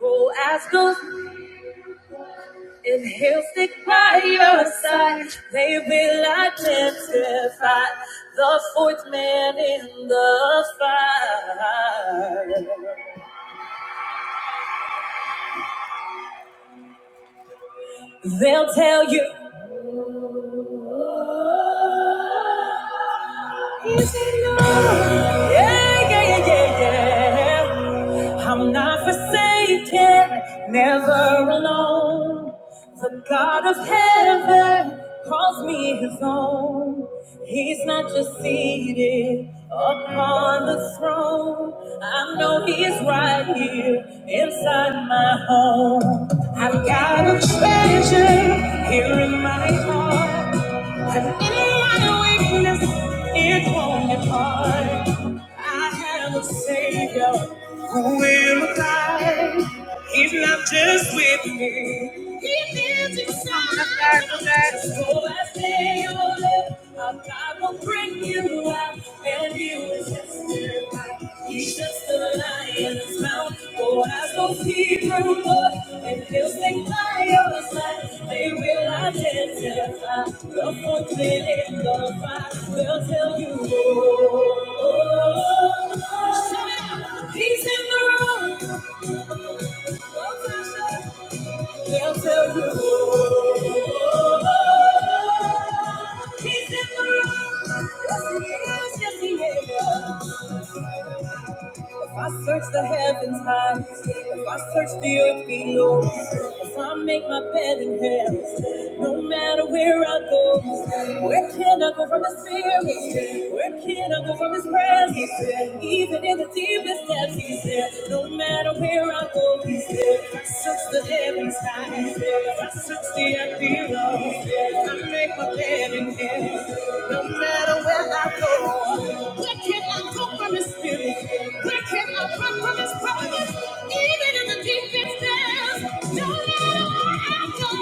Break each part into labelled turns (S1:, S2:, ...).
S1: Go as gold and he'll stick by your side. They will identify the fourth man in the fire. They'll tell you. Is it love? Yeah, yeah, yeah, yeah, yeah. I'm not forsaken, never alone. The God of heaven calls me his own. He's not just seated upon the throne. I know he's right here inside my home. I've got a treasure here in my heart weakness, it won't depart. I have a Savior. I He's not just with me. He lives inside. Come back, come back. So I say, oh, Lord, God will bring you out, and you will testify. He's just a lion's mouth. Oh, eyes don't see through mud, and he'll stay by your side. They will identify. The foot in the fire will tell you. Oh, oh, oh. oh. Shout out. He's in the room. Oh, He'll tell you. He's in the room. Yes, he is. Yes, he is. If I search the heavens high, if I search the earth below, if I make my bed in hell, no matter where I go, where can I go from His spirit? Where can I go from His presence? Even in the deepest depths, He's there. No matter where I go, He's there. If I search the heavens high, if I search the earth below, if I make my bed in hell, no matter where I go. Where can I go from his spirit? Where can I run from his presence? Even in the deepest depths, no matter where I go.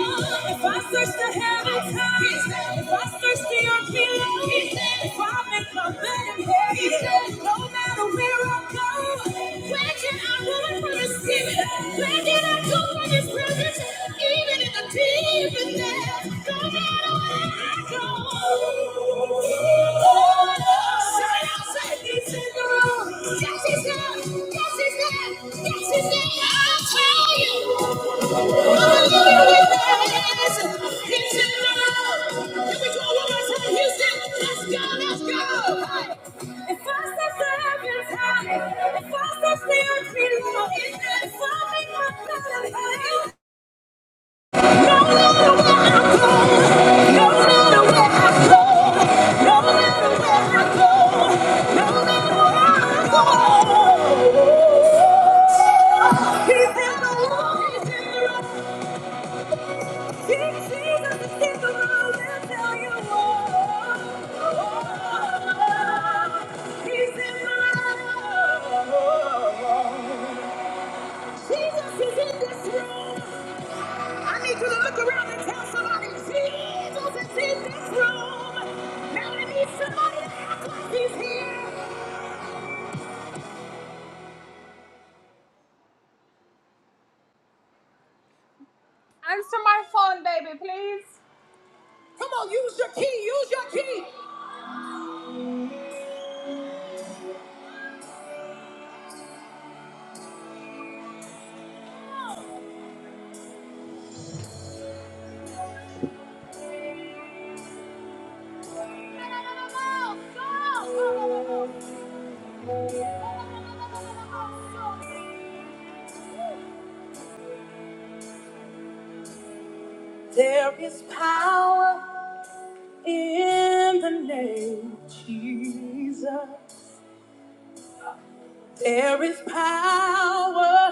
S1: If I search the heavens high, if I search the earth below, if I make my bed in hell, no matter where I go, where'd can I run from his spirit? Where can I go from his presence? Even in the deepest depths, no matter where I go. Somebody out, say, he's in the room. Yes, he's there. Yes, he's there. Yes, he's there. I'll tell you. He's in the He's Oh! Come on, use your key, use your key. There is power. In the name of Jesus, there is power.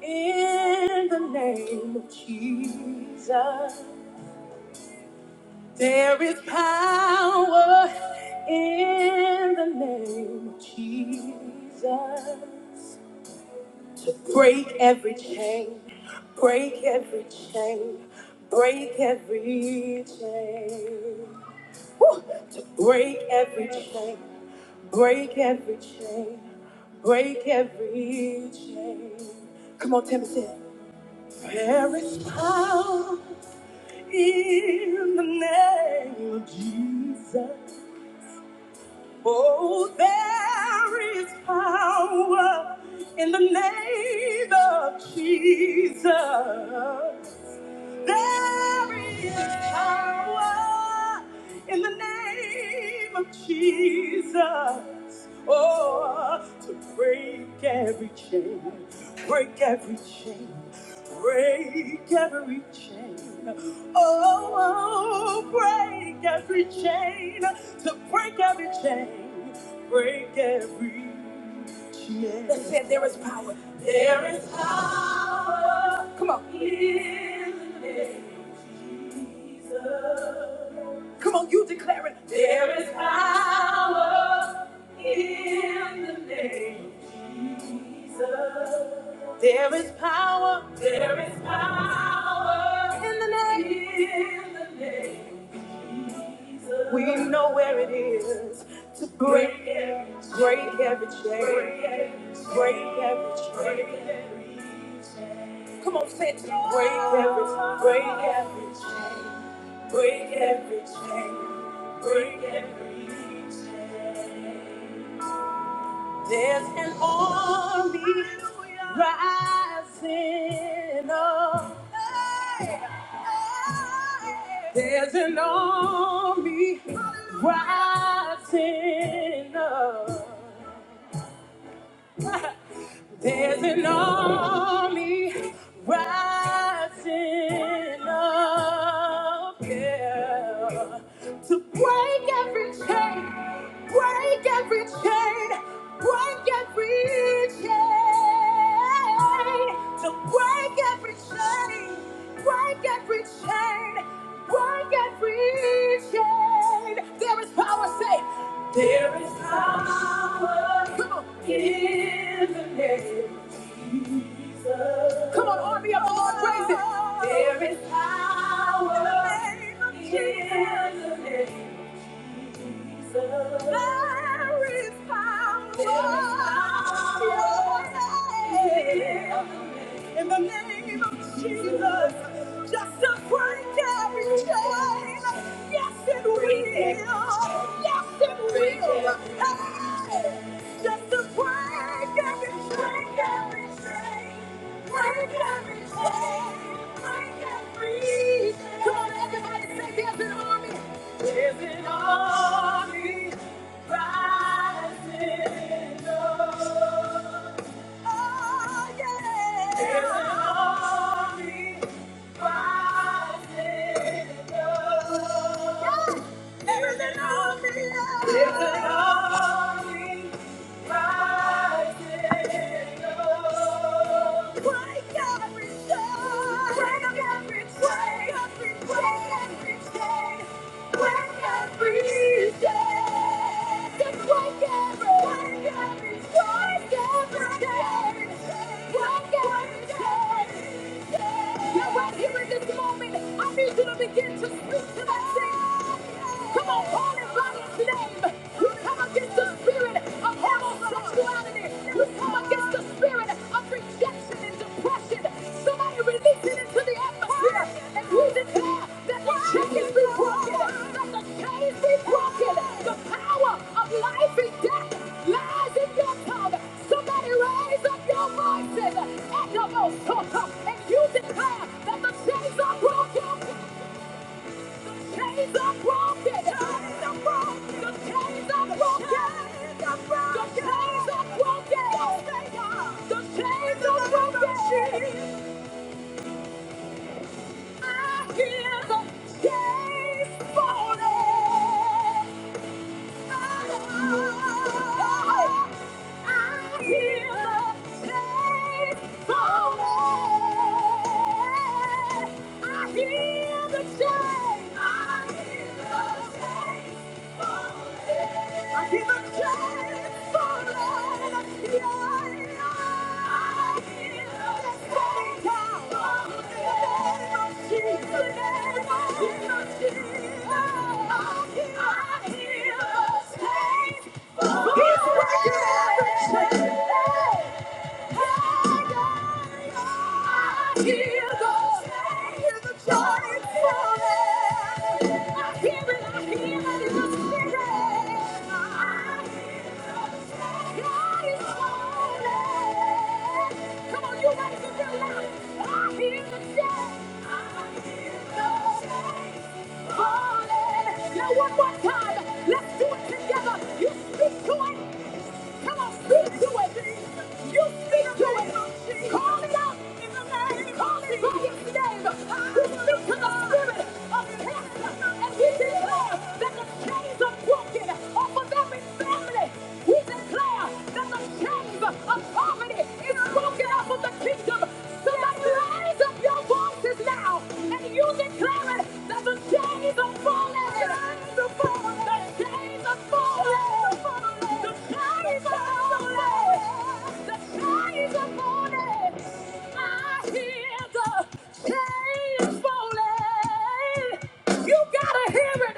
S1: In the name of Jesus, there is power. In the name of Jesus, break every chain, break every chain, break every chain, break every chain, break every chain, break every chain. Come on, Tim, say There is power in the name of Jesus. Oh, there is power in the name of Jesus. There is power in the name of Jesus. Oh, to break every chain, break every chain, break every chain. Oh, break every chain, to break every chain, break every chain. That's it. Come on, you declare it. There is power. We know where it is to break, break every chain, break every chain. Come on, say it. to me. Break every, break every chain, break every chain, break every chain. There's an army rising up. Hey, hey. There's an army rising up. There's an army rising up yeah, to break every chain, break every chain, break every chain, to break every chain, break every chain, break every chain. There is power, say. There is power Come on. in the name. Come on, army of the Lord, praise it. There is power in the name of Jesus. There is power. There is power. in the name. In the name of Jesus, just to break every chain. Yes, it will. Yes, it will. Hey, just to break every chain, every chain. Break every chain. Break every chain. Come on, everybody, say there's an army. There's an army rising up. There's an army yeah, right here in this moment, I need you to begin to speak to that thing. Come on, call it. Life and death lies in your tongue. Somebody raise up your voices at the most and you declare that the chains are broken. Chains are broken. Chains are broken. The chains are broken. Chains are broken. The chains are broken. Yes, The chains are broken. I hear the chains falling. I hear the chains falling. He's breaking every chain. Now one more time, let's do it together. You speak to it. Come on, speak to it. You speak to it. Call it out in the name. Call it by its name. You speak to the spirit of cancer and we declare that the chains are broken off of every family. We declare that the chains of poverty is broken off of the kingdom. Somebody raise up your voices now and you declare it that the chains are falling. The chains are falling. The chains are falling. You gotta hear it.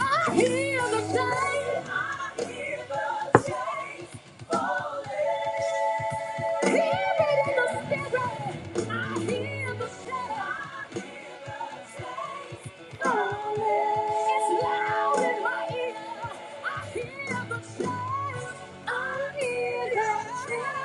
S1: I hear the chains. I hear the chains falling. Hear it in the spirit. I hear the chains. I hear the chains falling. It's loud in my ear. I hear the chains.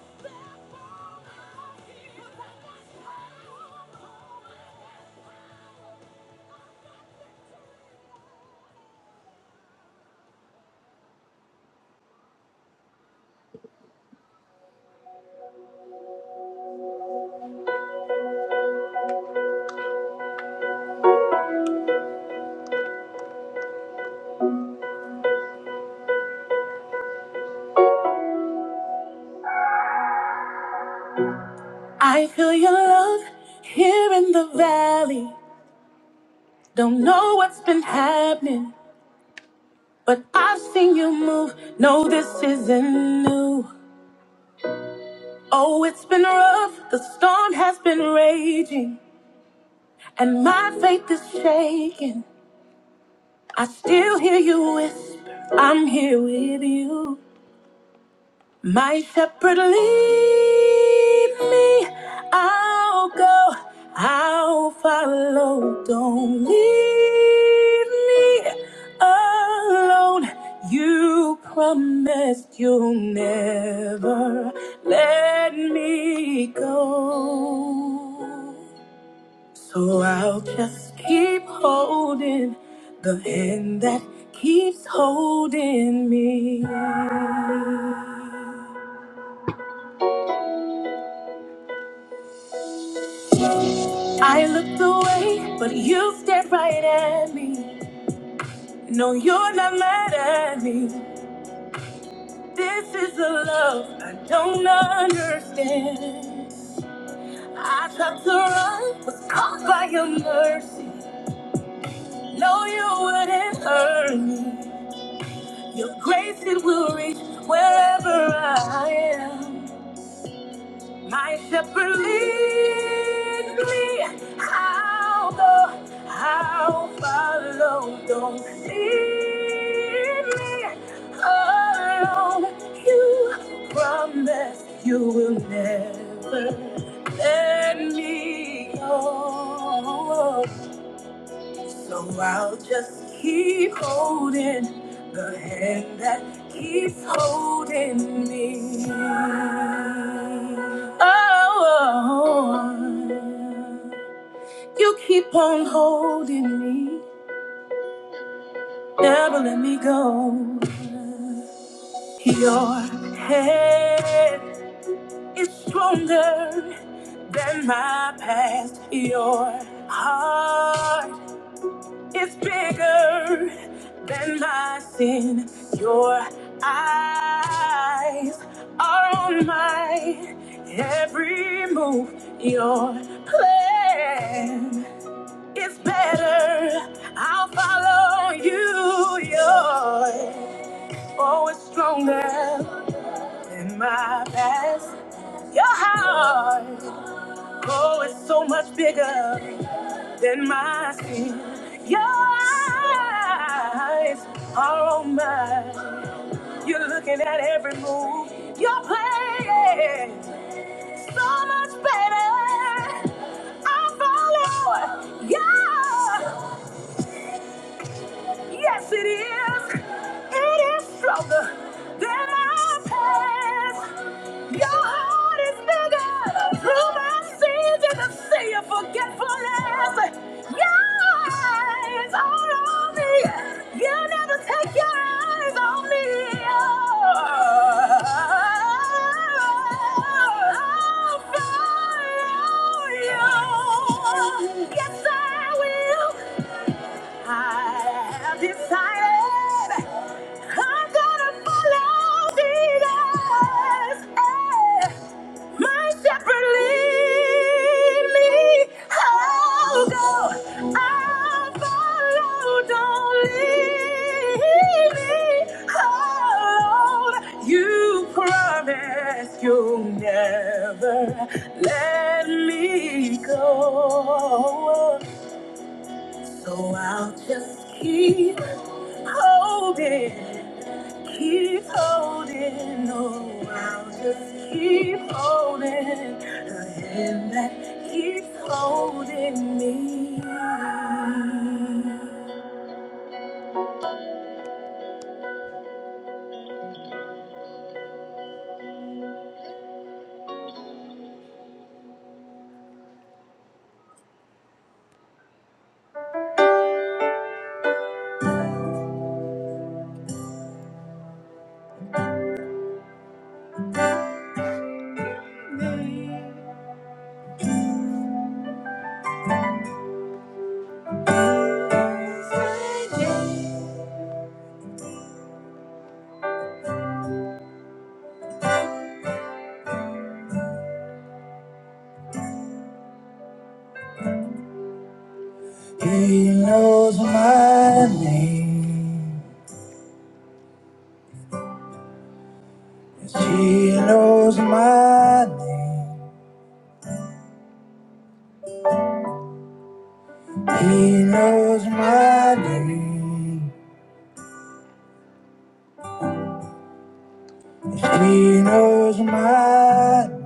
S1: Thank you. I feel your love here in the valley. Don't know what's been happening, but I've seen you move. No, this isn't new. Oh, it's been rough. The storm has been raging, and my faith is shaking. I still hear you whisper, I'm here with you. My shepherd, lead me. I'll go. I'll follow. Don't leave me alone. You promised you'll never let me go. So I'll just keep holding the hand that keeps holding me. I looked away, but you stared right at me. No, you're not mad at me. This is a love I don't understand. I tried to run, was caught by your mercy. No, you wouldn't hurt me. Your grace, it will reach wherever I am. My shepherd leads me, I'll go, I'll follow. Don't leave me alone. You promise you will never let me go. So I'll just keep holding the hand that keeps holding me. Oh, you keep on holding me, never let me go. Your hand is stronger than my past. Your heart It's bigger than my sin. Your eyes are on my every move. Your plan is better. I'll follow you. Yours. Oh, it's stronger than my past. Your heart. Oh, it's so much bigger. than my skin. Your eyes are on mine. You're looking at every move you're playing. So much better. I follow. Yeah. Yes, it is. It is stronger than our past. Your heart is bigger. Through the seas, you can see your forgetfulness. Your eyes are on me. You never take your eyes on me. Oh, I'll follow you. Yes, I will. I have decided I'm gonna follow Jesus. Eh, My shepherd lead me. I'll go. I'll follow. Don't leave me alone. You promised you'll never let me go. So I'll just keep holding, keep holding. No, I'll just keep holding the hand that keeps holding me. He knows my name. She knows my name. He knows my name. She knows my name.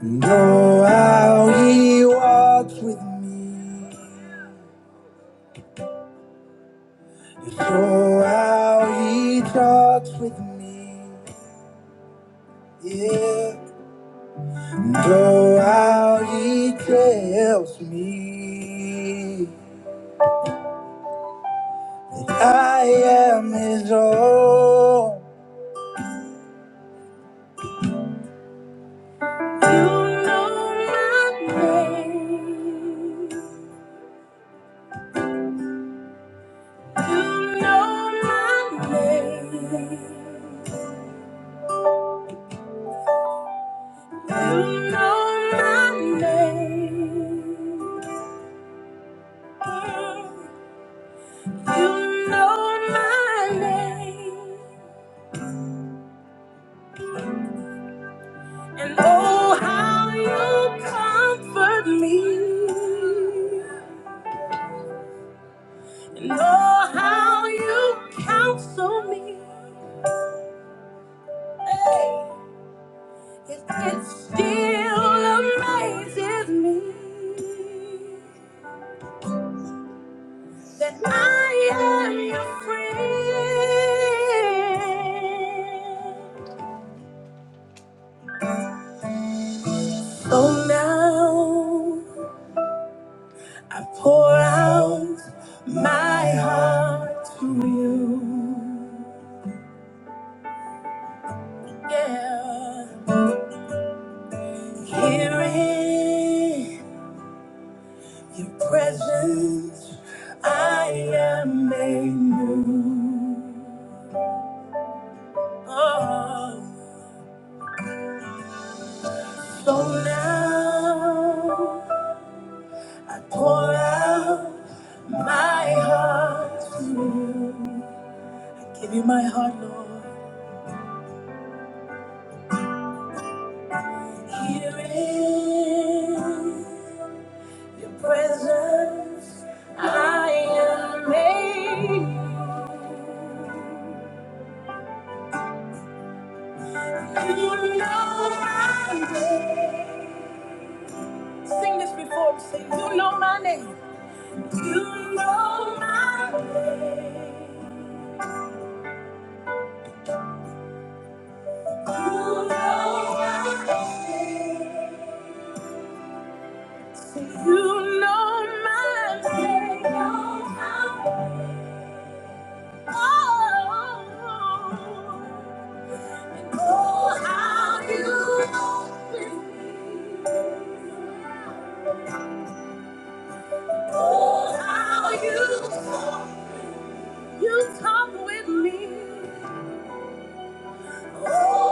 S1: Know how he walks with me. Know how he talks with me. Yeah. Know how he tells me that I am his own. You know my name. You know my name. And oh, how you comfort me. And oh, how you counsel me. Hey, it, it still amazes me that I am your friend. So now I pour out my heart to you. Yeah. Here in your presence, I am made new. Oh, so now I pour out my heart. Give you my heart, Lord. Here in your presence, I am made new. You know my name. You know my name. Oh, how you, how you, you come with me.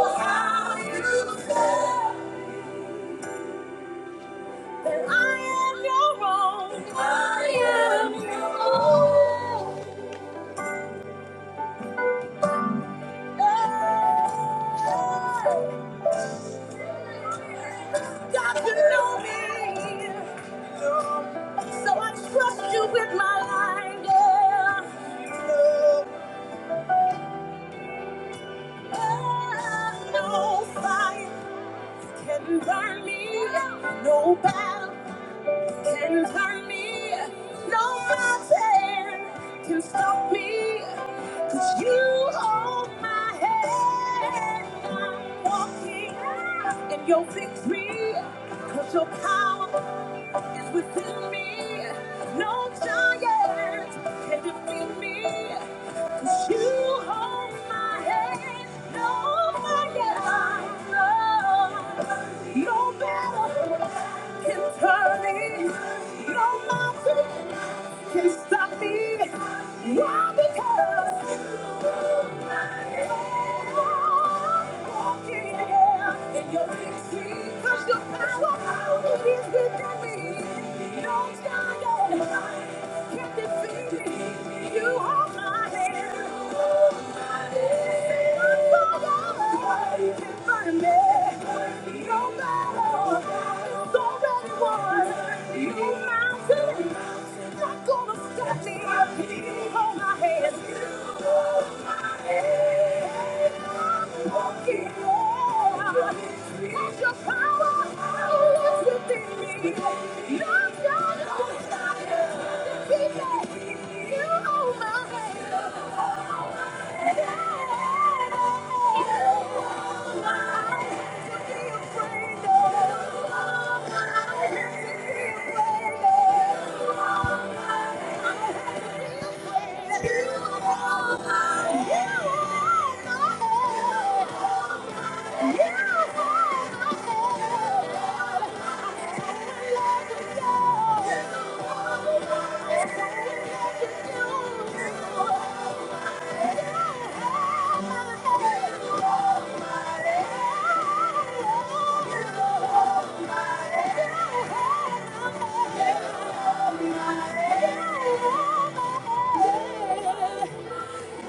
S1: How you said, I am your own. I am your own. God, you know me. So I trust you with my life. Yeah. Oh, no fight. can turn me. No battle can turn me. No mountain can stop me. Cause you hold my hand. I'm walking in your victory. Cause your power is within me. No giant can defeat me. 'Cause You hold my hand, no fire, no battle can turn it, no mountain can stop me. Why? Because I'm walking in your victory. 'Cause your power is within me. No giant can defeat me. You hold my hand. Walking on, your power. Yeah.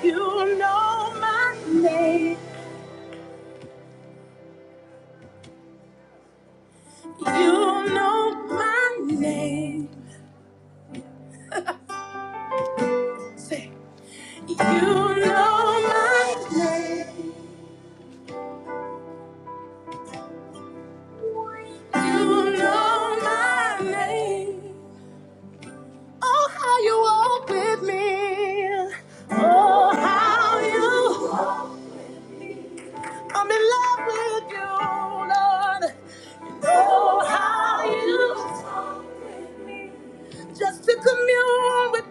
S1: You know my name. You know my name. Say, you know my name. You know my name. Oh, how you walk with me. Oh, how you. I'm in love with you, Lord. You know how you. Just to commune with you.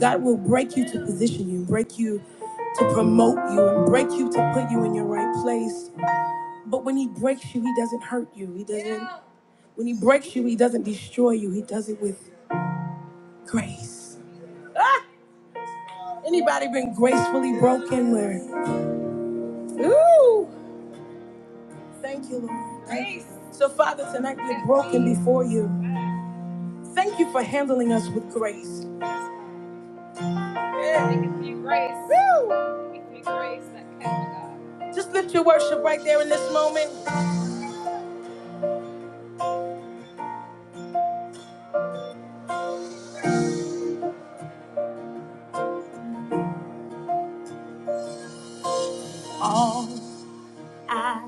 S1: God will break you to position you, break you to promote you, and break you to put you in your right place. But when he breaks you, he doesn't hurt you. He doesn't. Yeah. When he breaks you, he doesn't destroy you. He does it with grace. Anybody been gracefully broken? Where? Thank you, Lord. Thank you. Grace. So, Father, tonight we're broken before you. Thank you for handling us with grace. Just lift your worship right there in this moment. I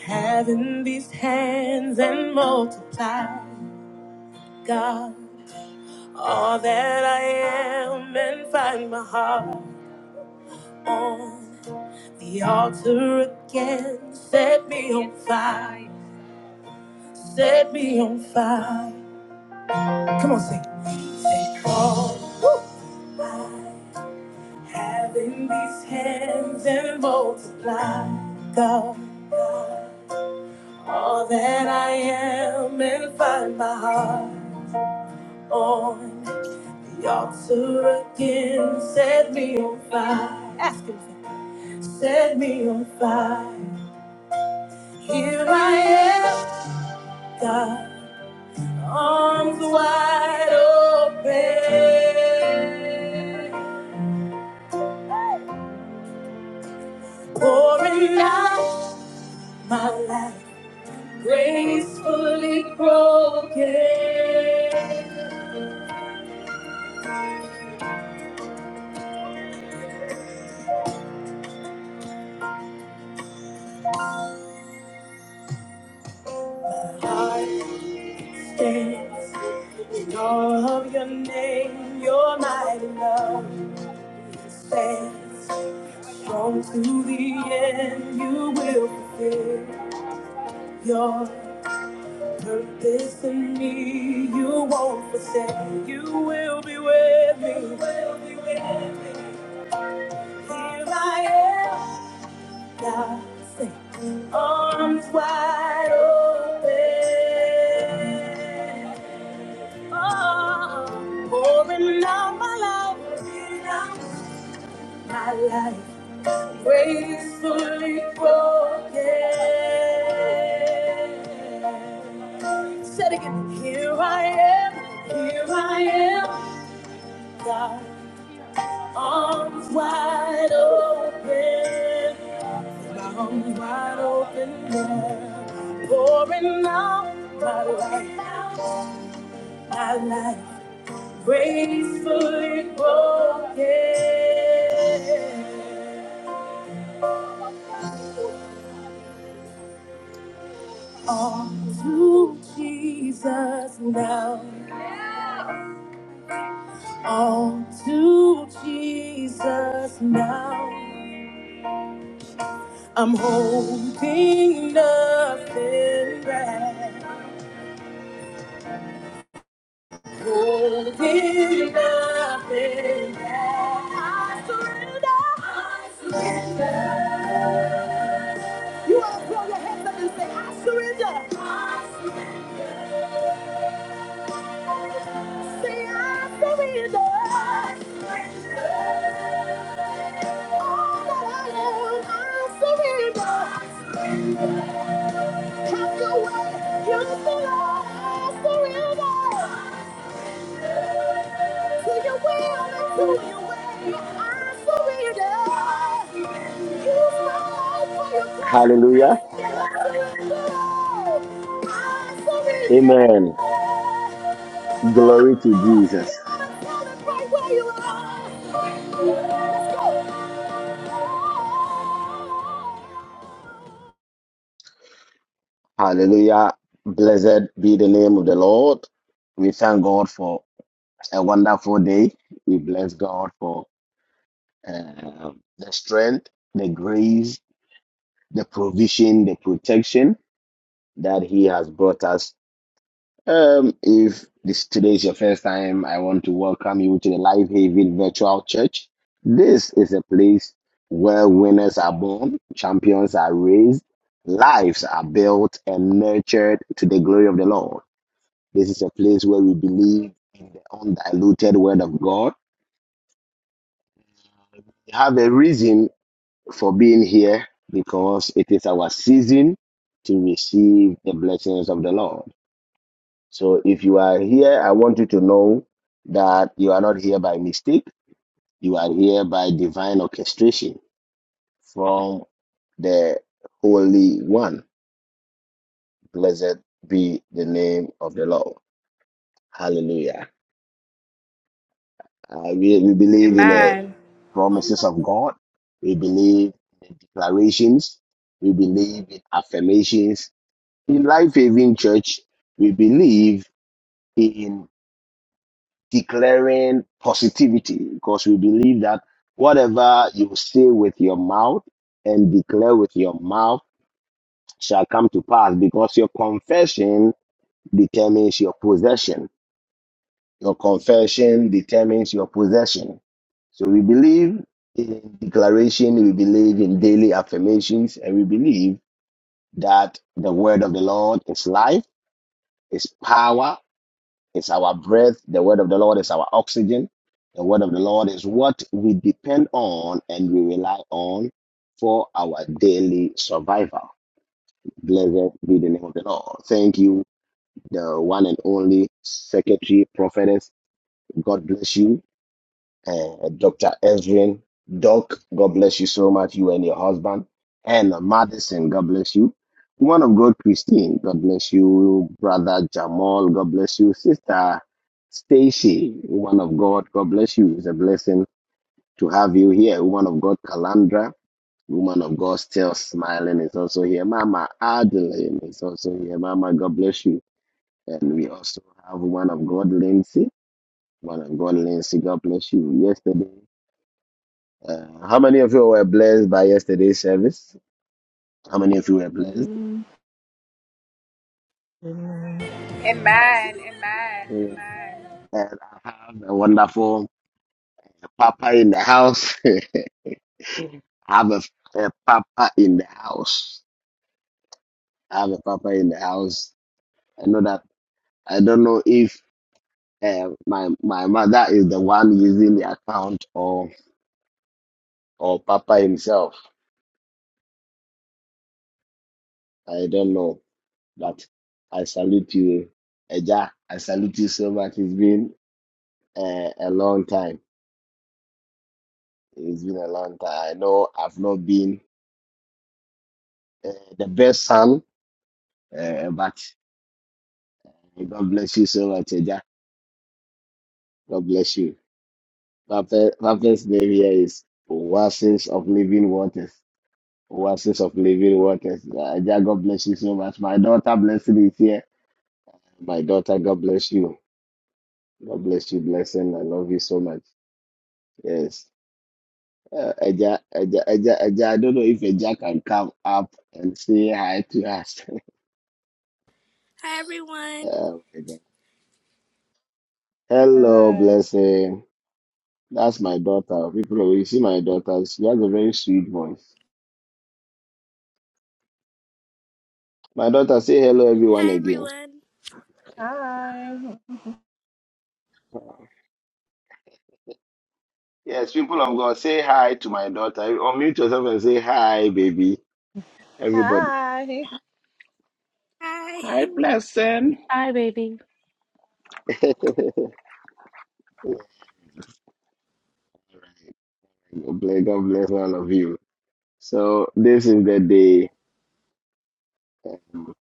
S1: have in these hands and multiply, God, all that I am and find my heart on. The altar again set me on fire, set me on fire. Take all I have in these hands and multiply, God, all that I am and find my heart on. The altar again set me on fire, ask Him, set me on fire. Here I am, God. Arms wide open, pouring out gracefully broken. Heart stands in awe of your name, your mighty love stands strong to the end. You will fulfill your purpose in me. You won't forsake. You will be with me. You will be with me. Here I am. God, sing. arms wide open. Oh, pouring out my life, pouring out my life, gracefully broken. Said again, here I am, here I am, God, arms wide open. My arms wide open now, pouring out my life, my life gracefully broken. All to Jesus now, all to Jesus now. I'm holding nothing back. Holding nothing back. I surrender. I surrender. You want to throw your hands up and say, I surrender. I surrender. Say, I surrender. I surrender. All that I am, I surrender. I surrender. Have your way. You belong. I surrender. To your will and to your way, I surrender. Use my life for your glory.
S2: Hallelujah.
S1: Say, I surrender all. I surrender.
S2: Amen.
S1: Oh,
S2: Glory to Jesus.
S1: God, tell it right where you are. Let's go.
S2: Hallelujah. Blessed be the name of the Lord. We thank God for a wonderful day. We bless God for uh, the strength, the grace, the provision, the protection that He has brought us Um, if this today is your first time, I want to welcome you to the Life Haven Virtual Church. This is a place where winners are born, champions are raised, lives are built and nurtured to the glory of the Lord. This is a place where we believe in the undiluted Word of God. We have a reason for being here because it is our season to receive the blessings of the Lord. So if you are here, I want you to know that you are not here by mistake. You are here by divine orchestration from the Holy One. Blessed be the name of the Lord. Hallelujah. Uh, we, we believe in the promises of God. We believe declarations. We believe in affirmations. In Life Having Church, we believe in. declaring positivity because we believe that whatever you say with your mouth and declare with your mouth shall come to pass because your confession determines your possession. Your confession determines your possession. So we believe in declaration, we believe in daily affirmations, and we believe that the word of the Lord is life, is power, Is our breath. The word of the Lord is our oxygen. The word of the Lord is what we depend on and we rely on for our daily survival. Blessed be the name of the Lord. Thank you, the one and only secretary, prophetess. God bless you uh, Dr. Ezrin. Doc, God bless you so much, you and your husband. And Madison, God bless you. Woman of God, Christine, God bless you. Brother Jamal, God bless you. Sister Stacy, woman of God, God bless you. It's a blessing to have you here. Woman of God, Calandra, woman of God, still smiling, is also here. Mama Adeline is also here. Mama, God bless you. And we also have woman of God, Lindsay. Woman of God, Lindsay, God bless you. Yesterday, uh, how many of you were blessed by yesterday's service? How many of you were blessed?
S3: Amen. Amen.
S2: Yeah. And I have a wonderful papa in the house. I have a, a papa in the house. I have a papa in the house. I know that I don't know if uh, my my mother is the one using the account or or papa himself. I don't know, but I salute you, Eja. I salute you so much. It's been uh, a long time. It's been a long time. I know I've not been uh, the best son, uh, but eh, God bless you so much, Eja. God bless you. Papa- Papa's name here is Oasis of Living Waters. Oasis of Living Waters. Uh, Eja, God bless you so much. My daughter, blessing is here. My daughter, God bless you. God bless you, blessing. I love you so much. Yes. Uh, Eja, Eja, Eja, Eja, I don't know if Eja can come up and say hi to us.
S4: Hi everyone.
S2: Oh my God. Hello,
S3: Hi.
S2: blessing. That's my daughter. People, you see my daughter. She has a very sweet voice. My daughter, say hello, everyone,
S4: Hi
S2: again.
S4: everyone.
S3: Hi.
S2: Yes, people of God, say hi to my daughter. Unmute yourself and say hi, baby. Everybody.
S3: Hi.
S4: Hi.
S5: Hi, blessing.
S6: Hi, baby.
S2: God bless God bless all of you. So, this is the day, um,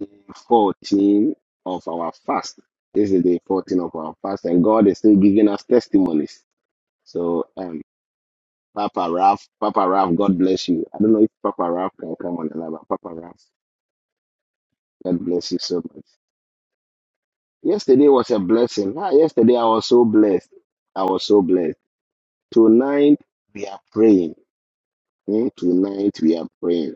S2: day 14 of our fast. This is day 14 of our fast, and God is still giving us testimonies. So, um, Papa Ralph, Papa Ralph, God bless you. I don't know if Papa Ralph can come on another. Papa Ralph, God bless you so much. Yesterday was a blessing. Ah, yesterday I was so blessed. I was so blessed. Tonight we are praying. Hmm, Tonight we are praying.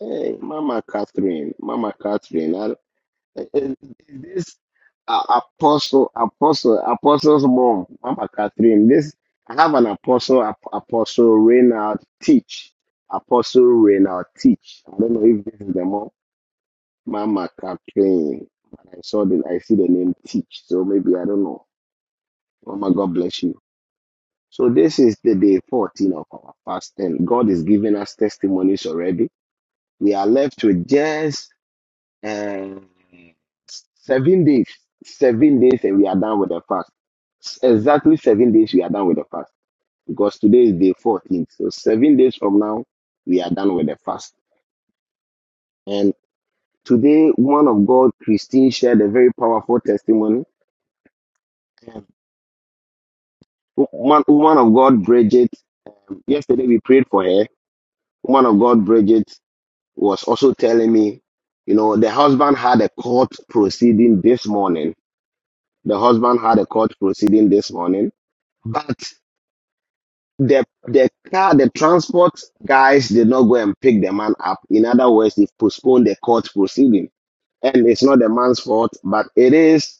S2: Hey, Mama Catherine, Mama Catherine. I, Is is this uh, apostle, apostle, apostle's mom, Mama Catherine? This I have an apostle, ap apostle Reynald teach, apostle Reynald teach. I don't know if this is the mom, Mama Catherine. But I saw the, I see the name teach, so maybe I don't know. Mama, God bless you. So this is the day 14 of our fast, and God is giving us testimonies already. We are left with just. um, Seven days. Seven days and we are done with the fast. S- Exactly seven days we are done with the fast. Because today is day 14th. So seven days from now, we are done with the fast. And today, woman of God, Christine, shared a very powerful testimony. And Woman, woman of God, Bridget, um, yesterday we prayed for her. Woman of God, Bridget, was also telling me, you know, the husband had a court proceeding this morning. The husband had a court proceeding this morning. The the car, the transport guys did not go and pick the man up. In other words, they postponed the court proceeding. And it's not the man's fault, but it is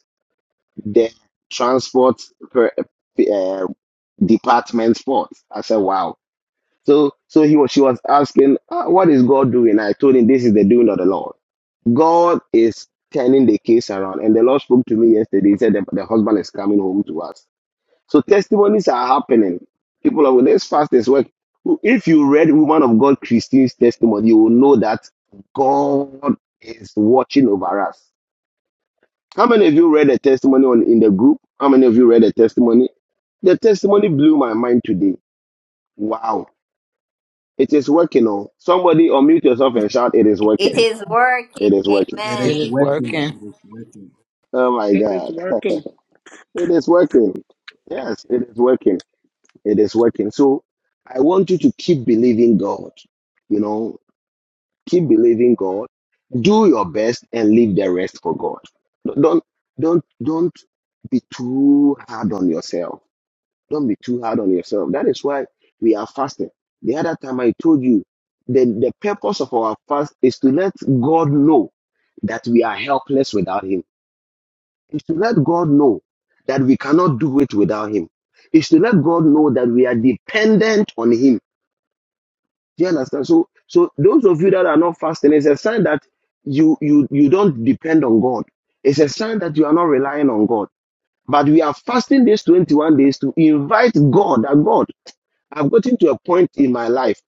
S2: the transport per, uh, department's fault. I said, wow. So so he was she was asking, "Ah, what is God doing? I told him this is the doing of the Lord. God is turning the case around. And the Lord spoke to me yesterday. He said the, the husband is coming home to us. So testimonies are happening. People are with this fast, this work. If you read Woman of God Christine's testimony, you will know that God is watching over us. How many of you read a testimony on in the group? How many of you read a testimony? The testimony blew my mind today. Wow. It is working Oh, somebody unmute yourself and shout, It is
S7: It
S2: working.
S7: is working.
S2: It is working.
S8: It
S9: It
S8: is
S7: Amen.
S9: is
S8: working.
S9: working.
S8: It is working.
S2: Oh my
S5: It is
S2: God.
S5: working.
S2: It is working. Yes, it is working. It is working. So I want you to keep believing God. You know, keep believing God, do your best and leave the rest for God. Don't don't don't be too hard on yourself. Don't be too hard on yourself. That is why we are fasting. The other time I told you that the purpose of our fast is to let God know that we are helpless without him. Is to let God know that we cannot do it without him. Is to let God know that we are dependent on him do you understand? So, so those of you that are not fasting, it's a sign that you you you don't depend on God. It's a sign that you are not relying on God. But we are fasting these 21 days to invite God, that God I've gotten to a point in my life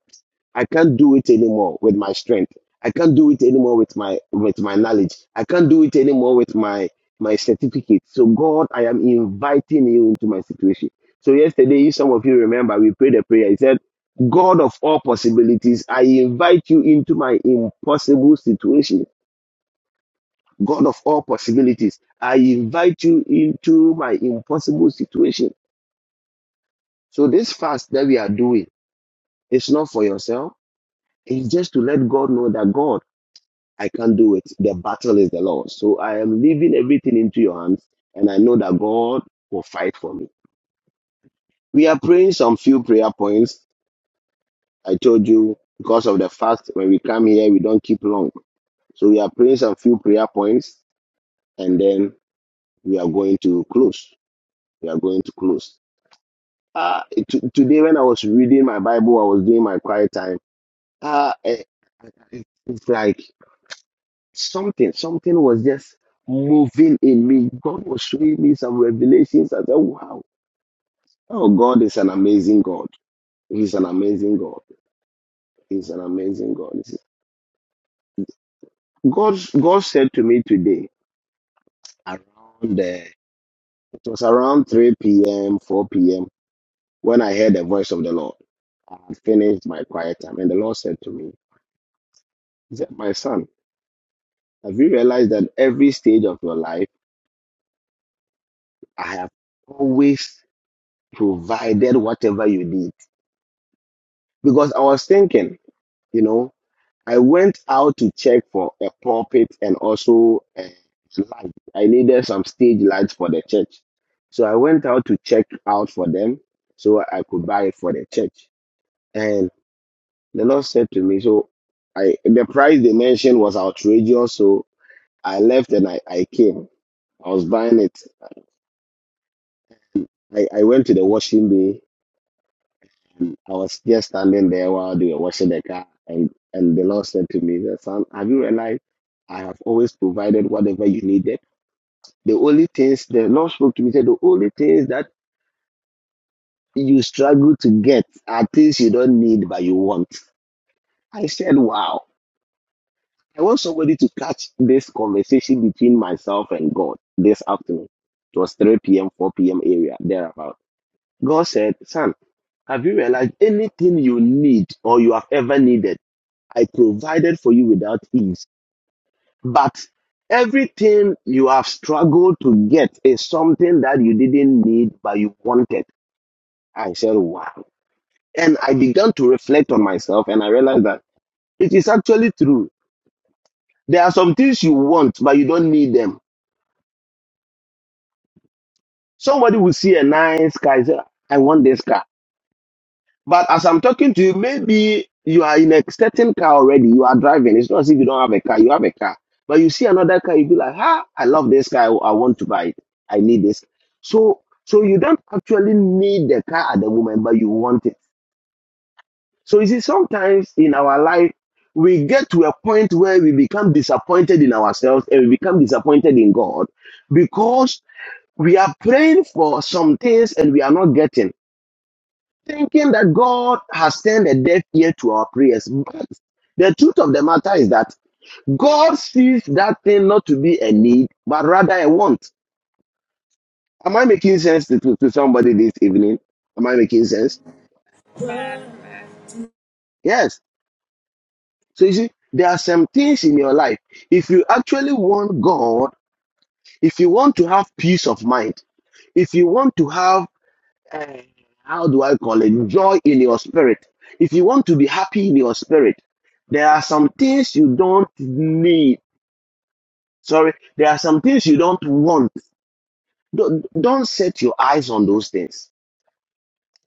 S2: I can't do it anymore with my strength. I can't do it anymore with my with my knowledge. I can't do it anymore with my my certificate. So God, I am inviting you into my situation. So yesterday, if some of you remember, we prayed a prayer. He said, God of all possibilities, I invite you into my impossible situation. God of all possibilities, I invite you into my impossible situation. So this fast that we are doing, it's not for yourself. It's just to let God know that God, I can't do it. The battle is the Lord. So I am leaving everything into your hands, and I know that God will fight for me. We are praying some few prayer points. I told you because of the fact when we come here, we don't keep long. So we are praying some few prayer points, and then we are going to close. We are going to close. Uh, t- today when I was reading my Bible, I was doing my quiet time. Uh, eh, it's like Something, something was just moving in me. God was showing me some revelations. I said, wow, oh, God is an amazing God. He's an amazing God. He's an amazing God. He said- God, God said to me today, around the, it was around 3 p.m., 4 p.m., when I heard the voice of the Lord. I had finished my quiet time, and the Lord said to me, He said, My son, have you realized that every stage of your life, I have always provided whatever you need? because I was thinking, you know, I went out to check for a pulpit and also a light. I needed some stage lights for the church. So I went out to check out for them so I could buy it for the church. And the Lord said to me, so I the price they mentioned was outrageous, so I left and I, I came. I was buying it. I, I went to the washing bay I was just standing there while they were washing the car, and, and the Lord said to me, Son, have you realized I have always provided whatever you needed? The only things the Lord spoke to me said, the only things that you struggle to get are things you don't need but you want. I said, Wow. I want somebody to catch this conversation between myself and God this afternoon. It was 3 p.m., 4 p.m. area, thereabout. God said, Son, have you realized anything you need or you have ever needed? I provided for you without ease. But everything you have struggled to get is something that you didn't need, but you wanted. I said, wow. And I began to reflect on myself and I realized that it is actually true. There are some things you want, but you don't need them. Somebody will see a nice car and say, I want this car But as I'm talking to you, maybe you are in a certain car already. You are driving. It's not as if you don't have a car. You have a car. But you see another car, you be like, ah, I love this car. I, I want to buy it. I need this. So, so you don't actually need the car at the moment, but you want it. So you see, sometimes in our life, we get to a point where we become disappointed in ourselves and we become disappointed in God because we are praying for some things and we are not getting thinking that God has turned a deaf ear to our prayers. But the truth of the matter is that God sees that thing not to be a need, but rather a want. Am I making sense to, to, to somebody this evening? Am I making sense? Yes. So you see, there are some things in your life. If you actually want God, if you want to have peace of mind, if you want to have eh, how do I call it? Joy in your spirit. If you want to be happy in your spirit, there are some things you don't need. Sorry, there are some things you don't want. Don't, don't set your eyes on those things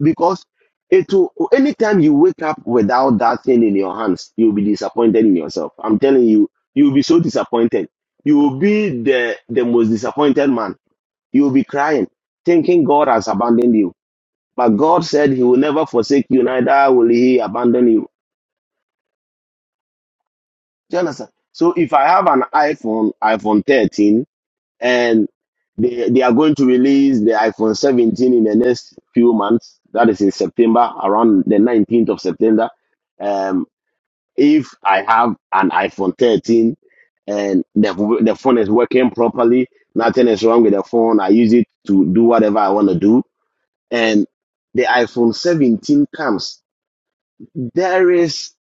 S2: because it will, anytime you wake up without that thing in your hands, you'll be disappointed in yourself. I'm telling you, you'll be so disappointed. You will be the, the most disappointed man. You'll be crying, thinking God has abandoned you But God said He will never forsake you, neither will He abandon you. Do you understand? So if I have an iPhone, iPhone 13, and they, they are going to release the iPhone 17 in the next few months, that is in September, around the 19th of September. Um, if I have an iPhone 13 and the, the phone is working properly, nothing is wrong with the phone, I use it to do whatever I want to do, and the iPhone 17 comes, there is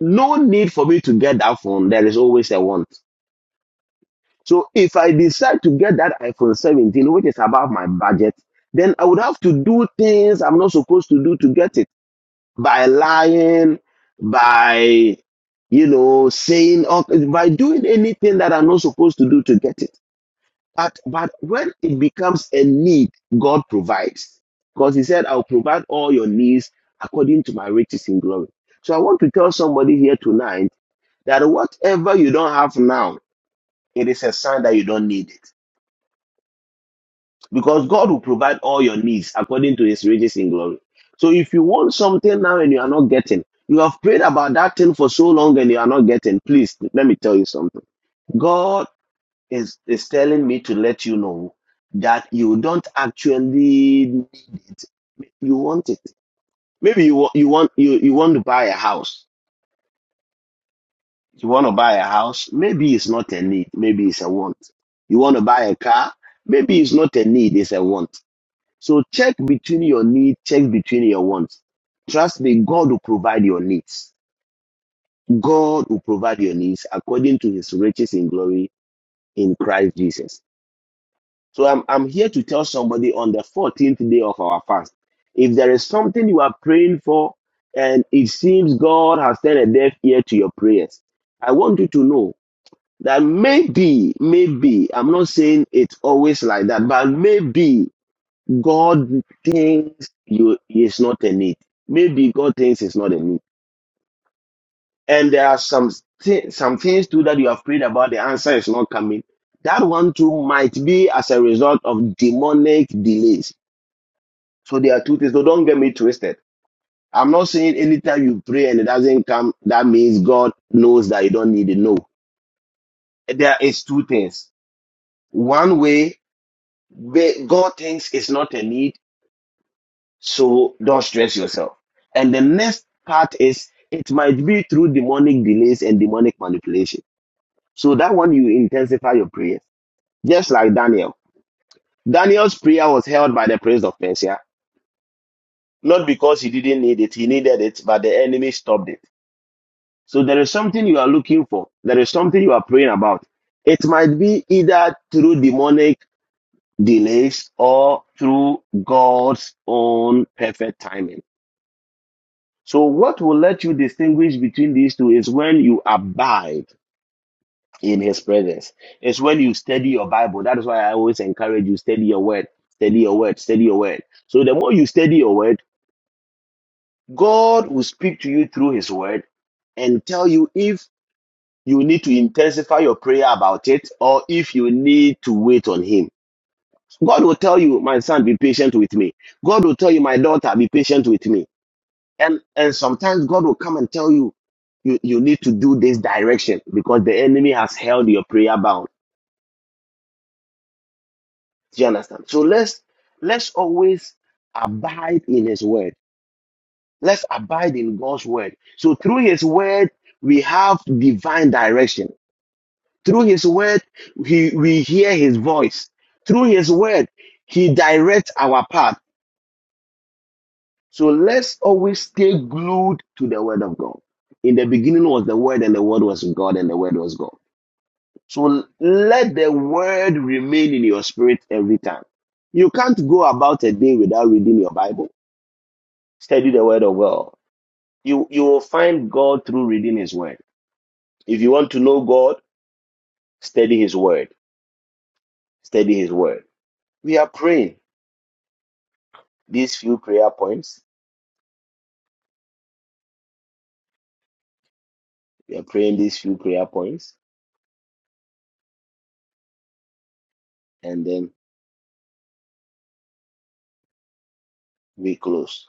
S2: no need for me to get that phone. There is always a want. So if I decide to get that iPhone 17, which is above my budget, then I would have to do things I'm not supposed to do to get it by lying, by you know saying or by doing anything that I'm not supposed to do to get it. But but when it becomes a need, God provides because He said, "I'll provide all your needs according to my riches in glory." So I want to tell somebody here tonight that whatever you don't have now, it is a sign that you don't need it. Because God will provide all your needs according to his riches in glory. So if you want something now and you are not getting, you have prayed about that thing for so long and you are not getting, please let me tell you something. God is, is telling me to let you know that you don't actually you want it. Maybe you you want you, you want to buy a house You want to buy a house? Maybe it's not a need. Maybe it's a want. You want to buy a car? Maybe it's not a need. It's a want. So check between your need, check between your wants. Trust me, God will provide your needs. God will provide your needs according to his riches in glory in Christ Jesus. So I'm, I'm here to tell somebody on the 14th day of our fast, if there is something you are praying for and it seems God has turned a deaf ear to your prayers, I want you to know that maybe, maybe, I'm not saying it's always like that, but maybe God thinks you is not a need. Maybe God thinks it's not a need. And there are some thi- some things too that you have prayed about, the answer is not coming. That one too might be as a result of demonic delays. So there are two things. So don't get me twisted. I'm not saying anytime you pray and it doesn't come, that means God knows that you don't need it. No. There is two things. One way Ba- God thinks it's not a need, so don't stress yourself. And the next part is it might be through demonic delays and demonic manipulation. So that one you intensify your prayers, just like Daniel. Daniel's prayer was held by the prince of Persia, not because he didn't need it, he needed it, but the enemy stopped it. So there is something you are looking for. There is something you are praying about. It might be either through demonic delays or through God's own perfect timing. So, what will let you distinguish between these two is when you abide in His presence. It's when you study your Bible. That is why I always encourage you study your word, study your word, study your word. So, the more you study your word, God will speak to you through His word and tell you if you need to intensify your prayer about it or if you need to wait on Him. God will tell you, my son, be patient with me. God will tell you, my daughter, be patient with me. And and sometimes God will come and tell you, you, you need to do this direction because the enemy has held your prayer bound. Do you understand? So let's let's always abide in his word. Let's abide in God's word. So through his word, we have divine direction. Through his word, he, we hear his voice. Through his word, he directs our path. So let's always stay glued to the word of God. In the beginning was the word, and the word was God, and the word was God. So let the word remain in your spirit every time. You can't go about a day without reading your Bible. Study the word of God. You, you will find God through reading his word. If you want to know God, study his word. Study his word. We are praying these few prayer points. We are praying these few prayer points and then we close.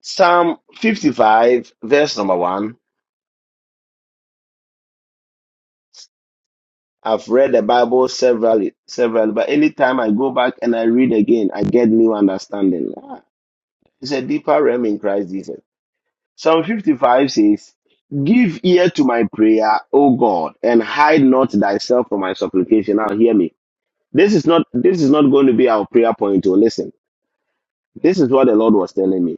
S2: Psalm 55, verse number 1. I've read the Bible severally, severally, but anytime I go back and I read again, I get new understanding. Ah, It's a deeper realm in Christ Jesus. Psalm 55 says, Give ear to my prayer, O God, and hide not thyself from my supplication. Now hear me. This is not this is not going to be our prayer point. To listen, this is what the Lord was telling me.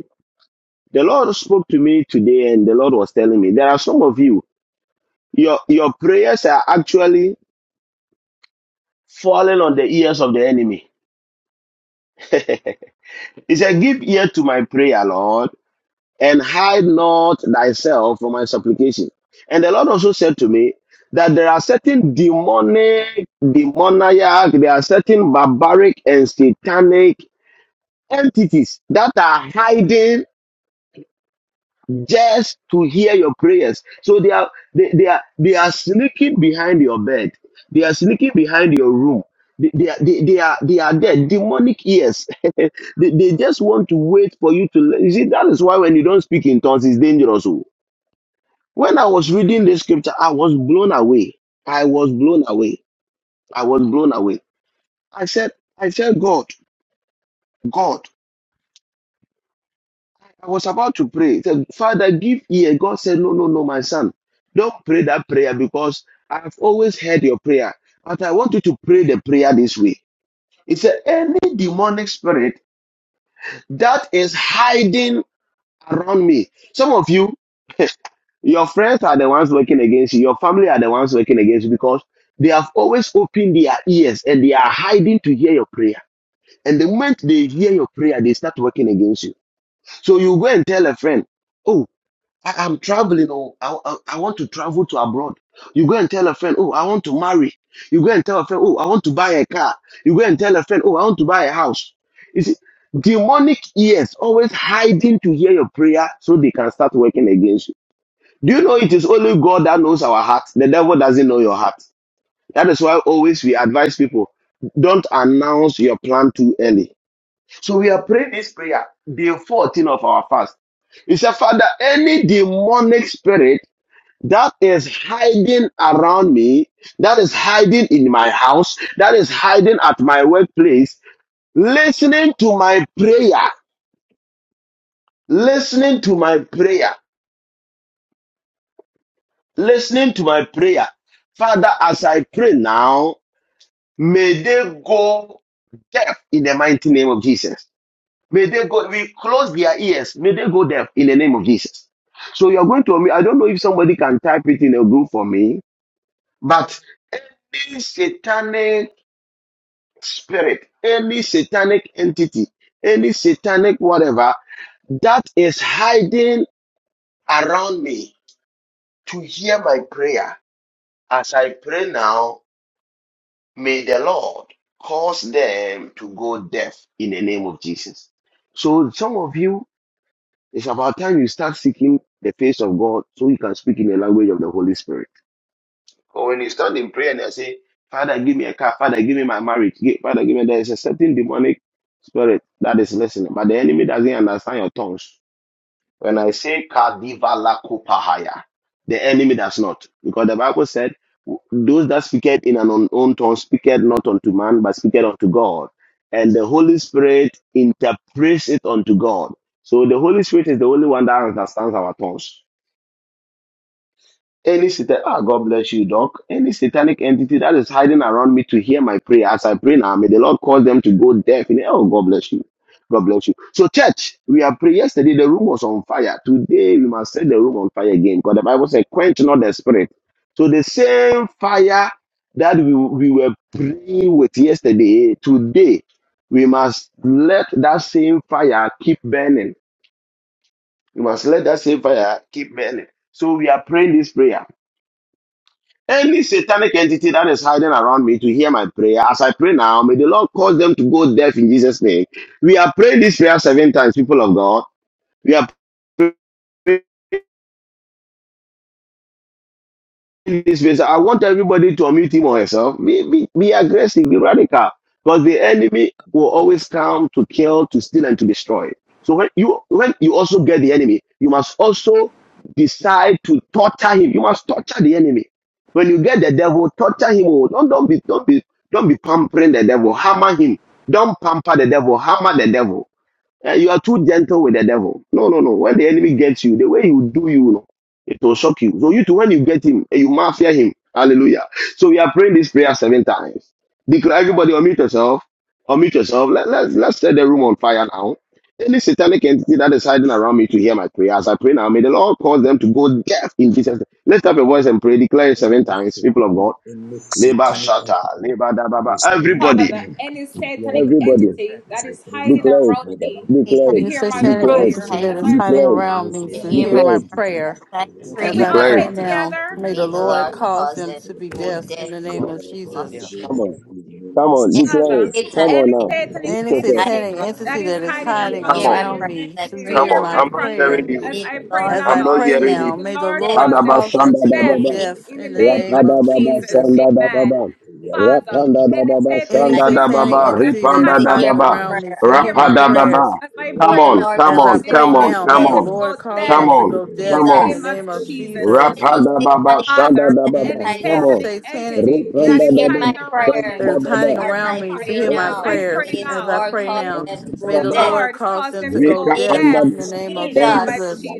S2: The Lord spoke to me today, and the Lord was telling me there are some of you, your your prayers are actually falling on the ears of the enemy. He said, Give ear to my prayer, Lord, and hide not thyself from my supplication. And the Lord also said to me that there are certain demonic, demoniac, there are certain barbaric and satanic entities that are hiding just to hear your prayers. So they are they, they are they are sneaking behind your bed. They are sneaking behind your room. They, they, are, they, they are they are there. Demonic ears. they, they just want to wait for you to. You see, that is why when you don't speak in tongues, it's dangerous. oh. When I was reading this scripture, I was blown away. I was blown away. I was blown away. I said, I said, God, God. I was about to pray. He said, Father, give ear. God said, No, no, no, my son. Don't pray that prayer because I've always heard your prayer. But I want you to pray the prayer this way. He said, Any demonic spirit that is hiding around me. Some of you, your friends are the ones working against you, your family are the ones working against you because they have always opened their ears and they are hiding to hear your prayer. And the moment they hear your prayer, they start working against you. So you go and tell a friend, Oh. I, I'm traveling. Oh, I, I, I want to travel to abroad. You go and tell a friend, oh, I want to marry. You go and tell a friend, oh, I want to buy a car. You go and tell a friend, oh, I want to buy a house. You see, demonic ears always hiding to hear your prayer so they can start working against you. Do you know it is only God that knows our heart? The devil doesn't know your heart. That is why always we advise people don't announce your plan too early so we are praying this prayer, day 14 of our fast. He said, Father, any demonic spirit that is hiding around me, that is hiding in my house, that is hiding at my workplace, listening to my prayer, listening to my prayer, listening to my prayer. Father, as I pray now, may they go deaf in the mighty name of Jesus. May they go, we close their ears. May they go deaf in the name of Jesus. So you're going to, I don't know if somebody can type it in a group for me, but any satanic spirit, any satanic entity, any satanic whatever that is hiding around me to hear my prayer as I pray now, may the Lord cause them to go deaf in the name of Jesus. So some of you It's about time you start seeking the face of God so you can speak in the language of the Holy Spirit. Or when you stand in prayer and you say, Father, give me a car, Father, give me my marriage, Gi- Father, give me there is a certain demonic spirit that is listening, but the enemy doesn't understand your tongues. When I say Kadiva Lakupahaya, the enemy does not. Because the Bible said, those that speaketh in an unknown tongue speaketh not unto man, but speaketh unto God. And the Holy Spirit interprets it unto God. So the Holy Spirit is the only one that understands our tongues. Any satan, ah, God bless you, Doc. Any satanic entity that is hiding around me to hear my prayer as I pray now, may the Lord cause them to go deaf. In oh, God bless you. God bless you. So, church, we are praying. Yesterday, the room was on fire. Today, we must set the room on fire again because the Bible said, quench not the spirit. So, the same fire that we, we were praying with yesterday, today, we must let that same fire keep burning. We must let that same fire keep burning. So, we are praying this prayer. Any satanic entity that is hiding around me to hear my prayer, as I pray now, may the Lord cause them to go deaf in Jesus' name. We are praying this prayer seven times, people of God. We are praying in this space, I want everybody to unmute him or herself. Be, be, be aggressive, be radical, because the enemy will always come to kill, to steal, and to destroy. So when you when you also get the enemy, you must also decide to torture him. You must torture the enemy. When you get the devil, torture him. Oh, don't don't be don't be don't be pampering the devil. Hammer him. Don't pamper the devil. Hammer the devil. Eh, you are too gentle with the devil. No, no, no. When the enemy gets you, the way you do you, know, it will shock you. So you too, when you get him, eh, you must fear him. Hallelujah. So we are praying this prayer seven times. Declare everybody unmute yourself. Unmute yourself. Let, let's let's set the room on fire now. Any satanic entity that is hiding around me to hear my prayer as I pray now, may the Lord cause them to go deaf in Jesus. name. us up a voice and pray. Declare it seven
S8: Any
S2: times, people of
S8: satanic,
S2: God.
S8: any
S10: In
S2: Labor
S8: satanic
S2: shatter,
S8: entity
S2: labor da ba
S8: that is hiding
S2: Everybody,
S8: around me, to hear my
S2: everybody.
S8: prayer. As I pray now,
S2: Declared,
S8: may the Lord cause
S7: Satan
S8: them
S2: declared,
S11: You
S8: to be
S11: satanic
S7: it
S8: dead
S2: declared,
S7: is
S8: in the
S11: entity
S8: name
S7: hiding
S11: that
S8: of
S11: is
S7: out
S2: declared,
S8: Jesus.
S11: hiding
S2: declared,
S11: around
S8: Every
S11: me
S7: to
S11: to
S7: hear
S11: hear
S10: the
S7: my
S8: satanic
S11: my
S2: declared.
S10: name of
S7: prayer.
S8: entity
S10: Jesus,
S11: prayer
S7: I
S8: that
S10: it is
S8: is
S11: as
S7: pray
S11: I
S8: hiding
S7: now,
S10: satanic
S11: pray
S8: around me,
S11: now.
S10: power.
S8: to
S11: May the
S7: may
S8: hear
S7: the
S8: my
S10: Oh,
S11: Lord
S10: in
S7: Lord
S10: the name
S8: prayers.
S11: cause
S7: cause
S10: of
S8: May
S11: them
S7: it
S10: Jesus,
S8: the
S11: to
S8: Lord
S11: be
S8: cause
S10: it's
S7: for
S8: them
S11: deaf in
S10: enabled
S7: death
S11: the
S8: may
S7: in
S11: name
S8: the
S10: God
S11: of
S8: Lord
S10: to
S7: the name
S10: go
S8: cause
S7: of
S8: them
S11: Jesus.
S8: to
S10: down
S8: be
S10: in
S7: Jesus.
S2: Come
S8: dead
S10: the
S2: on.
S10: name of
S8: in the
S10: Jesus.
S8: name of
S2: Come on.
S8: Jesus.
S7: And
S10: And
S2: declared.
S8: Any
S10: protect
S2: Come
S7: Satan
S8: satanic
S2: on
S7: it is
S2: now.
S10: it.
S8: entity
S2: Unmute
S11: Any
S8: that is
S2: yourself.
S7: hiding
S8: hiding
S11: satanic
S7: around
S8: around
S10: Around
S11: entity
S8: me,
S4: Praying
S10: me,
S11: that is
S8: to
S4: around
S10: Johnny.
S8: hear
S4: me
S11: hiding
S10: In
S7: to
S8: my
S2: Come
S10: my
S7: hear
S4: to
S2: on.
S7: my
S4: hear
S11: around
S7: prayer.
S8: prayers.
S4: my
S11: me
S7: I
S11: to
S8: As
S10: conversation,
S7: pray
S8: I
S4: prayer
S2: Come
S11: hear
S10: make
S8: pray
S2: on.
S4: as
S7: now,
S4: I
S11: my
S2: I'm
S8: now,
S2: not
S4: pray
S10: sure
S8: may
S10: that
S11: prayer
S4: now.
S2: hearing
S8: the
S10: it
S2: you.
S8: Lord
S7: may
S10: is
S8: cause
S4: The
S10: set
S7: the
S8: them
S10: up
S7: Lord
S11: as
S4: Lord
S10: in
S2: I'm
S11: I
S10: the
S8: to
S2: not
S7: cause
S10: name
S4: calls
S11: pray
S8: be
S10: of
S2: hearing
S4: him
S11: now,
S8: dead
S2: you.
S11: may the
S8: Thank
S7: them
S10: Jesus.
S7: to
S11: Lord
S10: Lord,
S2: Kadaba
S10: Lord,
S11: cause
S7: go
S11: them
S7: death
S4: in
S11: to
S4: the
S2: shanda da
S10: Jesus,
S11: go
S7: in the name
S4: name
S2: baba.
S7: of
S11: deaf in the
S7: Jesus.
S11: name
S7: Satan
S2: Rapada
S11: of
S2: baba
S11: Jesus.
S2: shanda da
S10: Lord,
S2: baba.
S10: Lord, yes, right now.
S2: Rapanda
S7: it
S2: da
S10: Lord,
S2: baba
S7: is
S11: Any
S7: hiding
S2: shanda da
S7: around
S11: satanic
S2: baba.
S11: entity that is
S2: Ripanda
S7: to
S2: da
S7: hear
S11: hiding
S7: my
S2: baba.
S11: around
S7: prayer.
S11: me
S7: I
S11: to hear my
S7: pray
S2: Rapada
S7: now,
S11: prayers
S2: baba.
S7: may
S2: Come
S7: the
S2: on.
S7: Lord
S2: Come
S11: as I
S7: cause
S2: on.
S7: them to
S11: pray
S2: Come on.
S7: go
S11: now, may
S2: Come
S11: the
S7: death
S2: on.
S11: Lord
S7: in the
S11: cause
S7: name
S2: Come
S11: them
S7: of
S11: to
S2: on.
S11: go
S2: Come
S11: deaf in
S2: on.
S11: the
S7: Jesus.
S11: name of Jesus.
S7: Any
S2: Rapanda baba
S7: satanic
S2: shanda
S7: entity
S2: da
S7: that is
S2: baba.
S11: any
S7: hiding
S2: Come
S7: around
S2: on.
S11: satanic
S7: to
S2: Rapanda da
S7: hear
S11: entity
S7: my
S2: baba shanda
S11: that
S7: prayer
S2: da
S11: is
S2: baba.
S11: hiding
S7: as
S11: around
S7: I
S11: me to
S7: pray
S11: hear my
S7: now.
S2: Rapanda
S11: prayers
S7: May the
S11: as I
S7: Lord
S11: pray
S7: cause
S11: now.
S7: them to
S2: da
S11: May
S7: go
S11: the
S2: baba.
S7: deaf
S11: Lord cause them to
S7: in the
S11: go
S2: Rika
S7: name
S11: deaf
S2: panda
S7: of
S11: in
S2: da
S11: the
S2: baba
S11: name of
S8: you.
S2: shanda.
S7: Jesus.
S8: Thank
S11: Jesus.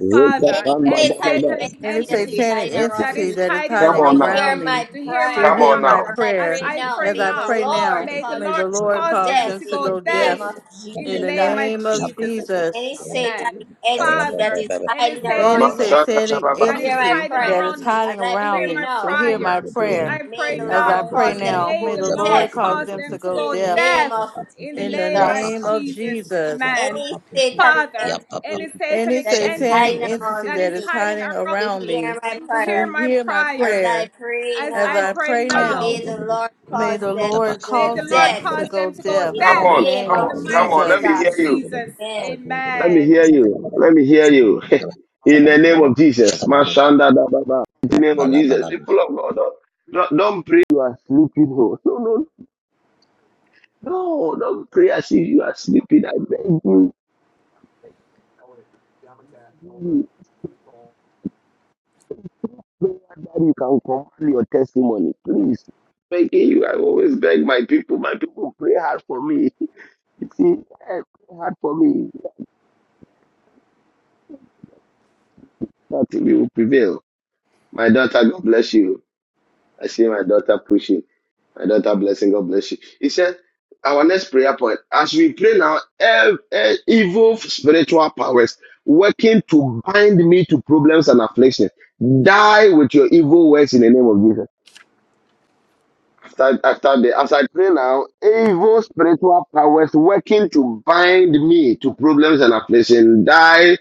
S2: Rika
S7: Any
S2: panda da
S7: satanic
S2: baba.
S11: Any
S7: entity that is
S11: satanic
S7: hiding
S2: Jesus.
S7: around
S11: entity
S7: me,
S11: that is
S2: Come
S11: hiding
S7: to
S2: on now.
S7: hear
S11: around me
S7: my
S11: to
S2: Come
S7: prayer
S11: hear
S2: on
S11: my
S2: now.
S7: as I
S11: prayer
S7: pray now,
S11: as I
S7: may the
S11: pray now,
S7: Lord cause
S11: may
S7: them
S11: the
S7: to
S11: Lord
S7: go
S11: cause
S7: deaf
S11: them to
S7: in the
S11: go
S7: name
S11: deaf
S7: of
S11: in the
S7: Jesus.
S11: name of Jesus.
S7: Any satanic entity that is hiding
S11: Any
S7: around me,
S2: Mashanda da
S11: satanic
S7: to
S2: baba.
S7: hear my
S11: entity that
S7: prayer
S11: is
S8: you.
S7: as
S11: hiding
S7: I
S11: around
S7: pray
S11: me to
S7: now,
S11: hear my prayer
S7: may the
S11: as
S7: Lord
S11: I pray
S7: cause them to
S11: now, may
S7: go
S11: the Lord
S7: deaf
S11: cause them to go
S7: in
S11: deaf
S7: name of
S11: in the
S7: Jesus.
S11: name of Jesus.
S7: Any satanic entity
S11: Any
S7: that is
S11: satanic
S7: hiding
S11: entity
S7: around
S11: that
S7: me
S11: is hiding
S7: to
S11: around
S7: hear
S11: me
S7: my prayer
S11: to hear my
S7: as I
S11: prayer
S7: pray
S11: as I
S7: now,
S11: pray now,
S7: may the Lord
S11: may
S7: cause
S11: the
S7: them to
S11: Lord
S7: go
S11: cause them
S7: dead
S11: to go deaf
S7: in
S2: Come
S11: in
S7: the
S11: the
S2: on.
S7: name
S11: name
S2: Come
S7: of
S11: of
S2: on. Come on. Let me
S11: Jesus.
S2: hear
S7: Jesus.
S2: you.
S7: Amen.
S2: Let me hear you. Let me hear you. In the name of Jesus.
S8: Shaka
S2: Mashanda da baba. In the name of Jesus. People of God, don't, don't don't pray. You are sleeping. No, no, No, don't pray as if you are sleeping. I beg you, you- that you can command your testimony, please. Begging you, I always beg my people. My people pray hard for me. You see, eh, pray hard for me. Nothing will prevail. My daughter, God bless you. I see my daughter pushing. My daughter blessing. God bless you. He said, our next prayer point, as we pray now, ev- eh, evil spiritual powers working to bind me to problems and affliction, die with your evil works in the name of Jesus. After, after the, as I pray now, evil spiritual powers working to bind me to problems and affliction, die."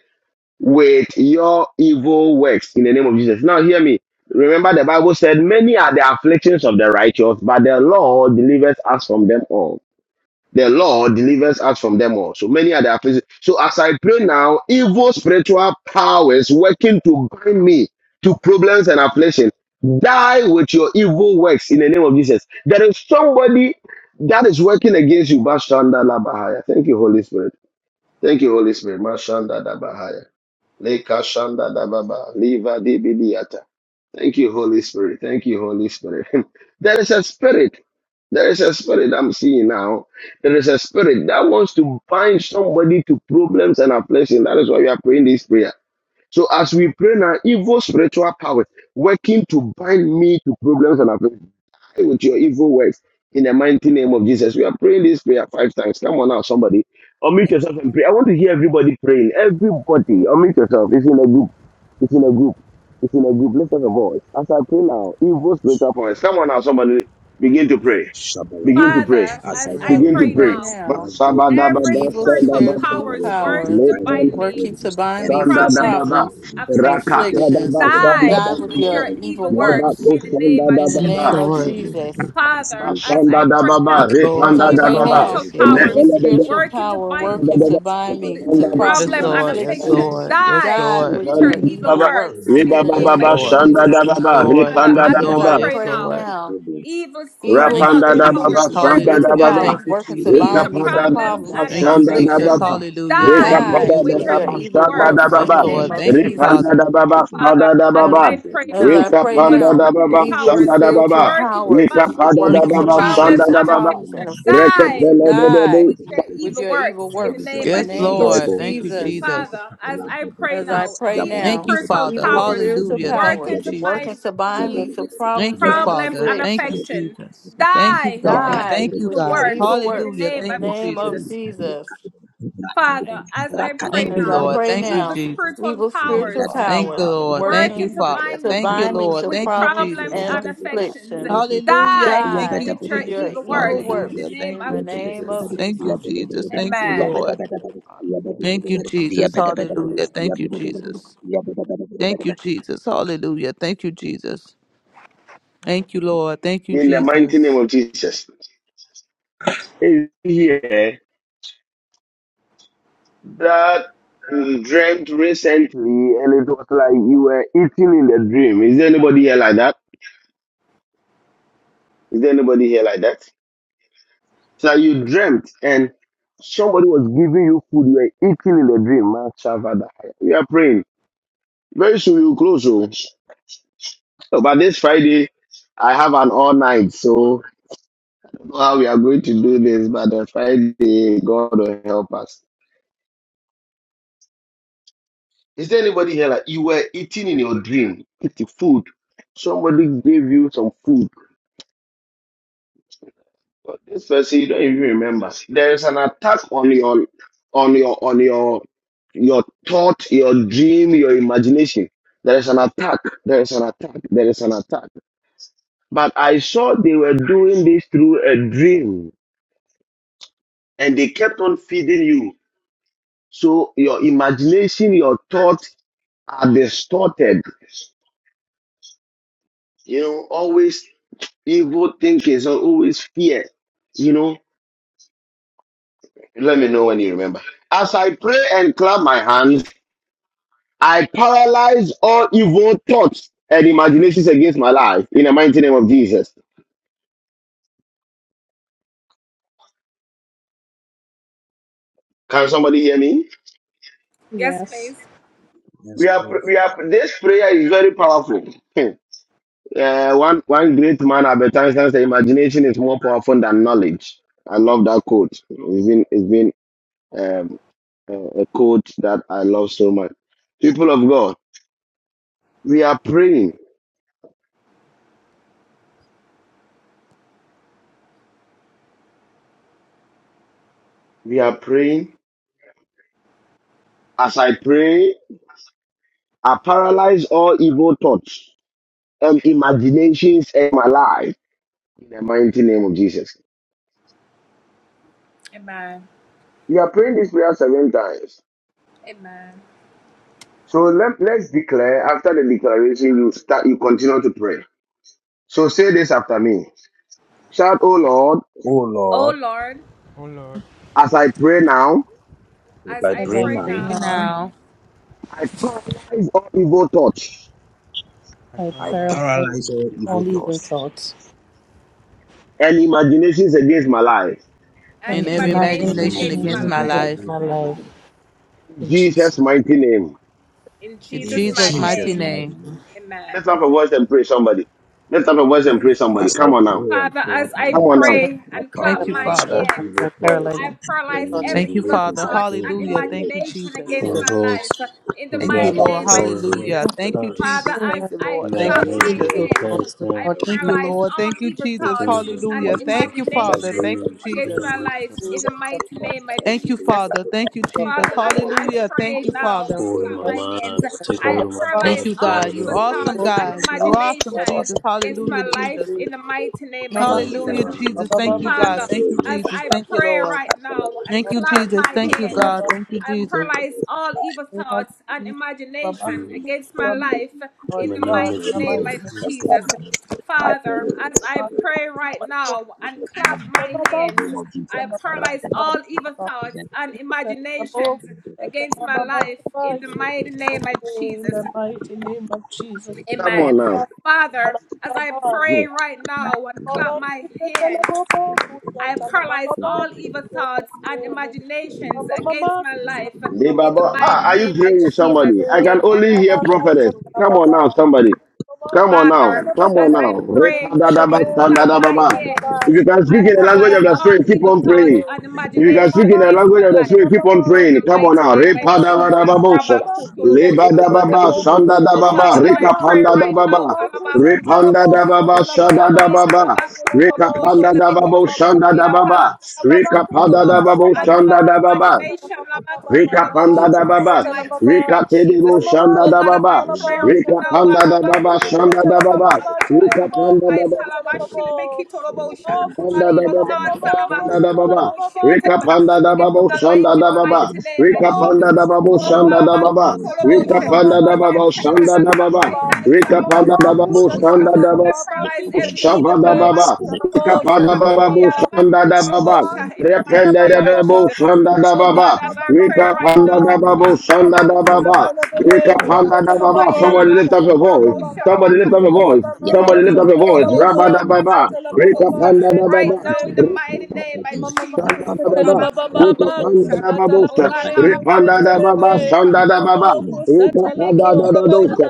S2: with your evil works in the name of Jesus. Now, hear me. Remember, the Bible said, Many are the afflictions of the righteous, but the Lord delivers us from them all. The Lord delivers us from them all. So many are the afflictions. So as I pray now, evil spiritual powers working to bind me to problems and affliction, die with your evil works in the name of Jesus. There is somebody that is working against you. Bashanda Labahaya. Thank you, Holy Spirit. Thank you, Holy Spirit. Mashanda Labahaya. Leka shanda da baba, liva di bidiata. Thank you, Holy Spirit. Thank you, Holy Spirit. There is a spirit. There is a spirit I'm seeing now. There is a spirit that wants to bind somebody to problems and affliction. That is why we are praying this prayer. So as we pray now, evil spiritual powers working to bind me to problems and affliction with your evil works in the mighty name of Jesus. We are praying this prayer five times. Come on now, somebody. Unmute yourself and pray. I want to hear everybody praying. Everybody, unmute yourself. It's in a group, It's in a group, It's in a group, lift up a voice. As I pray now, evil spiritual powers. Come on now, somebody. Begin to pray. Begin to
S8: Shabalabalaba.
S2: pray.
S12: As I
S8: As I
S11: As
S12: pray
S11: I
S12: now,
S8: pray
S2: Begin to
S8: now,
S2: pray.
S11: pray now.
S8: every evil
S2: Basabadababa,
S11: evil
S8: spiritual
S12: every
S8: power
S12: evil,
S11: spiritual
S2: sandababa.
S8: working to
S11: powers
S8: bind me to
S11: working to
S8: tables
S11: bind
S8: and
S11: me to
S8: replacing
S2: Lepandabasandababa.
S11: problems
S8: time
S11: and
S8: with the evil
S11: afflictions.
S8: one.
S11: Die
S8: in the
S11: with
S2: Rakatadabasandababa.
S8: name
S11: your
S8: of
S11: evil
S8: Jesus. As
S11: works
S8: I pray
S11: in the
S8: now,
S9: Yes,
S11: name
S2: Lebakosandababa.
S8: every
S11: of
S9: Lord.
S8: evil
S11: Jesus.
S8: spiritual
S2: Shanda
S8: power
S2: da
S9: Yes,
S2: baba,
S8: working to
S11: As
S9: Lord.
S11: I
S2: repanda
S8: bind
S2: da
S9: Yes,
S11: pray
S8: me
S9: Lord.
S2: baba,
S11: now,
S8: to table
S11: every
S8: and
S2: repanda da baba,
S11: spiritual
S8: replacing
S11: power
S8: time
S2: repanda
S11: working
S2: da
S11: to
S2: baba,
S11: bind
S8: with the
S11: me to
S2: repanda
S8: evil
S2: da
S8: works in
S11: problems
S9: Yes,
S8: the
S11: and
S8: name
S9: Lord.
S8: of
S9: Yes,
S8: Jesus.
S9: Lord.
S11: afflictions,
S9: Yes,
S11: die
S8: I
S9: Lord.
S11: with
S8: pray
S11: your
S8: now,
S11: evil
S2: baba,
S11: works
S8: every
S11: in
S2: repanda
S11: the
S2: da
S8: evil
S11: name
S9: Yes, Lord. Yes,
S2: baba,
S11: of
S8: spiritual
S9: Lord.
S2: shanda
S8: power
S2: da
S11: Jesus.
S9: Yes,
S2: baba,
S8: working to
S9: Lord.
S2: repanda
S9: Yes,
S2: da
S8: bind
S11: As
S8: me
S9: Lord.
S11: I
S2: baba.
S9: Yes,
S11: pray
S9: Lord.
S8: to
S11: now,
S8: tables
S11: evil
S9: Thank you,
S2: Rapanda
S8: and
S11: spirit,
S2: da baba,
S9: Jesus.
S8: affliction.
S2: sanda
S11: spiritual
S2: da
S9: Hallelujah.
S2: baba.
S8: Dying
S11: powers
S9: Thank you,
S11: working
S8: with
S11: to
S8: the
S2: Eka
S9: Jesus.
S11: bind
S8: rest
S11: me
S8: in
S11: to
S8: the
S2: panda
S8: name
S2: da
S8: of
S11: problems
S8: Jesus.
S2: baba,
S11: and
S9: Thank
S8: We
S9: you,
S8: can
S2: sanda da
S8: pray
S9: Jesus.
S11: afflictions
S2: baba.
S8: now.
S9: Hallelujah.
S8: Every
S2: Eka
S9: Thank you,
S8: evil
S11: Die
S2: panda
S8: spirit
S2: da
S11: with
S9: Jesus.
S11: your
S2: baba,
S8: happening,
S11: evil
S8: they
S2: sanda da
S8: keep
S11: works in
S9: Yes,
S11: the
S2: baba.
S11: name
S9: Lord.
S8: praying,
S11: of
S9: Thank you,
S8: they pray
S11: Jesus.
S2: Ripanda
S9: Father.
S2: da
S8: and
S2: baba,
S8: affliction.
S2: sanda
S8: The
S2: da
S11: As,
S2: baba.
S8: evil
S11: as I
S8: is
S2: Eka
S11: pray
S8: in the
S2: panda
S8: name
S2: da
S8: of
S11: now,
S8: Jesus.
S2: baba,
S11: evil
S8: As I
S2: sanda da
S8: pray now,
S11: spiritual
S2: baba.
S11: powers
S8: every
S2: Eka
S8: evil
S2: panda
S8: spirit
S2: da
S11: working
S9: Thank you,
S11: to
S2: baba,
S8: happening,
S11: bind me
S2: sanda
S8: but
S11: to
S9: Jesus.
S8: you
S2: da
S8: can
S2: baba.
S8: pray
S11: problems
S8: now.
S11: and
S8: We
S2: Reke
S11: afflictions,
S2: pele de
S8: to
S2: de
S8: pray
S11: die
S2: de.
S8: in the
S11: with
S8: presence.
S11: your evil
S8: Here
S11: works
S8: with your
S11: in the
S9: Yes,
S8: evil
S11: name
S8: works,
S11: of
S9: Lord.
S8: in
S9: Thank
S8: the
S9: you,
S8: name
S11: Jesus.
S8: of Jesus.
S9: Jesus.
S11: As I pray
S8: Yabba,
S9: Thank
S11: now,
S9: you, Father.
S11: evil spiritual
S9: Hallelujah. Thank you,
S11: powers working
S9: Jesus.
S11: to bind me to
S9: Thank
S11: problems
S9: you,
S11: and
S9: Father. Thank you,
S11: afflictions,
S9: Jesus. Thank you,
S8: Yes,
S9: God.
S11: die
S9: Thank you,
S11: with your
S9: God.
S11: evil works
S9: Hallelujah.
S11: in the
S9: Thank you,
S11: name of
S9: Jesus.
S11: Jesus.
S10: Thank you, Lord. Hallelujah.
S9: Thank you,
S11: As I
S9: Lord.
S11: pray
S9: Thank you,
S11: now,
S10: Thank
S9: Jesus.
S10: you, Lord.
S11: evil
S10: Thank you,
S11: spiritual
S10: Father.
S9: Thank
S11: powers
S9: you, Lord.
S10: Hallelujah.
S9: Thank you,
S11: working
S9: Father.
S11: to
S10: Thank
S9: Thank you,
S10: you,
S11: bind
S10: Lord,
S11: me
S9: Lord.
S10: for
S11: to
S9: Thank you,
S11: problems
S10: this.
S11: and
S9: Jesus.
S11: afflictions,
S9: Hallelujah. Thank
S11: die
S9: you,
S10: God,
S11: with your
S9: Jesus.
S10: in the
S11: evil
S10: name of
S11: works
S9: Hallelujah.
S10: Jesus.
S9: Thank
S11: in
S9: you,
S11: the
S10: Thank
S11: name
S10: you,
S9: Jesus.
S11: of
S10: Father.
S9: Thank you,
S11: Jesus.
S10: Hallelujah.
S9: Jesus.
S10: Thank
S9: Thank you, Lord.
S10: you, Father. Thank you,
S9: Thank you,
S10: Jesus.
S9: Jesus.
S10: Thank you,
S9: Hallelujah.
S10: Father.
S9: Thank you, Jesus.
S10: Thank you,
S9: Thank you,
S10: Lord.
S9: Jesus. Hallelujah. Thank you, Jesus. Thank you, Lord. Thank you,
S2: In the mighty
S9: Jesus.
S2: name of Jesus. Is Here, that um, dreamt recently, and it was like you were eating in the dream. Is there anybody here like that? Is there anybody here like that? So you dreamt and somebody was giving you food, you were eating in the dream. Man, Shavada. We are praying. Very soon you close. Oh. So, but this Friday, I have an all night. So I don't know how we are going to do this, but the Friday, God will help us. Is there anybody here like you were eating in your dream, eating food? Somebody gave you some food But this person you don't even remember. There is an attack on your on your on your your thought, your dream, your imagination. There is an attack. There is an attack. There is an attack. But I saw they were doing this through a dream and they kept on feeding you. So your imagination, your thoughts are distorted. You know, always evil thinking, so always fear. You know, let me know when you remember. As I pray and clap my hands, I paralyze all evil thoughts and imaginations against my life in the mighty name of Jesus. Can somebody hear me?
S3: Yes.
S2: We are,
S8: please.
S2: we are, this prayer is very powerful. Hmm. Uh, one, one great man, Albert Einstein, said, imagination is more powerful than knowledge. I love that quote. It's been, it's been um, a a quote that I love so much. People of God, we are praying. We are praying. As I pray, I paralyze all evil thoughts um, imaginations in my life in the mighty name of Jesus. You are praying this prayer seven times. So let, let's declare after the declaration, you start, you continue to pray. So say this after me. Shout, oh Lord,
S12: oh Lord,
S2: as I pray now,
S3: As I
S12: as I
S3: pray
S12: pray
S9: Right
S12: now,
S3: now,
S9: Now.
S2: I paralyze all evil thoughts
S12: I
S3: I
S8: I
S10: Up
S3: paralyze
S12: paralyze all
S8: paralyze
S12: evil
S8: all
S10: to your
S8: evil
S3: all
S12: thoughts
S3: evil
S10: torch.
S8: thoughts
S3: thoughts
S2: and imaginations against my life.
S9: and
S3: and
S9: every
S12: and
S4: of
S8: and
S9: imagination
S12: imaginations
S3: imaginations
S9: against my
S12: against
S8: imaginations
S3: against
S12: my
S9: life.
S3: my
S8: against
S12: life.
S8: my life.
S3: life
S2: In
S3: in
S2: Jesus'
S3: Jesus'
S2: mighty name.
S9: In
S8: In
S10: Jesus,
S4: Jesus.
S9: Jesus'
S12: In
S10: my
S9: mighty
S8: Jesus'
S12: Jesus'
S10: name.
S8: mighty
S9: name.
S12: mighty
S3: name.
S8: name.
S12: name,
S2: Let's have a voice and pray somebody. Let's have a voice and pray somebody.
S8: As I
S2: Come on now.
S8: pray and clap my
S2: Come on
S8: hands, uh,
S2: now.
S8: I
S9: Thank you,
S8: paralyze
S9: Father.
S8: all evil
S3: I
S8: thoughts
S3: paralyze
S8: uh, and
S3: the thoughts and
S9: Thank you,
S8: imaginations
S9: Father.
S8: against my
S9: Hallelujah.
S8: life.
S9: Thank you,
S8: uh, In
S9: Jesus.
S8: the
S3: evil.
S13: and
S8: name
S13: holds the
S9: Thank you,
S8: of
S13: God put
S8: Father,
S9: Lord.
S8: as I
S13: forward
S8: pray,
S13: with
S3: I
S9: Hallelujah.
S8: and
S9: Thank you,
S13: thoughts,
S9: Jesus. Thank
S3: paralyze
S9: you, Lord.
S3: every
S9: Thank you,
S13: imaginations
S9: Jesus.
S3: evil
S13: that
S3: thought,
S13: cast
S3: the
S13: down
S3: thought
S9: Thank
S3: and
S9: you, Lord. Thank you,
S13: the
S9: Jesus.
S13: things that
S9: Hallelujah.
S13: come
S9: Thank you,
S13: from my
S9: Father. Thank you,
S13: brain,
S9: Jesus.
S13: stand with me,
S9: Thank you, Father. Thank you, Jesus.
S3: imagination.
S9: Hallelujah. Thank you, Father.
S13: hold in my
S3: Mama,
S13: mind, take
S3: Baba,
S13: hold of my
S9: Thank
S13: thoughts,
S9: you, God. You're
S13: whatever they
S9: awesome,
S13: can,
S3: Baba,
S9: God. You're awesome, Jesus. Hallelujah, Jesus.
S13: cast
S9: Hallelujah,
S13: down and
S9: Jesus.
S3: Baba,
S9: Thank you,
S13: opinion,
S9: God. Thank you,
S13: imagination,
S9: Jesus. Thank you, Lord. Thank you, Jesus. Thank
S13: and
S9: you,
S13: come
S9: God.
S3: Baba,
S13: to
S9: Thank you, Jesus.
S3: we have seen Baba,
S13: you. In
S3: Lord
S13: the name
S3: God, in
S13: of
S3: the mighty
S8: pray,
S3: name
S8: and
S13: Jesus.
S8: clap my hands, I
S3: of
S8: pray in
S3: Jesus,
S8: Jesus' name. In the name of Jesus. Rada, Zenda,
S3: In the mighty name of Jesus.
S2: Come on now.
S3: Mama,
S2: Hmm.
S8: Jab-
S2: Debaba, ah, are you praying with somebody? I can only hear prophetess. Come on now,
S3: mama,
S2: somebody.
S3: Mama
S2: Come on
S3: kuse
S2: now.
S3: tela bo shetela
S2: Come
S3: baba
S2: on now.
S3: baba kuse
S2: Repadadaba,
S8: Jabada,
S3: tela baba kuse
S2: sandadababa.
S3: tela
S2: If you can speak in the
S3: baba
S2: language of
S3: baba
S2: the spirit, keep on praying. If you can speak in
S3: baba
S2: the language of
S3: kuse
S2: the
S3: tela
S2: spirit, keep on
S3: baba
S2: praying. Come on now.
S8: Rada,
S2: Repadadababosha.
S3: baba
S2: Lebadababa, sandadababa.
S8: Yap,
S2: Rekapandadababa. Repandadababa, shadadababa.
S3: kuse
S2: Rekapandadababo, shandadababa. Rekapandadababo,
S3: tela baba baba
S2: shandadababa.
S3: baba
S2: Rika panda da
S3: kuse
S2: baba,
S3: tela baba
S2: Rika tedibo
S3: Mama
S2: shanda da baba,
S3: kushatala baba
S2: Rika
S3: Satala
S2: panda
S3: baba
S2: da baba shanda da baba,
S3: kisetele
S2: Rika panda da baba
S3: bebe katala bosa
S2: panda
S3: tala
S2: da
S8: Thank you.
S2: baba, Rika panda da baba, Rika panda da baba shanda da baba,
S3: baba
S2: Rika panda da baba
S3: Satala
S2: shanda da
S3: Baba,
S2: baba,
S3: Kusha Talaba Baba, Mamma Satala Baba, Kusha Talaba
S2: Rika
S3: Baba,
S2: panda da baba
S3: Kusha
S2: shanda da
S3: Talaba
S2: baba,
S3: Baba,
S2: Rika
S3: Mamma
S2: panda da baba
S3: Kusha
S2: shanda
S3: Talaba
S2: da baba,
S3: Baba,
S2: da
S3: Kita
S2: da
S3: Telebebe,
S2: Baba,
S3: Katalabo, Satala Baba. Mama kushatala
S2: Rependa
S3: baba
S2: da
S3: baba
S2: Bo, Sanda da
S3: kushatala baba
S2: baba, baba, baba, baba, Shabadababa,
S3: baba baba baba baba,
S2: Kapadababo,
S3: Mama
S2: Sandadababa,
S3: kusatala
S2: Rependadabo, Sandadababa,
S3: baba baba
S2: Rikapandadababo,
S3: kusatala
S2: da baba. Somebody lift up your voice. Somebody lift up your voice. Somebody lift up your voice. Rabba da Baba, Rika
S3: baba
S2: Panda da
S3: kusatala
S2: Baba,
S3: be
S2: Rika
S8: Yakam,
S3: mama
S2: Panda da
S3: kusatala
S2: Baba.
S3: bo
S2: Rika
S8: Rapa-papa,
S2: Panda da
S3: kusatala
S2: Babosa,
S3: baba
S8: rapa-papa,
S2: Ripanda da baba, baba,
S8: rapa-papa,
S2: baba, baba, baba, Rabadababa,
S8: rapa-papa,
S2: da Rikapandadababa.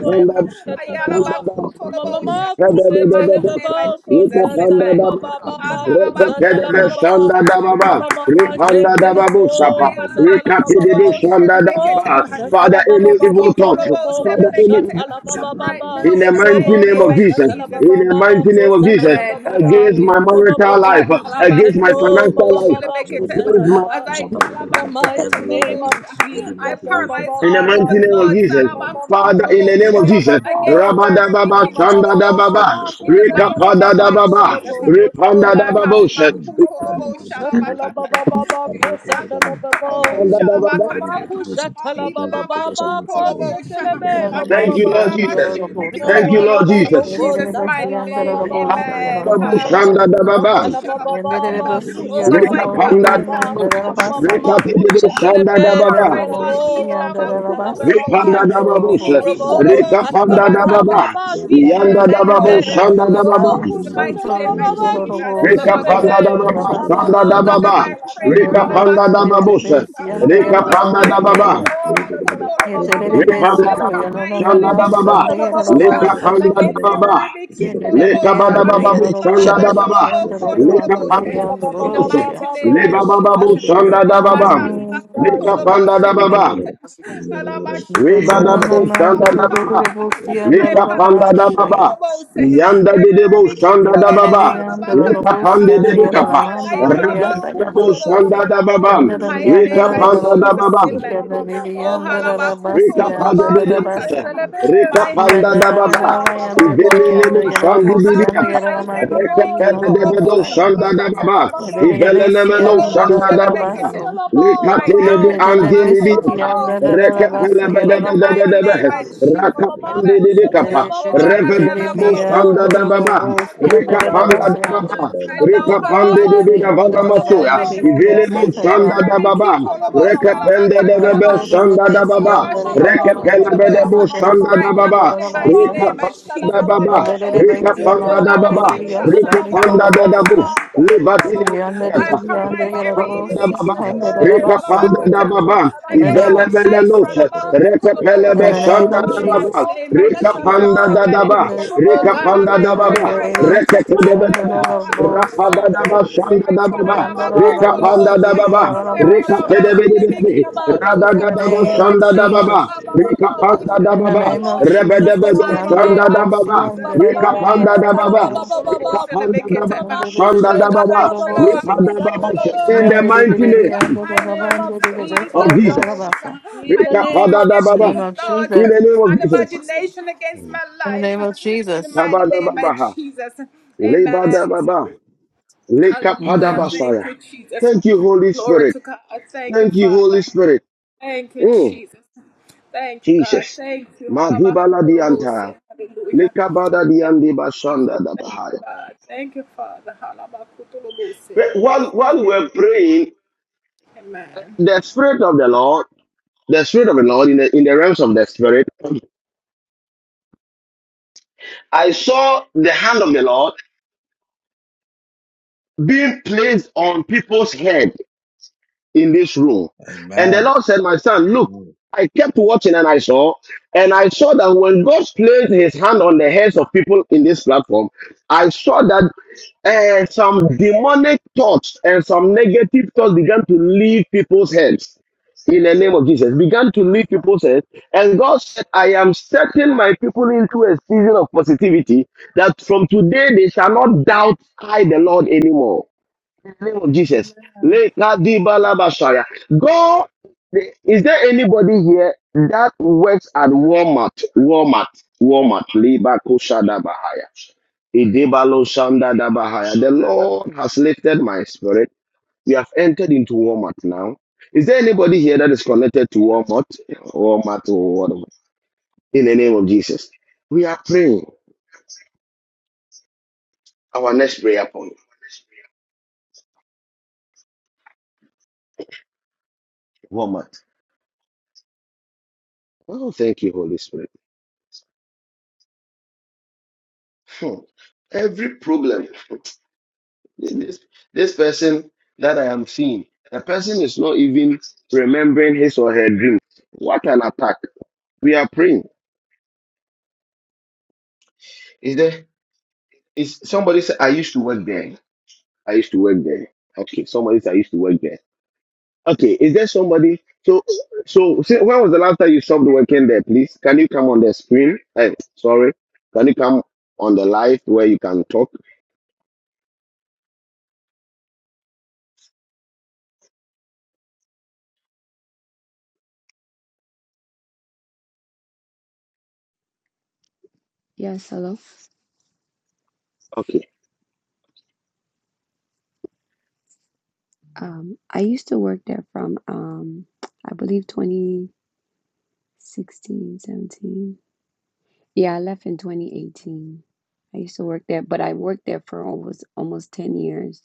S3: bo
S2: da,
S3: kusatala ba
S2: Sandadababa, da baba.
S3: mama
S2: Father, any
S3: kusatala
S2: evil
S3: baba kusatala baba baba kusatala baba Mama mama shetela bo kasadala baba baba mo kusatala baba baba baba
S2: thought,
S3: robo
S2: Father, any evil
S3: koshatala baba baba
S2: in the mighty
S3: robo
S2: name of Jesus,
S3: koshatala baba
S2: in the
S3: baba
S2: mighty name of Jesus,
S3: kosatala baba
S2: against my
S3: baba baba
S2: marital
S3: baba
S2: life, against
S3: kusatala
S2: my
S3: bo
S2: financial
S3: baba
S2: life,
S3: baba
S2: against
S3: kusatala ba in the
S2: my
S3: mighty name of
S8: weapon, every
S3: Jesus
S8: imagination,
S3: Abba,
S2: in the
S3: baba
S8: God bless
S2: mighty
S3: baba
S8: my
S2: name of Jesus.
S3: Mama
S2: Father, in the
S3: kusa
S2: name of
S3: tala
S2: Jesus.
S3: babo,
S2: Rabada
S3: kusa
S2: baba,
S3: tala baba
S8: finances.
S2: chanda da
S8: God
S3: baba
S8: bless
S2: baba,
S3: baba,
S8: my
S3: kusa
S8: family.
S3: tala
S2: rekapada da
S3: baba baba
S2: baba,
S3: baba, kusa
S2: repanda da
S3: tala baba.
S2: babosha,
S3: Mama kusa tala baba baba, kusa tala baba.
S2: repanda da baba.
S3: Mama kusa tala baba baba, kusa tala baba
S2: Thank you,
S3: baba,
S2: Lord Jesus. Thank you, Lord
S3: Yawalala
S2: Jesus.
S3: boko satala baba ba
S2: Repanda da babu,
S3: mama ma
S2: chanda da
S3: kusa
S2: baba,
S3: tala baba ba ba kusa tala baba
S2: rekapanda da
S3: ba
S2: baba,
S3: mama ma
S2: rekatede do
S3: kusa tala
S2: chanda da
S3: be
S2: baba,
S3: tala
S8: Thank you.
S3: bo kusa
S8: Zebedee
S3: baba ba
S2: repanda da
S3: sho
S2: babosha,
S8: Yabba,
S3: robo
S8: yabba, da,
S3: kusa
S2: rekapanda
S3: tala
S2: da
S8: yabranda, da,
S3: baba
S2: baba,
S3: ba kise
S8: yabranda, da,
S2: yanda da
S11: And
S3: tala be
S2: babu,
S11: the
S8: yabranda,
S2: chanda
S8: da,
S2: da
S3: robo
S2: baba.
S11: Rabban
S8: yabranda,
S3: kusa tala
S11: Soto
S3: baba ba
S8: da,
S3: kise
S11: Yorobos,
S8: yabba,
S3: tala
S2: Rika
S11: and
S8: da,
S3: be
S8: da,
S11: the
S8: da,
S3: be
S2: panda da
S8: yabba, da, da, da, yabba, da, da,
S2: baba,
S3: baba
S8: da,
S11: Rabasa,
S2: panda
S3: baba
S2: da
S8: yabba,
S3: kusa
S2: baba,
S8: da, da, da, yabba, da,
S3: tala
S11: and the
S2: Rika
S3: baba
S2: panda
S11: Rabban
S2: da
S11: de
S2: babusa,
S3: Yes,
S11: Rebesi and the
S2: Rika panda
S11: Yarabos
S2: da
S8: da, da,
S2: baba,
S11: Yanda,
S8: yaka, da, da, da,
S11: et the
S8: yaka, da, da,
S2: Rika panda da
S11: Rebesico
S2: baba, shanda
S8: da, yaka, da,
S2: da
S11: Yananas and
S2: baba,
S11: the
S3: Atala Baba
S8: da, da, yaka, da, da, da, yaka, da, da, da, raka, da, da, yaka, da, da, zaba, da,
S2: Lika
S8: da, da,
S3: Baba
S11: Yarabosa,
S2: panda
S3: Baba
S2: da
S3: Ko.
S2: baba,
S8: zaba, da, da, da,
S2: Lika bada
S8: zaba,
S11: Generation the
S8: da, da, da,
S2: babu, shanda
S8: zaba,
S2: da
S8: da,
S11: Yarabos,
S8: da,
S2: baba,
S11: and the
S8: da,
S11: Rayan,
S2: Lika
S11: the
S2: panda
S3: Atala
S11: Rayan,
S2: da
S11: the
S3: Baba
S8: zaba, da, da, da, yaka, da, da, da, yaka, da, da,
S2: babusa,
S8: da,
S3: Baba
S11: Rosia.
S2: Liba
S3: Baba in the
S2: babu,
S8: yaka, da, da, da, raka, da, da, da, yaka, da, da, da, yaka, da,
S3: mighty
S8: da,
S2: shanda da
S3: name of
S2: baba,
S8: da,
S3: Jesus
S2: Lika
S8: yaka, da, da, da,
S3: in the
S2: panda da
S3: mighty
S8: zaba,
S2: baba,
S8: da, da, da,
S2: Riba
S8: zaba,
S2: da
S8: da, da, da,
S2: bu,
S11: nananaman
S8: Thank
S2: shanda da baba, Leka panda da
S11: Yandarabashaya.
S2: baba. Yanda de debo shanda da
S11: Yukerere
S2: baba. Leka
S11: yandarabashaya,
S2: pande
S3: Atala
S2: de de kapa.
S3: Baba
S11: yandarabashaya,
S3: Baba
S2: Rebe
S3: Baba
S2: de
S11: yandarabashaya.
S2: debo
S3: Atala
S2: shanda
S3: Baba
S2: da
S3: Baba
S2: baba.
S11: Yandarara
S2: Leka
S11: yandarara
S2: panda da
S11: babosi
S2: baba.
S3: Baba
S11: kadariri
S3: Baba
S11: yandarara basi.
S2: Leka pande
S3: Baba
S2: de
S11: yandarara
S2: debo
S3: Sisa
S2: se.
S11: basa.
S3: Celebe,
S2: Leka
S3: Baba
S2: panda da
S3: Sisa
S11: Yandarara
S2: baba.
S3: Cela
S11: rava
S3: Baba
S11: yandariri
S2: Ibele
S3: Bo,
S2: lebo
S3: Baba
S11: yandarara
S2: shandi
S11: bosi
S2: di
S3: Baba
S2: biata.
S11: yandarara
S3: Sisa Cela
S2: Leka
S11: mandiki
S3: Bo,
S2: pende
S11: yandarara
S2: de
S11: bosa
S2: bedo
S3: Baba
S11: ya.
S2: shanda da
S3: Baba
S2: baba.
S3: Baba.
S11: Yandarara
S2: Ibele
S11: besi
S2: nemeno
S3: Cela
S2: shanda
S3: Bo,
S2: da
S11: yandarara
S2: baba.
S3: Kusa
S11: baso.
S3: Cela Bo, Baba
S2: Likatilibi
S3: Kusa
S11: Yandarara
S3: Cela
S11: besi ki
S3: Baba
S2: antilibiata.
S3: Bo, Kusa
S11: yandarara
S3: Cela
S11: basa.
S3: Baba
S8: you.
S11: yandarara
S3: Baba
S11: bo.
S3: Baba
S2: Rekepelebedebedebedebe.
S3: Baba.
S8: Zabada
S3: Baba Ma Kusa
S2: Rakapandididikapa.
S3: Cela Baba, Kusa
S11: Yandarara
S3: Cela
S11: bi
S2: Revedebebu
S3: Baba,
S11: yandarara
S2: sandadababa.
S3: Kusa.
S11: bosi
S3: Baba
S11: yandarara
S3: baba,
S11: basa. baso.
S2: Rikapandadababa.
S3: mushatala baba baba baba, mushatala
S2: Rikapandidididavanamasuya.
S3: baba baba,
S2: Ivilemu
S3: mushatala
S11: ya.
S3: baba
S2: sandadababa.
S3: baba baba baba,
S2: Rekependedebebe
S11: Yonder
S3: mama
S11: the best,
S3: mushatala baba
S2: sandadababa.
S11: yonder the
S3: baba baba,
S11: Alamande, the
S3: mushatala
S2: Rekepelebedebu
S3: baba
S11: Amando,
S3: baba baba,
S11: Suti, and the
S2: sandadababa.
S3: mama
S11: Rabasa,
S3: mushatala baba
S2: Rikapandadababa.
S11: and
S3: baba
S11: the
S3: baba,
S11: Rebecca, and
S3: mushatala baba
S11: Alamande,
S2: Rikapandadababa.
S11: the Yas,
S3: mushatala
S11: and the
S3: baba baba baba baba,
S2: Rikapandadabus.
S11: Gerabosia,
S3: mama
S11: yonder the
S2: Libadinididiyata.
S3: mushatala
S11: Yonder
S3: baba baba,
S11: Gerabosis,
S2: Rikapandadababa.
S11: and the
S3: mushatala
S2: Rika
S3: baba
S11: Rabasa,
S3: baba,
S2: Panda da Baba,
S3: mushatala
S11: in the
S3: baba,
S11: name of
S2: Ivelemene
S11: Jesus,
S2: Nose,
S3: mama mushatala baba
S11: in
S2: pelebe
S11: the name
S2: Shanda
S11: of
S2: da Baba,
S11: Jesus,
S3: baba,
S2: Rika
S3: mushatala
S2: Panda da
S3: baba.
S11: and
S2: Daba,
S11: the
S3: Mama,
S2: Rika
S3: Kusha,
S2: Panda da
S3: Tala,
S2: Baba,
S3: Baba,
S11: Rebecca,
S3: Kusha, Tala,
S11: yonder the
S2: Rekekedebedebe,
S3: Baba.
S2: Rapada
S3: Now,
S11: Rabosa,
S2: da
S3: Lord,
S2: Baba
S3: we thank
S2: Shanda da
S3: you. Mama,
S2: Baba,
S11: yonder the
S3: Mama,
S2: Rika
S3: Kusha,
S2: Panda da
S3: Tala,
S11: Rabansike,
S2: Baba,
S3: Baba, Baba,
S2: Rika
S3: Baba,
S11: Alabosa,
S3: Kusha,
S2: Tedebedebe,
S3: Tala, Baba.
S2: Rada
S11: in
S2: da
S11: the
S3: Mama,
S2: Daba
S11: name of
S2: Shanda
S3: Kusha,
S2: da Baba,
S11: Jesus.
S2: Rika Panda da
S11: In the
S2: Baba,
S11: name of Jesus,
S3: Tala,
S11: the
S2: Rebedebedo
S3: Baba, Baba. Tala, Baba, Kusha, Tala, Baba, Baba.
S2: Shanda da
S11: unbearable, the
S2: Baba,
S3: Baba,
S11: unbearable,
S3: Baba,
S2: Rika Panda
S3: Kusha,
S2: da
S3: Tala,
S2: Baba,
S3: Baba,
S11: the
S3: Baba,
S2: Rika
S3: Baba.
S2: Panda da Baba,
S3: Mama,
S11: unbearable, the
S3: Kusha,
S2: Shanda da
S3: Tala,
S2: Baba,
S3: Baba, Baba,
S2: Rika
S11: Yandarabos,
S2: da
S3: Kusha,
S2: Baba,
S3: Tala, Baba.
S2: in the
S11: Yandarabos,
S2: mighty name
S3: In the name of
S11: the
S2: of
S3: Jesus, oh.
S2: Jesus.
S11: Yandarabos,
S3: in the name of
S11: In the
S2: Rekapadadababa.
S11: name of
S3: Jesus.
S2: In
S11: Jesus,
S2: the name of Jesus.
S11: in the name of Jesus.
S2: Kabadababaha. Lebadababa.
S11: Amen.
S2: Lekapadabasaya. Thank you, Holy Spirit. Thank you, Holy Spirit. Mm, Jesus. Magibala dianta. Lekabada diandi bashanda dabahaya. While,
S3: Amen.
S2: while we're praying, the Spirit of the Lord, the Spirit of the Lord in the, in the realms of the Spirit, I saw the hand of the Lord being placed on people's head. in this room.
S8: Amen.
S2: And the Lord said, My son, look,
S8: Amen.
S2: I kept watching and I saw, and I saw that when God placed his hand on the heads of people in this platform, I saw that uh, some demonic thoughts and some negative thoughts began to leave people's heads in the name of Jesus, began to leave people's heads. And God said, I am setting my people into a season of positivity that from today they shall not doubt I, the Lord, anymore the name of Jesus. Lekadibalabashaya. God, is there anybody here that works at Walmart? Walmart, Walmart. Libakoshadabahaya. Idibaloshandadabahaya. The Lord has lifted my spirit. We have entered into Walmart now. Is there anybody here that is connected to Walmart? Walmart or whatever. In the name of Jesus. We are praying. Our next prayer point. Walmart. Oh, thank you, Holy Spirit. Hmm. Every problem, this, this person that I am seeing, the person is not even remembering his or her dream. What an attack. We are praying. Is there, is somebody say, I used to work there? I used to work there. Okay, somebody said, I used to work there. Okay, is there somebody? So, so say, when was the last time you stopped working there, please? Can you come on the screen? Hey, sorry. Can you come on the live where you can talk?
S14: Yes, hello.
S2: Okay.
S14: Um, I used to work there from, um, I believe 2016, 17. Yeah, I left in 2018. I used to work there, but I worked there for almost almost 10 years.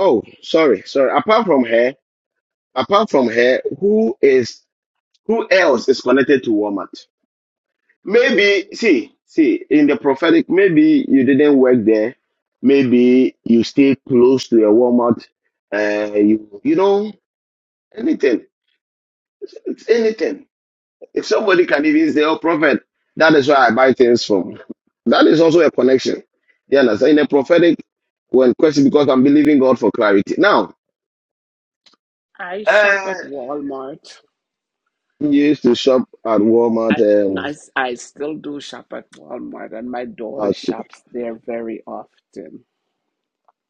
S2: Oh, sorry, sorry. Apart from her, Apart from her, who is who else is connected to Walmart? Maybe see, see, in the prophetic, maybe you didn't work there. Maybe you stay close to a Walmart. Uh, you you know anything. It's, it's anything. If somebody can even say, "Oh, prophet," that is where I buy things from. That is also a connection. You understand? In the prophetic, when question because I'm believing God for clarity. Now,
S5: I shop
S2: uh,
S5: at Walmart.
S2: you used to shop at
S5: I, no, I
S2: Walmart.
S5: still do shop at Walmart, and my daughter
S2: Um,
S5: shops there very often.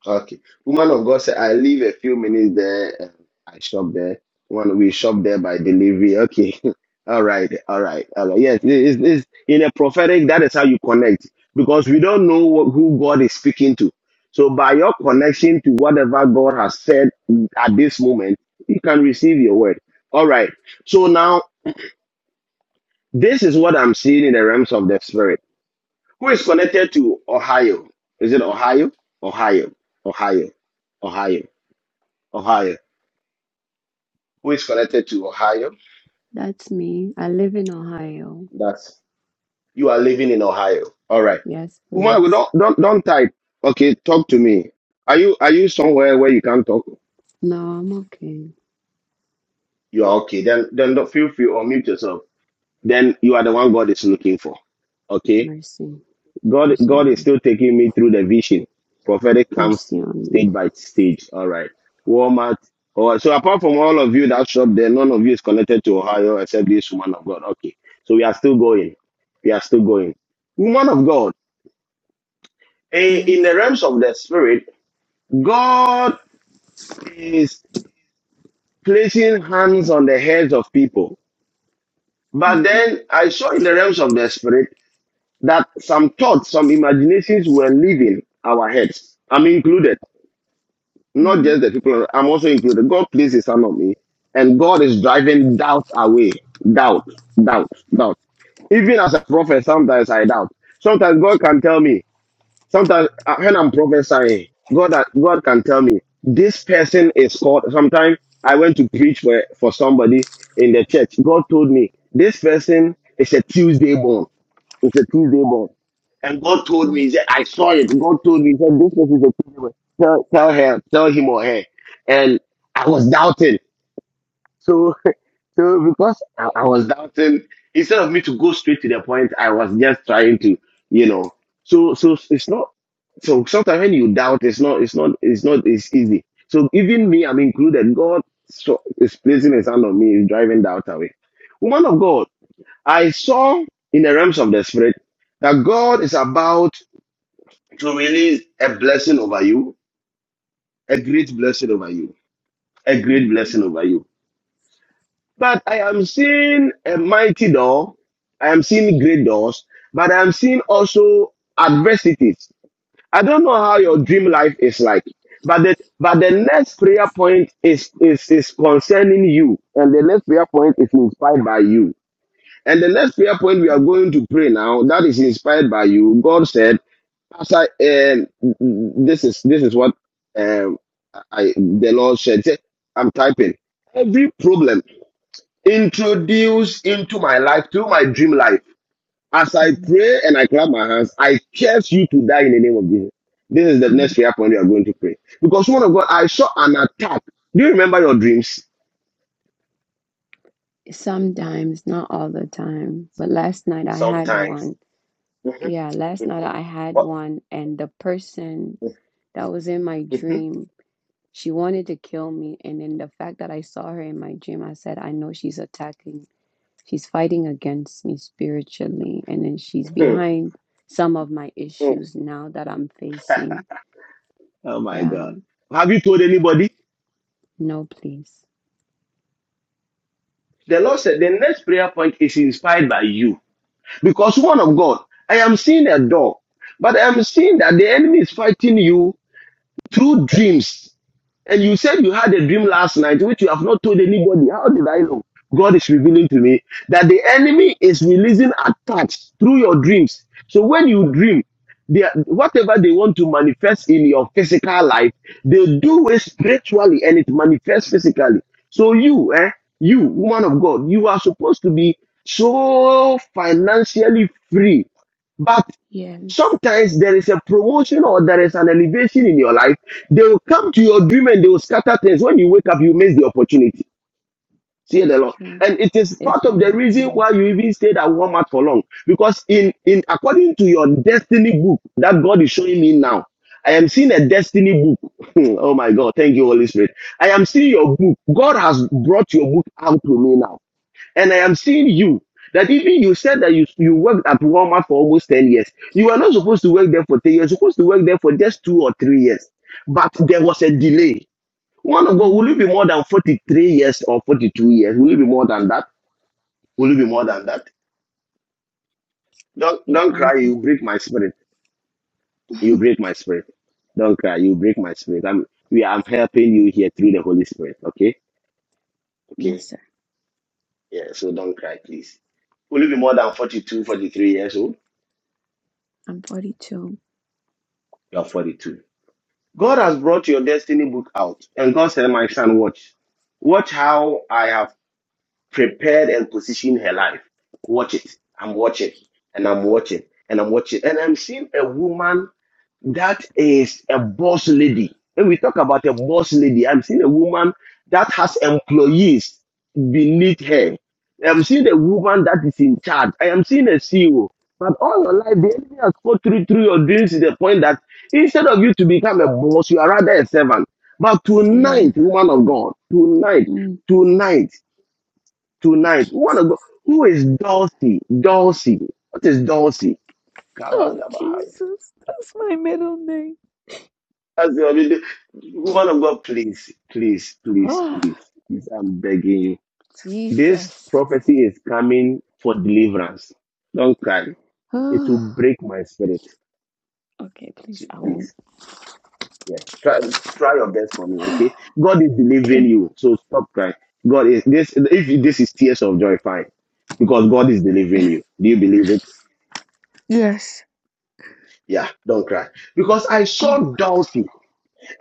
S2: Okay. Woman of God said, I leave a few minutes there. and I shop there. One, we shop there by delivery. Okay. All right. All right. All right. Yes. It's, it's, in a prophetic, that is how you connect because we don't know wh- who God is speaking to. So by your connection to whatever God has said at this moment, you can receive your word. All right. So now this is what I'm seeing in the realms of the spirit. Who is connected to Ohio? Is it Ohio? Ohio. Ohio. Ohio. Ohio. Who is connected to Ohio?
S14: That's me. I live in Ohio.
S2: That's you are living in Ohio. All right.
S14: Yes,
S2: Uma,
S14: please.
S2: don't don't don't type. Okay, talk to me. Are you are you somewhere where you can't talk?
S14: No, I'm okay.
S2: You are okay. Then then don't feel free or mute yourself. Then you are the one God is looking for. Okay.
S14: Mercy.
S2: God,
S14: Mercy
S2: God
S14: on
S2: is
S14: me.
S2: still taking me through the vision. Prophetic comes
S14: Mercy on me.
S2: stage by stage. All right. Walmart. All right. So apart from all of you that shop there, none of you is connected to Ohio except this woman of God. Okay. So we are still going. We are still going. Woman of God. eh, In
S14: Yes.
S2: the realms of the spirit, God is placing hands on the heads of people. But
S14: Mm-hmm.
S2: then I saw in the realms of the spirit that some thoughts, some imaginations were leaving our heads. I'm included. Not
S14: Mm-hmm.
S2: just the people, I'm also included. God placed his hand on me, and God is driving doubt away. Doubt, doubt, doubt. Even as a prophet, sometimes I doubt. Sometimes God can tell me. Sometimes uh, when I'm prophesying, God uh, God can tell me this person is called. Sometimes I went to preach for for somebody in the church. God told me this person is a Tuesday born. It's a Tuesday born. And God told me, he said, I saw it. God told me, he said, this person is a Tuesday born. Tell, tell her, tell him or her. And I was doubting. So, so because I, I was doubting, instead of me to go straight to the point, I was just trying to, you know. So, so it's not, so sometimes when you doubt, it's not, it's not, it's not, it's easy. So even me, I'm included. God so, is placing his hand on me, is driving doubt away. Woman of God, I saw in the realms of the spirit that God is about to release a blessing over you, a great blessing over you, a great
S14: Amen.
S2: blessing over you. But I am seeing a mighty door. I am seeing great doors, but I am seeing also adversities. I don't know how your
S14: Yeah.
S2: dream life is like, but the but the next prayer point is is is concerning you, and the next prayer point is inspired by you And the next prayer point we are
S14: Okay.
S2: going to pray now, that is inspired by you. God said, "As I, um, this is this is what um, I the Lord said. Say, I'm typing every problem introduced into my life through my dream life. As I
S14: Mm-hmm.
S2: pray and I clap my hands, I curse you to die in the name of Jesus." This is the next prayer point we are going to pray because one of God, I saw an attack. Do you remember your dreams?
S14: Sometimes, not all the time, but last night I had one. Yeah, last night I had one, and the person that was in my dream, she wanted to kill me. And then the fact that I saw her in my dream, I said, I know she's attacking, she's fighting against me spiritually. And then she's
S2: oh
S14: behind some of my issues now that I'm facing.
S2: my
S14: Yeah,
S2: God! Have you told anybody?
S14: no, please.
S2: The Lord said the next prayer point is inspired by you. Because, one of God, I am seeing a door, but I am seeing that the enemy is fighting you through dreams. And you said you had a dream
S14: Yeah,
S2: last night, which you have not told anybody. How did I know? God is revealing to me that the enemy is releasing attacks through your dreams. So when you dream, they, are- whatever they want to manifest in your physical life, they do it spiritually and it manifests physically. So you, eh, you, woman of God, you are supposed to be so financially free. but.
S14: yes,
S2: Sometimes there is a promotion or there is an elevation in your life. They will come to your dream and they will scatter things. When you wake up, you miss the opportunity. See the
S14: that's
S2: Lord.
S14: true.
S2: And it is
S14: It's
S2: part
S14: been
S2: of the reason
S14: happening.
S2: why you even stayed at Walmart for long. Because in, in according to your destiny book that God is showing me now, I am seeing a destiny book. oh my God. Thank you, Holy Spirit. I am seeing your book. God has brought your book out to me now and I am seeing you. That even you said that you you worked at Walmart for almost 10 years. You were not supposed to work there for 10 years, you're supposed to work there for just two or three years. But there was a delay. One of God, will it
S14: hmm
S2: be more than 43 years or 42 years? Will it be more than that? Will it be more than that? Don't
S14: Yeah,
S2: don't
S14: I'm
S2: cry,
S14: full.
S2: you break my spirit. You break my spirit. Don't cry, you break my spirit. I'm we are I'm helping you here through the Holy Spirit. Okay?
S14: Yes,
S2: Okay.
S14: sir.
S2: Yeah, so don't cry, please. Will it be more than 42, 43 years old?
S14: I'm 42.
S2: You're 42. God has brought your destiny book out, and God said, My son, watch. Watch how I have prepared and positioned her life. Watch it. I'm watching, and I'm watching, and I'm watching. And I'm seeing a woman that is a boss lady. When we talk about a boss lady, I'm seeing a woman that has employees beneath her. I'm seeing a woman that is in charge. I am seeing a CEO. But all your life, the enemy has fought through, through your dreams to the point that instead of you to become a boss, you are rather a servant. But
S14: Yeah.
S2: tonight, woman of God, tonight,
S14: Mm.
S2: tonight, tonight, woman of God, who is Dulcie? Dulcie. What is Dulcie?
S14: Oh, Jesus. That's my middle name.
S2: That's the only thing. woman of God, please, please, please,
S14: Oh,
S2: please, please, I'm begging you. This
S14: Jesus.
S2: prophecy is coming for deliverance. Don't cry. It will
S14: Oh,
S2: break my spirit.
S14: okay,
S2: So
S14: please. I won't.
S2: Please. Yeah. Try try your best for me, okay? God is
S14: Okay.
S2: delivering you. So stop crying. God is this if this is tears of joy, fine. Because God is delivering you. Do you believe it?
S14: Yes.
S2: Yeah, don't cry. Because I
S14: Oh,
S2: saw
S14: my God.
S2: Dulcie.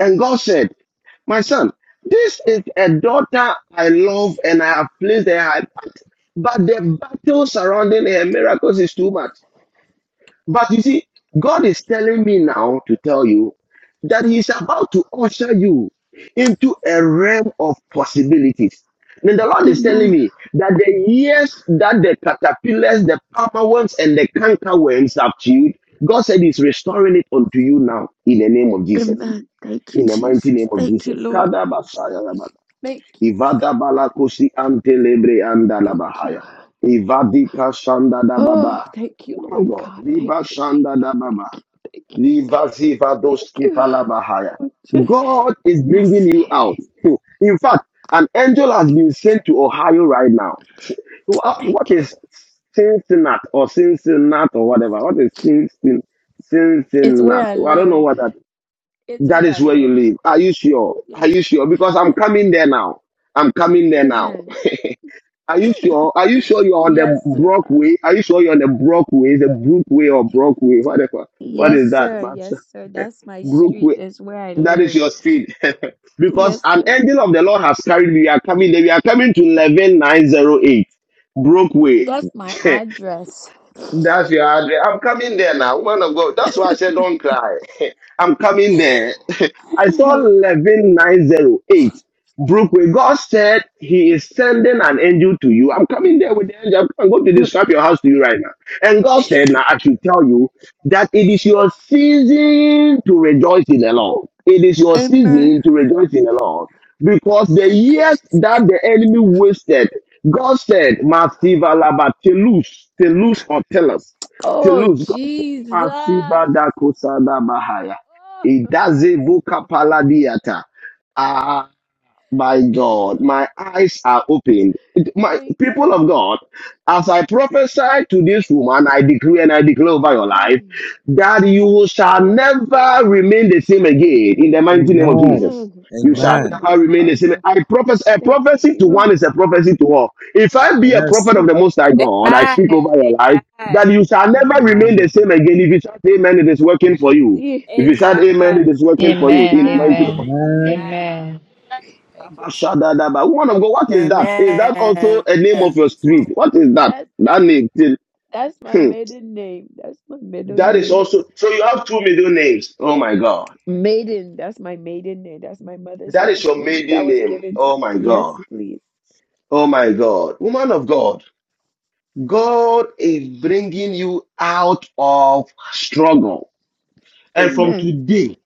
S2: And God said, My son, this is a daughter I love and I have placed her high part. But the battle surrounding her miracles is too much. But you see, God is telling me now to tell you that He's about to usher you into a realm of possibilities. Then the Lord is telling
S14: Amen.
S2: me that the years that the caterpillars, the palmer worms, and the canker worms have chewed, God said He's restoring it unto you now in the name of Jesus
S14: Amen. Thank you,
S2: in the mighty
S14: Jesus.
S2: name of
S14: Thank you,
S2: Jesus.
S14: Lord.
S2: Kada basaya laba.
S14: Thank
S2: Ivada balakosi ante lebre
S14: you. Thank you.
S2: Kadabasayaraba. Ivadabalakosi antelebre andalabahaya. Ivadika
S14: Oh,
S2: shandadababa.
S14: thank you,
S2: Oh
S14: Lord
S2: God,
S14: God. Thank
S2: Liba
S14: you. Thank
S2: shandadababa.
S14: you. Thank you.
S2: Liva
S14: Thank
S2: zivadoski
S14: you.
S2: falabahaya.
S14: Lord Jesus.
S2: God is bringing
S14: Yes.
S2: you out. In fact, an angel has been sent to Ohio right now. What what
S14: Thank you.
S2: is Cincinnati or Cincinnati or whatever? What is Cincinnati?
S14: It's where
S2: Cincinnati.
S14: I
S2: Well, I don't know
S14: live.
S2: what that.
S14: It's
S2: That
S14: where I
S2: is where you
S14: live.
S2: live. Are you sure? Are
S14: Yes.
S2: you sure? Because I'm
S14: Yes.
S2: coming there now. I'm coming there now.
S14: Amen.
S2: Are you sure? Are you sure you're on
S14: Yes,
S2: the
S14: sir. Uh,
S2: Brockway? Are you sure you're on the Brockway? The Brookway or Brockway? Whatever. What
S14: Yes,
S2: is that,
S14: sir. Yes,
S2: Master?
S14: sir. That's my street.
S2: Brookway.
S14: That's where I
S2: That is
S14: live.
S2: your street. because
S14: Yes,
S2: an
S14: sir.
S2: angel of the Lord has carried me. We are coming there. We are coming to 11908 Brookway.
S14: That's my address.
S2: That's your address. I'm coming there now. Woman of God. That's why I said don't cry. I'm coming there. I saw 11908 Brookway. God said he is sending an angel to you. I'm coming there with the angel. I'm going to describe your house to you right now. And God said, now I should tell you that it is your season to rejoice in the Lord. It is your
S14: Amen.
S2: season to rejoice in the Lord. Because the
S14: Thank you.
S2: years
S14: Jesus.
S2: that the enemy wasted, God said, Masiva laba telus, telus or telus,
S14: Oh,
S2: telus. God said,
S14: Jesus.
S2: Masiva da kusada bahaya. Idaze Voka Paladiata. Ah. My God,
S14: Oh,
S2: my eyes are opened. It- My
S14: thank
S2: people
S14: you.
S2: of God, as I prophesy to this woman, I decree and I declare over your life
S14: Hey,
S2: that you shall never remain the same
S14: thank
S2: again in
S14: you.
S2: the mighty name of
S8: Amen.
S2: Jesus.
S14: Amen.
S2: You shall
S14: Oh,
S8: Amen.
S14: my
S2: never remain the same.
S14: Father.
S2: I prophesy a
S14: Thank
S2: prophecy to one
S14: you.
S2: is a prophecy to all. If I be a
S14: Thank
S8: Yes.
S2: prophet of
S14: you.
S2: the Most High God, I speak over your life that you shall
S14: Thank
S8: In
S2: never
S8: the
S14: you.
S8: name
S2: remain the
S8: of
S2: same
S8: Jesus.
S2: again. If you shout amen, it is
S14: Oh,
S2: working for
S8: Amen.
S2: you.
S14: Shansi.
S2: If you shout
S8: Amen.
S2: amen, it is working for
S8: Amen.
S2: you
S15: Amen.
S2: in the mighty name
S15: Amen.
S2: of
S8: Amen.
S15: Amen.
S2: Abashadadaba. Woman of God, what is that? Is that also
S11: Amen.
S2: a name of your street? What is that?
S14: That's,
S2: That name. Till,
S14: that's my
S2: hmm.
S14: maiden name. That's my middle
S2: That is
S14: name.
S2: also. So you have two middle names. Oh my God.
S14: Maiden, that's my maiden name. That's my mother's
S2: That is
S14: last
S2: your
S14: name. That
S2: maiden
S14: was
S2: name.
S14: given to me.
S2: Oh my
S14: Yes,
S2: God.
S14: please.
S2: Oh my God. Woman of God, God is bringing you out of struggle. And from
S14: Amen.
S2: today,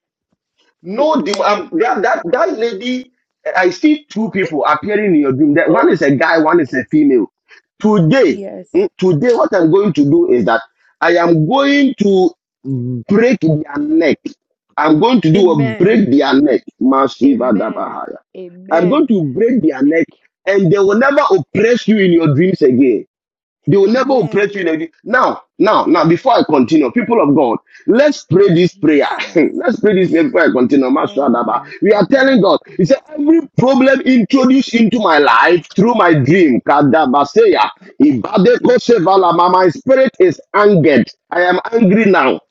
S2: No demon. Um, that, that that lady. I see two people appearing in your dream. That one
S14: Oh,
S2: is a guy, one is a female. Today,
S14: yes.
S2: mm, today, what I'm going to do is that I am going to break their neck. I'm going to do a
S14: Amen.
S2: break their neck. Masiva
S14: Amen.
S2: dabahaya. I'm going
S14: Amen.
S2: to break their neck, and they will never oppress you in your dreams again. They will never oppress you.
S14: Amen.
S2: in any- Now, now, now, before I continue, people of God, let's pray this prayer.
S14: Jesus.
S2: let's pray this prayer before I continue. Master
S14: Oh,
S2: Adaba.
S14: my
S2: We are
S14: Father,
S2: telling
S14: my
S2: God,
S14: God.
S2: He said, every problem introduced into my life through my dream,
S14: You
S2: Kadabaseya,
S14: brought love
S2: Ibadeko
S14: introduced to my
S2: Sevala, my
S14: dream.
S2: my spirit is angered. I am angry now.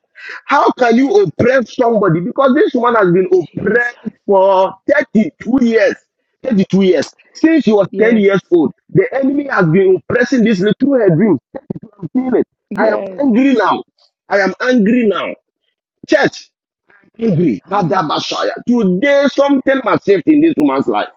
S2: How can you oppress somebody? Because this woman has been
S14: Jesus.
S2: oppressed for 32 years. 32 years. Since she was 10
S14: Yes.
S2: years old, the enemy has been oppressing this little through her dreams. thirty-two, I'm feeling it. I am
S14: Yes.
S2: angry now. I am angry now. Church, angry.
S14: Ah,
S2: Kadabashaya. Today, something must shift in this woman's life.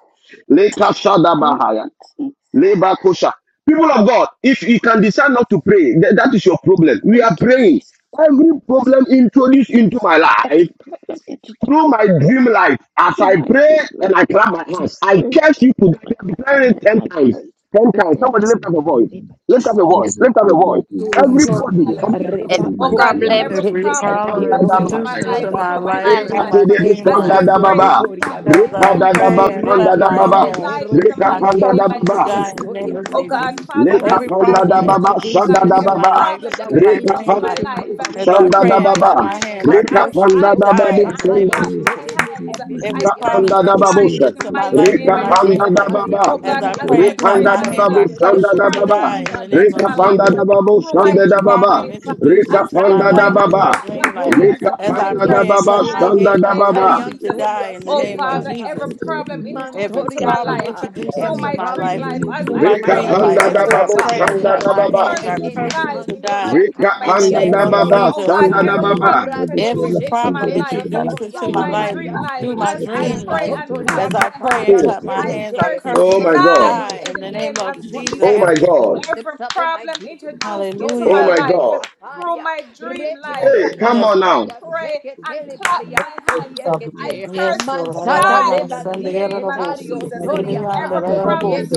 S14: thank you, Jesus.
S2: Labor kosher. People of God, if you can decide not to pray, th- that is your problem. We
S14: Thank
S2: are
S14: you,
S2: praying.
S14: Jesus.
S2: Every problem introduced into my
S14: Every
S2: life
S14: problem introduced
S2: through my
S14: into my
S2: dream
S14: life.
S2: life, as
S14: through
S2: I
S14: my
S2: pray
S14: dream life.
S2: and I clap my
S14: As I
S2: hands, I
S14: pray,
S2: curse you to
S14: I clap my
S2: declare it
S14: hand,
S2: ten
S14: I
S2: times.
S14: curse
S2: Ten
S14: the
S2: times.
S14: day in
S2: Somebody
S8: So,
S2: lift up a
S14: the
S2: voice.
S14: name of
S2: Lift up a
S14: Jesus.
S2: voice.
S8: Every
S2: Lift up a
S8: problem
S2: voice.
S8: into this into
S2: Everybody,
S8: your life.
S2: somebody lift
S7: Every
S14: Reba
S8: Through my
S7: problem
S8: dream life,
S14: Coriante
S11: Every
S14: de
S8: as I
S2: up
S14: Tepe
S8: pray
S11: problem
S8: and
S2: a
S11: introduced
S2: voice.
S8: pray.
S14: Corianta
S7: produced
S11: into
S14: da
S11: my
S7: in
S11: life
S7: my
S8: Thank
S11: through
S7: life,
S11: my
S14: Bantoriante
S11: dream
S14: de
S11: life,
S14: Berio
S2: Rekapandadababa,
S14: Soria
S11: as
S14: Capa
S11: I pray and clap my
S14: Rekepe de
S11: hands.
S14: Kero
S11: I
S14: Sonia
S11: trust you to
S2: rekapandadababa,
S11: God in the name
S14: Capariantoria
S11: of
S14: Capa.
S11: Jesus.
S2: Leka
S14: Every
S11: Every
S2: panda da
S11: problem
S8: you.
S2: baba
S14: everything,
S11: introduced
S2: shanda da
S11: into
S14: every
S11: my
S2: baba.
S11: life
S14: problem that
S11: through
S14: was
S11: my
S2: Reka
S11: dream
S14: introduced
S2: panda
S11: life,
S14: to
S2: da
S14: my
S2: baba
S11: as
S14: dream
S11: I
S2: shanda
S14: life,
S11: pray
S2: da
S14: oh
S11: and clap
S14: God.
S2: baba.
S11: my hands, I
S2: Reka
S11: curse you
S14: Caroso
S11: to
S2: panda da
S14: Toria
S11: die
S2: babu
S11: in
S8: That's
S11: the
S8: what
S11: name
S8: I
S11: of
S2: shanda
S8: do.
S14: te de
S11: Jesus.
S8: And
S14: de
S8: God,
S14: Tepe
S8: when he's
S11: Every
S2: reka
S14: Coria
S8: like,
S11: problem
S2: panda da
S8: bless
S14: te
S2: babu
S8: you,
S11: introduced
S14: de
S2: shanda.
S11: into
S8: and
S11: my
S8: God,
S14: de.
S11: life through
S2: Reka
S11: my
S8: when he's
S11: dream
S2: panda
S14: Rata
S2: da
S11: life,
S14: paria
S2: baba.
S8: everything that
S11: as
S8: you
S11: I
S14: toria
S8: did
S11: pray
S8: is
S11: and clap
S8: great,
S2: Rekanda
S14: Pariantoria
S11: my
S8: you
S2: da
S11: hands,
S14: Capariante
S8: know,
S11: I
S2: babu
S8: and
S14: de de
S2: shanda
S11: curse you
S2: da
S11: to
S8: during the
S2: baba.
S14: Bocoria
S11: die
S8: week,
S11: in the
S14: Tada
S11: name
S8: you
S2: Reka
S11: of
S8: know, like, you
S2: panda
S11: Jesus.
S8: know,
S14: kaparia
S2: da
S8: like,
S2: babu shanda
S11: Every
S8: you
S2: da
S8: know,
S2: baba.
S8: I
S11: problem
S14: Thank
S8: thank you
S14: you,
S8: for
S11: introduced
S2: Reka
S8: that.
S14: Jesus.
S11: into
S8: In
S11: my
S8: the
S2: panda da
S8: name
S11: life
S8: of
S11: through
S8: Jesus,
S11: my
S2: baba.
S14: Haroso
S11: dream
S8: everything
S11: life,
S14: toria
S2: Reka
S8: that
S11: as
S8: you
S11: I
S8: did
S2: panda
S8: is
S14: kapandia
S2: da
S11: pray and
S2: baba
S11: clap
S8: stable
S11: my
S14: terede
S8: now.
S2: shanda
S11: hands,
S2: da
S11: I
S8: In the name
S11: curse
S14: bekataria
S2: baba.
S11: you
S8: of
S11: to
S8: Jesus,
S14: toria
S11: die in
S8: it
S11: the
S8: is like,
S11: name
S8: you
S11: of
S8: know,
S14: tai
S11: Jesus
S8: that God, you know, you
S11: every
S14: mantoria
S8: catch me,
S11: problem
S14: kapa
S8: you
S11: introduced
S8: plan.
S11: into my
S8: In
S14: I'm
S8: the
S11: life
S8: name of
S14: introduced you
S11: through
S8: Jesus,
S14: through
S11: my
S14: my
S2: Reka
S11: dream
S8: Rabba,
S14: dream
S11: life.
S2: panda
S14: life,
S2: da
S11: As
S8: Rabba,
S14: oh
S8: Rabba,
S11: I
S2: babu
S14: God.
S11: pray and
S8: Rabba,
S2: shanda
S14: It
S11: clap
S2: da
S11: my
S8: Rabba,
S14: comes
S2: baba.
S11: hands,
S14: to an
S11: I
S14: end.
S8: Rabba,
S11: curse you
S8: Rabba,
S11: to die
S14: Pandoria
S2: Reka
S11: in the
S2: panda
S14: Caparia
S11: name
S2: da
S11: of
S8: Thank
S2: baba
S11: Jesus.
S2: shanda da
S14: Terebekataya.
S2: baba.
S14: Rato
S11: Every
S14: Sheke
S11: problem introduced
S14: Periantoria
S11: into my life
S14: Caparia
S11: through my dream life. As
S14: Mansotoria
S11: I pray and
S14: Caparia
S2: Hmm.
S11: clap my
S14: de
S11: hands, I
S14: de.
S11: curse
S2: Oh
S11: you
S2: my
S11: to
S2: God.
S14: Mansotori,
S11: die in
S14: any
S11: the
S14: man,
S11: name
S14: any
S11: of
S14: woman that
S2: Oh
S11: Jesus.
S14: have
S2: my God.
S14: introduced themselves in my dream. Manto
S2: Oh my
S11: Hallelujah.
S14: Cotoria
S2: God.
S8: you.
S14: Caparia. Reke
S3: That
S2: Hey, come
S11: Yes,
S2: on
S8: Zabada
S2: now.
S14: Periantoria Seke
S3: the
S14: Telebariantoria Kete.
S11: yes, Lord.
S3: problem.
S14: Mansata
S11: Hallelujah.
S14: lebandie ketario
S3: And Thank
S14: soriata.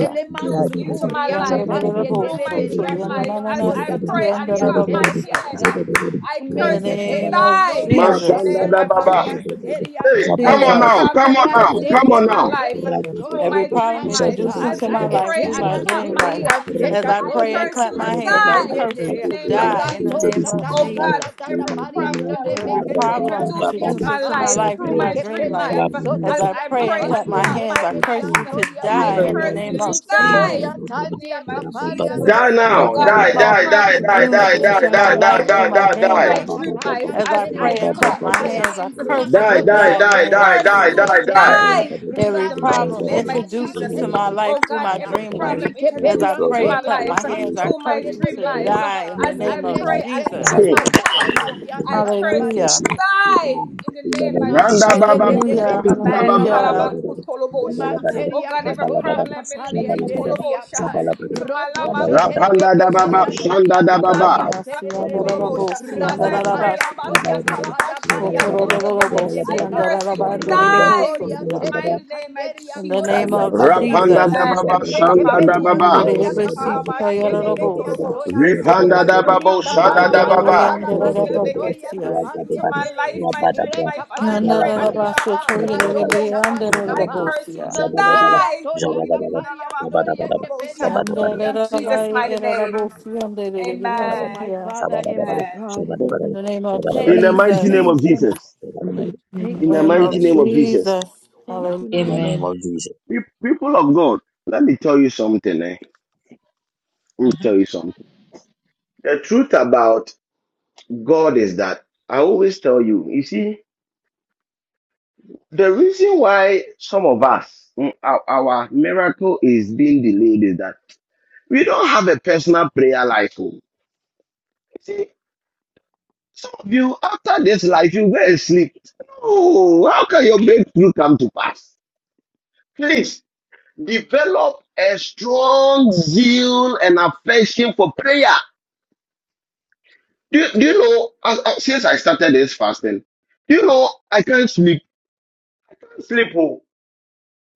S3: you, for that individual
S14: sukuria
S11: Yonder the
S14: kapande
S11: boss, so
S14: deleberian
S11: yonder
S14: torian
S11: the
S14: toria
S11: boss, yonder
S14: kaparia
S11: the boss, yeah.
S14: teredias.
S11: In the name of
S14: Meketeriandoria
S3: life
S11: Jesus,
S2: Mashanda da
S14: satala
S2: baba.
S14: barianteria
S3: and
S2: Come on
S14: kotoa
S11: Jesus,
S2: now. Come on now.
S14: rande
S2: Come on now.
S3: recognize
S14: beketeriandoria
S11: every problem introduced
S14: kapariata
S11: into my life through
S3: my
S11: my
S3: different
S11: dream life,
S8: as I
S14: etelimansuriande
S3: gifts.
S11: as
S8: pray, and
S11: I pray
S14: katoria
S11: and clap my hands,
S14: kapandia
S11: I
S3: I
S11: curse
S3: pray for
S11: you
S14: tedede
S11: to
S3: that.
S11: die in the
S14: rato
S11: name of
S14: satada da da
S11: Jesus.
S14: da la barianto de
S11: Every problem
S14: beketeriandoria
S11: introduced into
S14: kapa
S11: my life through my
S14: brike
S11: dream life,
S8: clap
S14: pedian
S8: my
S11: as
S8: hands, I
S11: I
S14: sotoria
S8: pray
S11: pray and clap
S8: for
S11: my
S14: kapandia
S8: you.
S11: hands, I
S8: Good
S11: curse you
S8: Father,
S11: to
S14: telebediandoria
S3: I
S8: in the
S11: die
S3: pray
S14: te
S11: in the
S8: name of
S11: name of
S8: Jesus.
S14: rike
S11: Jesus.
S14: poria
S8: Rabba-ba-ba-ba,
S14: tandia
S2: Die
S14: kapariandoria
S2: now.
S11: Every
S14: kapa
S2: Die,
S8: rabba-ba-ba-ba,
S2: die,
S11: problem
S2: die, die,
S14: mante de
S11: introduced
S2: die,
S8: rabba-ba-ba-ba,
S2: die,
S11: into
S14: dea
S8: rabba-ba-ba-ba,
S11: my
S2: die, die,
S11: life through my
S8: rabba-ba-ba-ba,
S2: die, die,
S11: dream
S2: die.
S14: Rototoria
S11: life,
S8: rabba-ba-ba-ba,
S14: kapari
S8: rabba-ba-ba-ba,
S11: as I pray
S14: anteria
S11: and clap my
S8: rabba-ba-ba-ba,
S14: sataya.
S11: hands, I curse you
S2: Die,
S11: to
S14: Matodo
S2: die,
S11: die
S14: do
S11: in the
S2: die,
S11: name
S14: boko
S2: die,
S11: of
S2: die,
S11: Jesus.
S2: die,
S14: sandiete
S2: die.
S8: rabba-ba-ba-ba,
S14: dea.
S11: Every
S3: for
S14: Rato
S3: that.
S11: problem
S8: rabba-ba-ba-ba,
S14: shapari
S11: introduced
S14: ante
S11: into
S14: de
S11: my life through my
S14: bekataya.
S11: dream
S8: rabba-ba-ba-ba,
S11: life.
S14: Rike
S11: As
S8: every
S14: peri
S11: I pray
S8: problem
S11: and
S14: antoria
S11: clap my hands,
S8: introduced
S11: I
S14: kapandia
S11: curse
S14: tede
S11: you
S14: de
S8: into
S11: to
S8: my life
S11: die
S14: beriata.
S11: in
S8: through
S11: the
S8: my
S11: name of
S8: daily
S14: Reke
S8: life
S14: peri
S8: as
S11: Jesus.
S8: I
S2: Hmm.
S8: go
S14: antoria
S8: and my
S14: sada
S8: business. I bless
S11: Hallelujah.
S8: you
S14: sadabariato.
S8: with mine. in the name of
S14: Man
S2: Randa
S8: Jesus.
S14: sede
S2: baba,
S14: de de
S11: Hallelujah.
S2: shanda
S8: Rabadabada,
S2: da
S14: bekataria
S2: baba.
S11: Hallelujah.
S8: Zabalabadaba,
S14: Manteria Katoria
S8: Zabalabadaba,
S14: Kapali and
S11: Jesus.
S8: Zabalabadaba,
S14: Dediata
S8: Zabalabadaba, Zabalabadaba,
S14: Roto
S11: Mm.
S8: Zabalabadaba,
S14: Shoterebe
S2: Rapanda da baba,
S14: Keteria
S8: Zabalabadaba,
S2: shanda
S14: Toria
S8: Zabalabadaba, Zabalabadaba,
S2: da
S14: Kaparia
S2: baba.
S8: Zabalabadaba,
S11: Andarabasi,
S14: Terebe
S11: andarabasi,
S14: Rata Paria
S11: andarabasi.
S14: Toria Kapada Barianto
S8: Zabalabadaba, Zabalabadaba,
S14: de de de de
S11: Otorororobosi,
S8: Zabalabadaba,
S14: Beca Roto
S8: Zabalabadaba,
S14: Toria
S11: andarabandiribososia.
S8: Zabalabadaba,
S14: Teria Canderia
S11: In the
S14: Toria
S11: name
S8: Kaya
S11: of
S8: gada
S14: Kapadia
S8: dada,
S11: Jesus.
S2: Rapanda
S14: Dai
S2: da
S8: zada
S2: baba,
S8: dada
S2: shanda
S8: dada,
S2: da
S14: Rekepedian
S11: In the
S2: baba.
S8: zada dada
S14: Toria
S11: name
S8: dada,
S14: Kapandia
S8: zada dada
S14: Telebedian
S8: dada,
S14: Toria
S8: zada dada
S2: Ripanda da
S8: dada,
S2: babo,
S14: Rica
S8: zada dada
S2: shada da
S14: Pandia
S8: dada,
S2: baba.
S14: Catala
S8: zada dada
S11: of
S8: dada,
S14: Bariantoria
S11: Jesus.
S8: ya gada
S14: Kapandia
S8: bana,
S14: Tere
S8: ya bada bra,
S14: Rekaparia
S8: zala bala ba,
S14: Toria
S11: Yandarabaso
S14: Pa
S8: zada bala
S14: Rado
S8: bala,
S11: Toyerebe
S14: Sabadi
S8: zada bala bala,
S14: Kapa
S11: Andarabosia.
S8: zada bala bala,
S14: Manteria
S8: zada
S14: toria
S8: bala bala,
S14: capariandoria
S8: zabada bala ba, zabada bala ba,
S14: keperiandoria se.
S11: Yandarabarabosia
S8: zabada bala
S14: Oh,
S8: ba,
S14: my
S11: Andarabosia.
S14: Father
S8: zabada bala ba, zabada bala ba, zabada bala ba, zabada
S14: and
S8: bala
S14: my
S8: ba, zabada
S14: God.
S2: Hmm.
S11: In the name of
S2: In
S14: Thank
S2: the
S14: you,
S2: mighty name
S11: Jesus.
S2: of
S14: Jesus.
S2: Jesus.
S8: bala ba, zabada
S3: In
S8: bala
S3: my
S8: ba.
S3: name
S14: Thank
S2: in
S11: In
S14: you,
S11: the
S2: the
S8: In
S11: name
S8: the
S14: Lord.
S2: mighty
S11: of
S8: name
S2: name
S8: of
S2: of
S8: Jesus.
S2: Jesus.
S11: Jesus.
S14: Thank
S11: Hallelujah.
S14: you,
S8: In the
S14: Lord.
S8: name
S15: Amen.
S8: of Jesus.
S2: Pe- People of God, let me tell you something. Eh? Let me
S15: Mhm.
S2: tell you something. The truth about God is that I always tell you, you see, the reason why some of us, mm, our, our miracle is being delayed is that we don't have a personal prayer life. oh. You see, some of you, after this life, you go and sleep. Oh, how can your breakthrough come to pass? Please develop a strong zeal and affection for prayer. Do, you- do you know, as, as- since I started this fasting, do you know, I can't sleep. I can't sleep. Oh,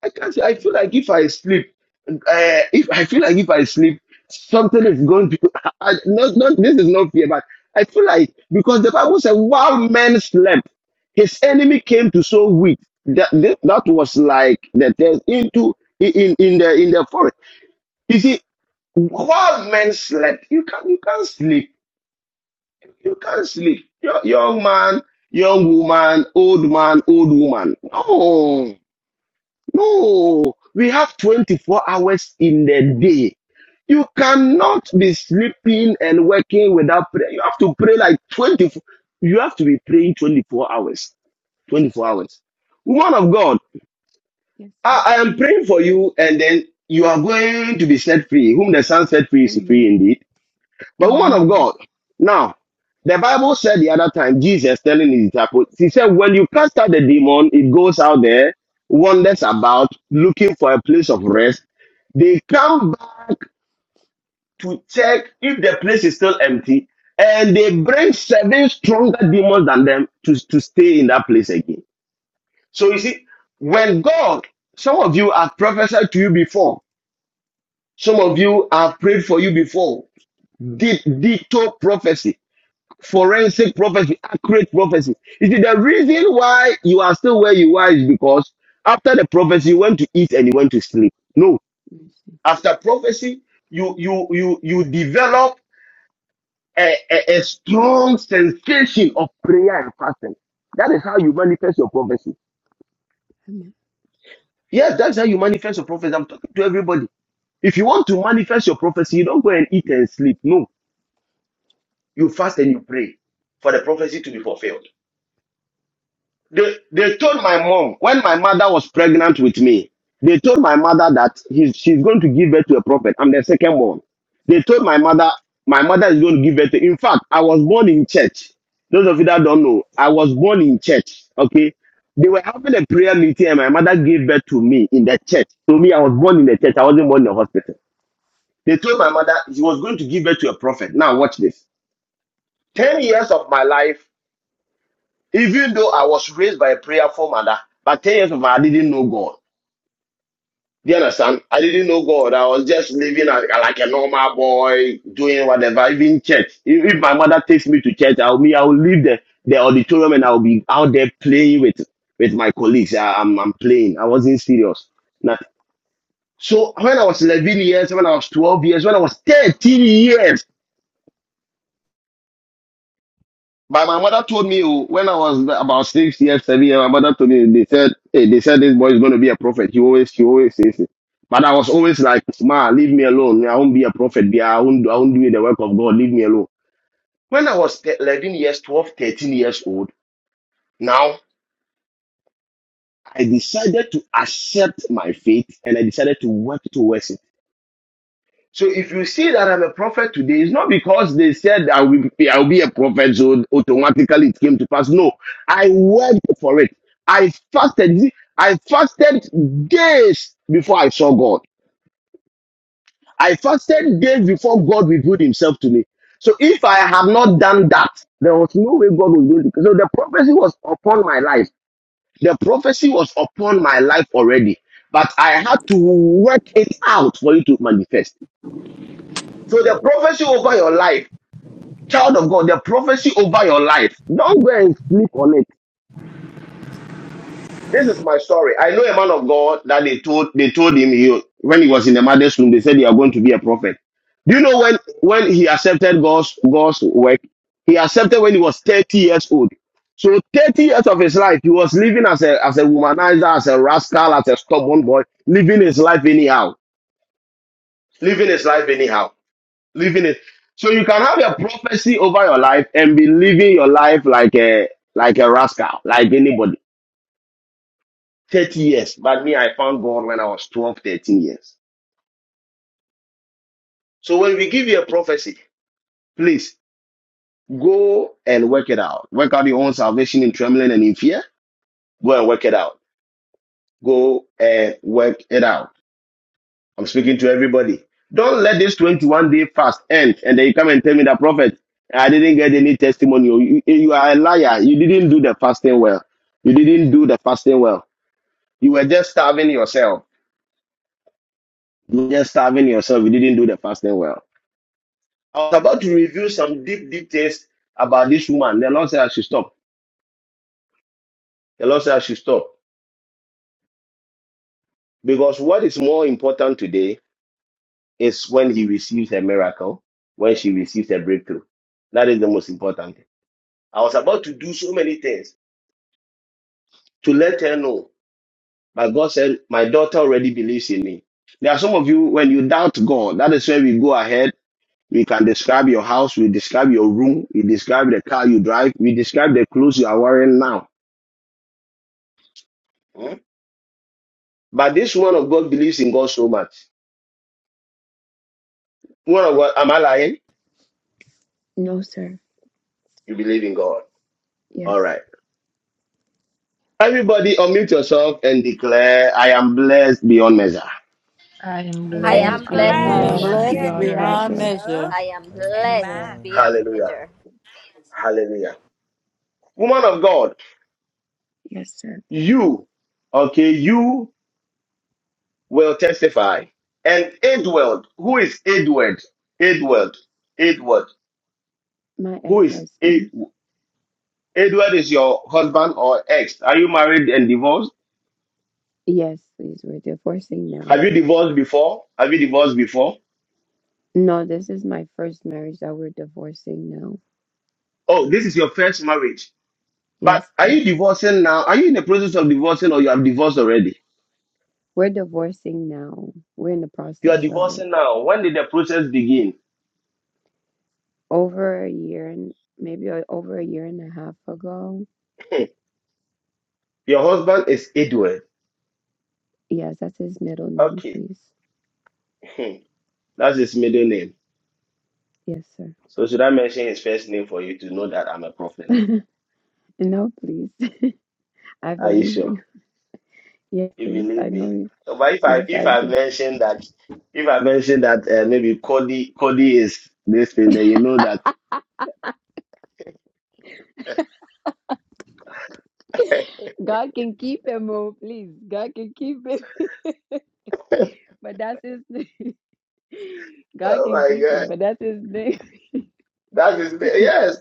S2: I can't. I feel like if I sleep, uh, if I feel like if I sleep, something is going to. I, not, not, this is not fear, but I feel like because the Bible said, while men slept, his enemy came to sow wheat. That, that, that was like the test into in, in in the in the forest. You see, while men slept, you can't you can't sleep. You can't sleep. Yo- Young man, young woman, old man, old woman. No, no. We have 24 hours in the day. You cannot be sleeping and working without prayer. You have to pray like 24. You have to be praying 24 hours. 24 hours. Woman of God,
S14: Yes, sir.
S2: I, I am praying for you and then you are going to be set free. Whom the Son set free is free
S14: Amen.
S2: indeed. But woman of
S14: Amen.
S2: God, now the Bible said the other time, Jesus telling his disciples, he said, when you cast out the demon, it goes out there, wanders about, looking for a place of rest. They come back to check if the place is still empty, and they bring seven stronger demons than them to, to stay in that place again. So you see, when God, some of you have prophesied to you before, some of you have prayed for you before, did ditto prophecy. forensic prophecy, accurate prophecy. You see, the reason why you are still where you are is because after the prophecy, you went to eat and you went to sleep. No, after prophecy, you you you you develop a, a, a strong sensation of prayer and fasting. That is how you manifest your prophecy.
S14: Amen.
S2: Yes, that's how you manifest your prophecy. I'm talking to everybody. If you want to manifest your prophecy, you don't go and eat and sleep. No, you fast and you pray for the prophecy to be fulfilled. they, they told my mom when my mother was pregnant with me they told my mother that he's, she's going to give birth to a prophet i'm the second born they told my mother my mother is going to give birth to in fact i was born in church those of you that don't know i was born in church okay they were having a prayer meeting and my mother gave birth to me in the church to me i was born in the church i wasn't born in the hospital they told my mother she was going to give birth to a prophet now watch this 10 years of my life even though I was raised by a prayerful mother, but 10 years of I didn't know God. Do you understand? I didn't know God. I was just living like, like a normal boy, doing whatever, even church. If, if my mother takes me to church, I'll me, I'll leave the, the auditorium and I'll be out there playing with, with my colleagues. I, I'm, I'm playing. I wasn't serious. Not, so when I was 11 years, when I was 12 years, when I was 13 years, But my mother told me oh, when I was about six years, seven years, my mother told me they said hey, they said this boy is gonna be a prophet. He always he always says it. But I was always like, Ma, leave me alone. I won't be a prophet. Be- I won't I won't do the work of God. Leave me alone. When I was th- 11 years, 12, 13 years old, now I decided to accept my faith and I decided to work towards it. So if you see that I'm a prophet today, it's not because they said I will be, I will be a prophet, so automatically it came to pass. No, I worked for it. I fasted. I fasted days before I saw God. I fasted days before God revealed Himself to me. So if I have not done that, there was no way God would do it. So the prophecy was upon my life. The prophecy was upon my life already, but I had to work it out for it to manifest. So the prophecy over your life. Child of God, the prophecy over your life. Don't go and sleep on it. This is my story. I know a man of God that they told they told him he, when he was in the mother's room, they said you are going to be a prophet. Do you know when when he accepted God's God's work? He accepted when he was 30 years old. So 30 years of his life, he was living as a as a womanizer, as a rascal, as a stubborn boy, living his life anyhow. Living his life anyhow. living it. So you can have a prophecy over your life and be living your life like a like a rascal, like anybody. 30 years. But me, I found God when I was 12, 13 years. So when we give you a prophecy, please go and work it out. Work out your own salvation in trembling and in fear. Go and work it out. Go and work it out. I'm speaking to everybody. Don't let this 21 day fast end and then you come and tell me that prophet, I didn't get any testimony. You, you are a liar. You didn't do the fasting well. You didn't do the fasting well. You were just starving yourself. You were just starving yourself. You didn't do the fasting well. I was about to review some deep, deep things about this woman. The Lord said I should stop. The Lord said I should stop. Because what is more important today is when he receives a miracle, when she receives a breakthrough. That is the most important. I was about to do so many things to let her know. But God said, My daughter already believes in me. There are some of you, when you doubt God, that is where we go ahead. We can describe your house, we describe your room, we describe the car you drive, we describe the clothes you are wearing now. Hmm? But this woman of God believes in God so much. Woman of God, am I lying?
S14: No, sir.
S2: You believe in God. All
S14: Yes.
S2: right. Everybody, unmute yourself and declare, I am blessed beyond measure.
S15: I am
S7: I am
S8: And
S15: blessed
S14: I am
S7: blessed
S15: beyond
S11: I am
S7: beyond
S14: blessed
S15: measure.
S8: bless you.
S11: blessed
S14: beyond
S7: measure.
S11: beyond
S14: measure.
S11: measure.
S7: I am
S12: I am blessed
S7: blessed
S16: measure.
S12: beyond
S7: beyond
S12: measure.
S2: Hallelujah.
S7: measure.
S2: Hallelujah. Woman of God,
S14: Yes, sir.
S2: You, okay, you will testify. And Edward, who is Edward? Edward, Edward,
S14: My
S2: who
S14: ex
S2: is Ed-
S14: husband.
S2: Edward? Is your husband or ex? Are you married and divorced?
S14: Yes, please. We're divorcing now.
S2: Have you divorced before? Have you divorced before?
S14: No, this is my first marriage that we're divorcing now.
S2: Oh, this is your first marriage. But
S14: Yes,
S2: are
S14: please.
S2: you divorcing now? Are you in the process of divorcing or you have divorced already?
S14: We're divorcing now. We're in the
S2: You are
S14: process of it.
S2: divorcing now. When did the process begin?
S14: Over a year and maybe o- over a year and a half ago.
S2: Your husband is Edward.
S14: Yes, that's his middle name,
S2: Okay.
S14: please.
S2: That's his middle name.
S14: Yes, sir.
S2: So should I mention his first name for you to know that I'm a prophet?
S14: no, please. I
S2: Are you
S14: believe
S2: sure?
S14: you. Yes,
S2: You
S14: please.
S2: believe
S14: I know
S2: me?
S14: you.
S2: So, But if I
S14: Yes,
S2: if
S14: I
S2: I
S14: do.
S2: mention that if I mention that uh, maybe Cody Cody is this thing, then you know that.
S14: God can keep him, oh, please. God can keep him. but that's his name. God
S2: oh
S14: can
S2: my
S14: keep him,
S2: God,
S14: but that's his name.
S2: that is yes.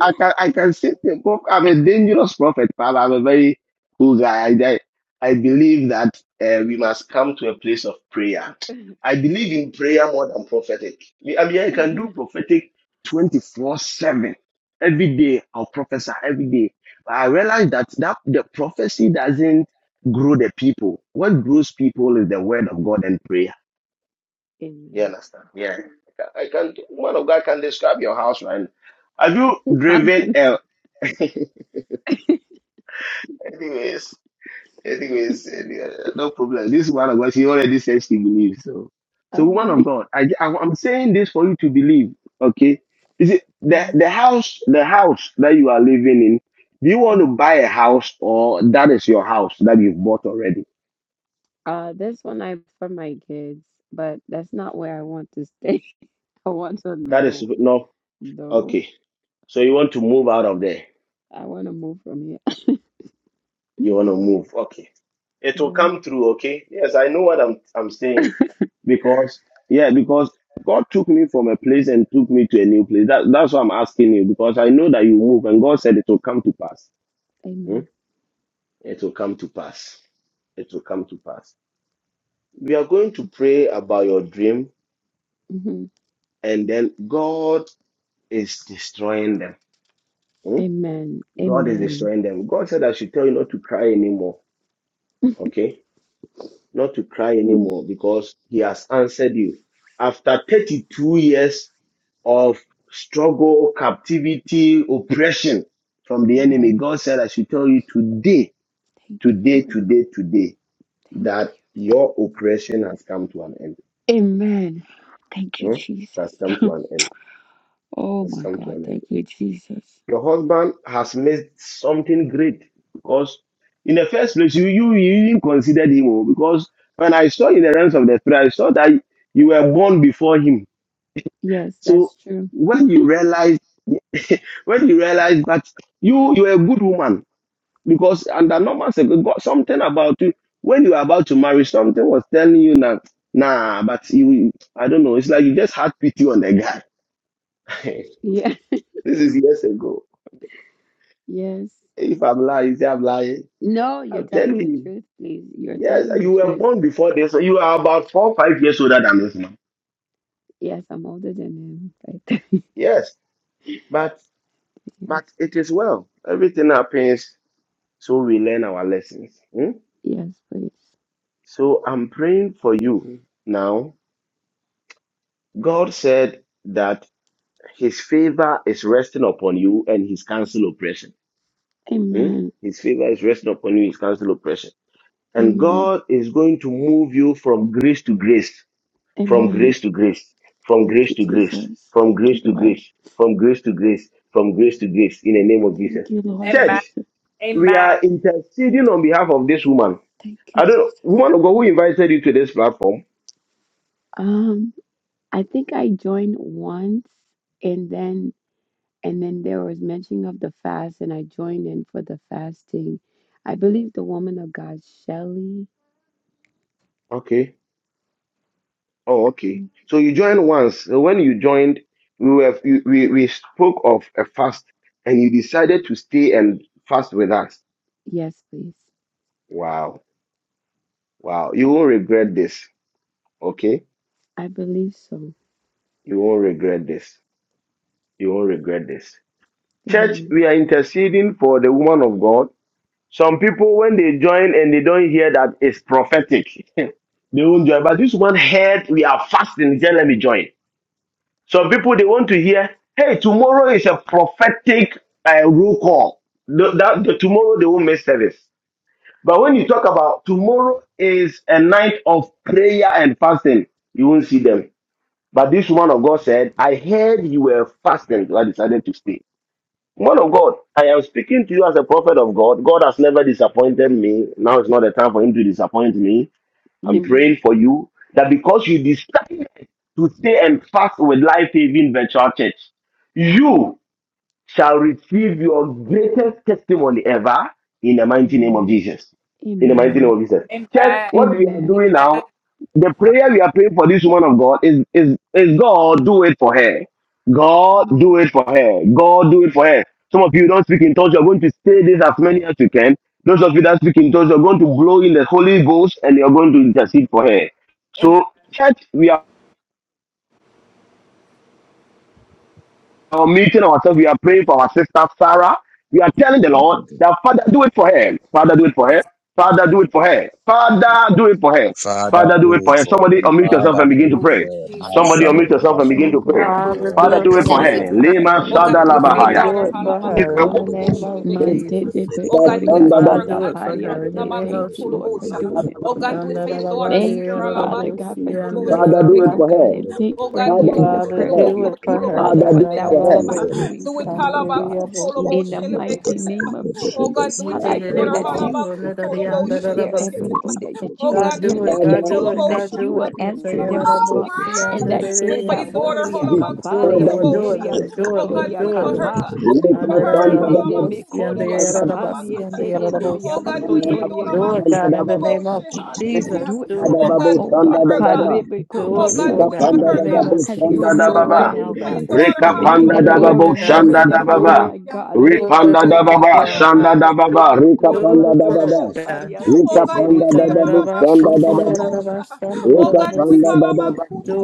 S2: I can I can say the book. I'm a dangerous prophet, Father. I'm a very cool guy. I I, I believe that uh, we must come to a place of prayer. I believe in prayer more than prophetic. I mean, I can do prophetic 24/7. Every day I'll prophesy every day. But I realize that that the prophecy doesn't grow the people. What grows people is the word of God and prayer. You
S14: Amen.
S2: understand? Yeah. I can, I can- one of God can describe your house right now. Have you driven? a Anyways, anyways, any- uh, no problem. This one of God, she already says she believes. So, so
S14: I
S2: woman
S14: believe.
S2: of God, I, I I'm saying this for you to believe. Okay, is it the
S14: Mhm,
S2: the house the house that you are living in? Do you want to
S14: mhm.
S2: buy a house or that is your house that you've bought already?
S14: Uh, this one I for my kids, but that's not where I want to stay. I want to
S2: That is
S14: know,
S2: no.
S14: though.
S2: Okay, so you want to move out of there.
S14: I want to move from here.
S2: You want to move. Okay. It will
S14: Yeah.
S2: come through, okay? Yes, I know what I'm I'm saying. Because yeah, because God took me from a place and took me to a new place. That that's why I'm asking you, because I know that you move and God said it will come to pass. Hmm?
S14: Amen.
S2: It will come to pass. It will come to pass. We are going to pray about your dream,
S14: hmm
S2: and then God is destroying them. Hmm?
S14: Amen.
S2: God is
S14: Amen.
S2: destroying them. God said I should tell you not to cry anymore. Okay? not to cry
S14: Am-
S2: anymore because he has answered you. After 32 years of struggle, captivity, oppression from the enemy,
S14: Yes.
S2: God said, I should tell you today,
S14: Thank you,
S2: today,
S14: Lord.
S2: today, today,
S14: Thank
S2: that
S14: you.
S2: your oppression has come to an end.
S14: Amen. Thank you,
S2: Hmm?
S14: Jesus.
S2: It has come to an end.
S14: Oh
S2: It has
S14: my
S2: come to
S14: God.
S2: an end.
S14: Thank you, Jesus.
S2: Your husband has missed something great because in the first place, you you, you even considered him oh, because when I saw in the realms of the spirit, I saw that you were born before him.
S14: Yes,
S2: So
S14: that's true.
S2: when you realize when you realize that you you are a good woman because under normal circum- got something about you when you were about to marry something was telling you that nah but you I don't know it's like you just had pity on the guy.
S14: Yeah.
S2: this is years ago.
S14: Yes.
S2: If I'm lying, say I'm lying.
S14: No, you're
S2: I'm
S14: telling
S2: telling
S14: the
S2: you.
S14: truth, please. You're
S2: Yes,
S14: telling the
S2: you were
S14: truth.
S2: born before this. so You are about four, five years older than this man.
S14: Yes, I'm older than him. Right.
S2: Yes, but
S14: Yes.
S2: but it is well. Everything happens, so we learn our lessons. hmm?
S14: Yes, please.
S2: So I'm praying for you now. God said that His favor is resting upon you and His cancel oppression. hmm?
S14: Amen.
S2: His favor is resting upon you, His cancel oppression, and
S14: Amen.
S2: God is going to move you from grace to grace. from
S14: Amen.
S2: grace to grace, from
S14: Thank
S2: grace
S14: you,
S2: to grace,
S14: Jesus.
S2: from
S14: Thank you,
S2: grace to
S14: Lord.
S2: grace, from grace to grace, from grace to grace, in the name of Jesus.
S14: Thank you, Lord
S2: Church,
S14: Jesus.
S2: we are interceding on behalf of this woman.
S14: Thank you,
S2: I don't know,
S14: Jesus.
S2: woman of God who invited you to this platform.
S14: Um, I think I joined once and then and then there was mention of the fast and I joined in for the fasting. I believe the woman of God, Shelley.
S2: Okay. Oh,
S14: I
S2: okay.
S14: believe.
S2: So you joined once. So when you joined, we were we, we we spoke of a fast and you decided to stay and fast with us.
S14: Yes, please.
S2: Wow. Wow. You won't regret this. Okay?
S14: I believe so.
S2: You won't regret this. You won't regret this Church,
S14: Amen.
S2: we are interceding for the woman of God. Some people, when they join and they don't hear that it's prophetic, they won't join. But this one heard we are fasting. He said, let me join. Some people, they want to hear, hey, tomorrow is a prophetic uh, roll call. The- that, the- tomorrow, they won't miss service. But when you talk about tomorrow is a night of prayer and fasting, you won't see them. But this woman of God said, I heard you were fasting, so I decided to stay. Man of God, I am speaking to you as a prophet of God. God has never disappointed me. Now is not the time for him to disappoint me. I'm
S14: Amen.
S2: praying for you that because you decided to stay and fast with life saving virtual church, you shall receive your greatest testimony ever in the mighty name of
S14: Amen.
S2: Jesus. In the mighty name
S14: Amen.
S2: of Jesus. Church, what we are
S14: Amen.
S2: doing now, the prayer we are praying for this woman of God is, is, is God do it for her. God
S14: Amen.
S2: do it for her. God do it for her. Some of you don't speak in tongues, you're going to say this as many as you can. Those of you that speak in tongues, you're going to blow in the Holy Ghost and you're going to intercede for her. So, church, we are are meeting ourselves. We are praying for our sister Sarah. We are telling the
S8: I
S2: Lord that Father, do it for her. Father, do it for her. Father, do it for her. Father, do it for her.
S8: Father,
S2: Father, do it
S8: do
S2: for
S8: it
S2: her.
S8: for her.
S2: Somebody
S14: Amen.
S2: unmute yourself
S8: Father,
S2: and begin
S8: do
S2: to
S8: it for
S2: pray.
S8: her.
S14: Father,
S2: Somebody
S8: Masha
S14: do it
S2: unmute
S14: for
S2: yourself
S14: me,
S2: and begin
S14: oh
S8: Brababa.
S2: to pray.
S14: God, and I
S11: Father, do
S14: thank
S8: Father,
S2: Father,
S14: you,
S11: it
S8: do
S2: do
S8: it
S11: for
S2: it
S8: for
S2: for
S8: her.
S14: thank
S11: her.
S2: her.
S7: Hallelujah.
S14: Father,
S2: Lema
S14: thank you
S2: sada
S14: for
S2: la
S14: doing
S11: Father,
S14: it
S2: bahaya.
S11: do
S14: for
S11: it
S14: me,
S11: for
S14: oh
S11: her. In
S14: God.
S11: the name of
S14: Mante de
S11: Jesus.
S14: pecoria,
S11: Father,
S14: tada
S11: do it for her. In the
S14: pariante.
S11: name
S14: Thank
S11: of
S14: you,
S11: Jesus.
S14: Lord, for doing it for me.
S11: Andarabandi
S14: Thank you, Father God, for
S11: Andarabosia
S14: doing it
S2: Father,
S14: for
S2: do
S14: me,
S2: it
S14: oh
S2: for
S14: God.
S11: Andarabasia.
S2: her.
S14: And thank you for
S2: Father,
S14: hearing
S2: do it
S14: the
S11: Father,
S2: for
S14: prayers of
S2: her.
S11: do
S14: your
S11: it for
S14: people,
S11: her.
S14: Father,
S2: Father,
S11: God,
S14: for
S2: do it
S11: I
S14: that
S2: for
S14: which
S11: love
S2: her.
S14: you are
S11: you.
S14: doing for me,
S11: Son,
S14: oh
S11: we
S14: God.
S11: love you.
S14: In the mighty name of
S8: Let her
S14: Jesus,
S11: He
S14: Father,
S11: did
S14: I
S11: it
S14: pray
S11: able
S14: that
S11: for
S8: purify
S14: you
S11: for
S8: Thank
S11: another
S14: will
S11: young, da,
S14: meet
S11: da, da,
S14: their
S11: da, so,
S14: every
S11: so.
S14: need, that, that you will
S11: God,
S14: hear
S11: do
S14: their
S11: it.
S2: Father,
S11: God,
S2: do it
S11: do it.
S14: petition, that
S11: God,
S14: you
S11: do
S14: will
S11: it. Yes, I
S14: answer
S11: got
S14: them,
S11: it. I
S14: oh
S7: Oh
S11: will
S14: God.
S11: see
S7: my!
S11: I'm
S14: And
S11: da
S14: that
S11: the
S14: Eda
S11: answers.
S2: for
S14: Boria
S2: Jesus.
S11: Do
S14: Kapari
S11: it, Lord.
S2: Father,
S11: Do it,
S14: Anteria
S11: Lord. Do it, Lord.
S14: Sotoria
S11: Do it, Lord.
S14: Kapa
S2: do it
S11: And da the
S2: for
S14: Mantede de
S2: her.
S11: elbow, see and da
S2: Rekapanda da babo shanda
S14: Becoria
S11: da elbow, see
S14: Kapandie
S11: and da the
S14: Tede
S11: elbow.
S14: Berian Sotoria
S11: Do it,
S14: Kepe
S11: God,
S2: da
S11: in the name
S2: baba.
S11: of
S14: and that you would
S11: Jesus.
S2: Rekapanda
S14: do it
S11: Do
S14: for
S11: it,
S2: da
S14: them,
S2: baba
S11: oh
S14: oh
S11: Lord.
S2: shanda
S14: God.
S2: da baba.
S14: Parebe
S11: Do it for God in
S2: Rekapanda
S11: the
S2: da
S14: kotoriantete.
S11: name of
S14: As you
S11: Jesus. Do it
S14: remember
S11: right
S14: me,
S2: baba.
S11: now,
S14: oh
S11: God.
S14: God. I thank you
S2: Rekapanda
S14: that
S2: da
S11: Do
S14: you will
S11: it,
S2: babo
S14: remember
S2: shanda
S11: God.
S2: da
S14: them,
S11: Do
S14: oh
S11: it.
S2: baba.
S14: my God.
S11: Do
S14: Reba
S2: Rekapanda da
S14: doria
S2: baba.
S11: it,
S14: tendia kateria
S8: you.
S14: corra
S2: Rekapanda da
S14: dosha pariantede.
S2: babo shanda da baba. Rekapanda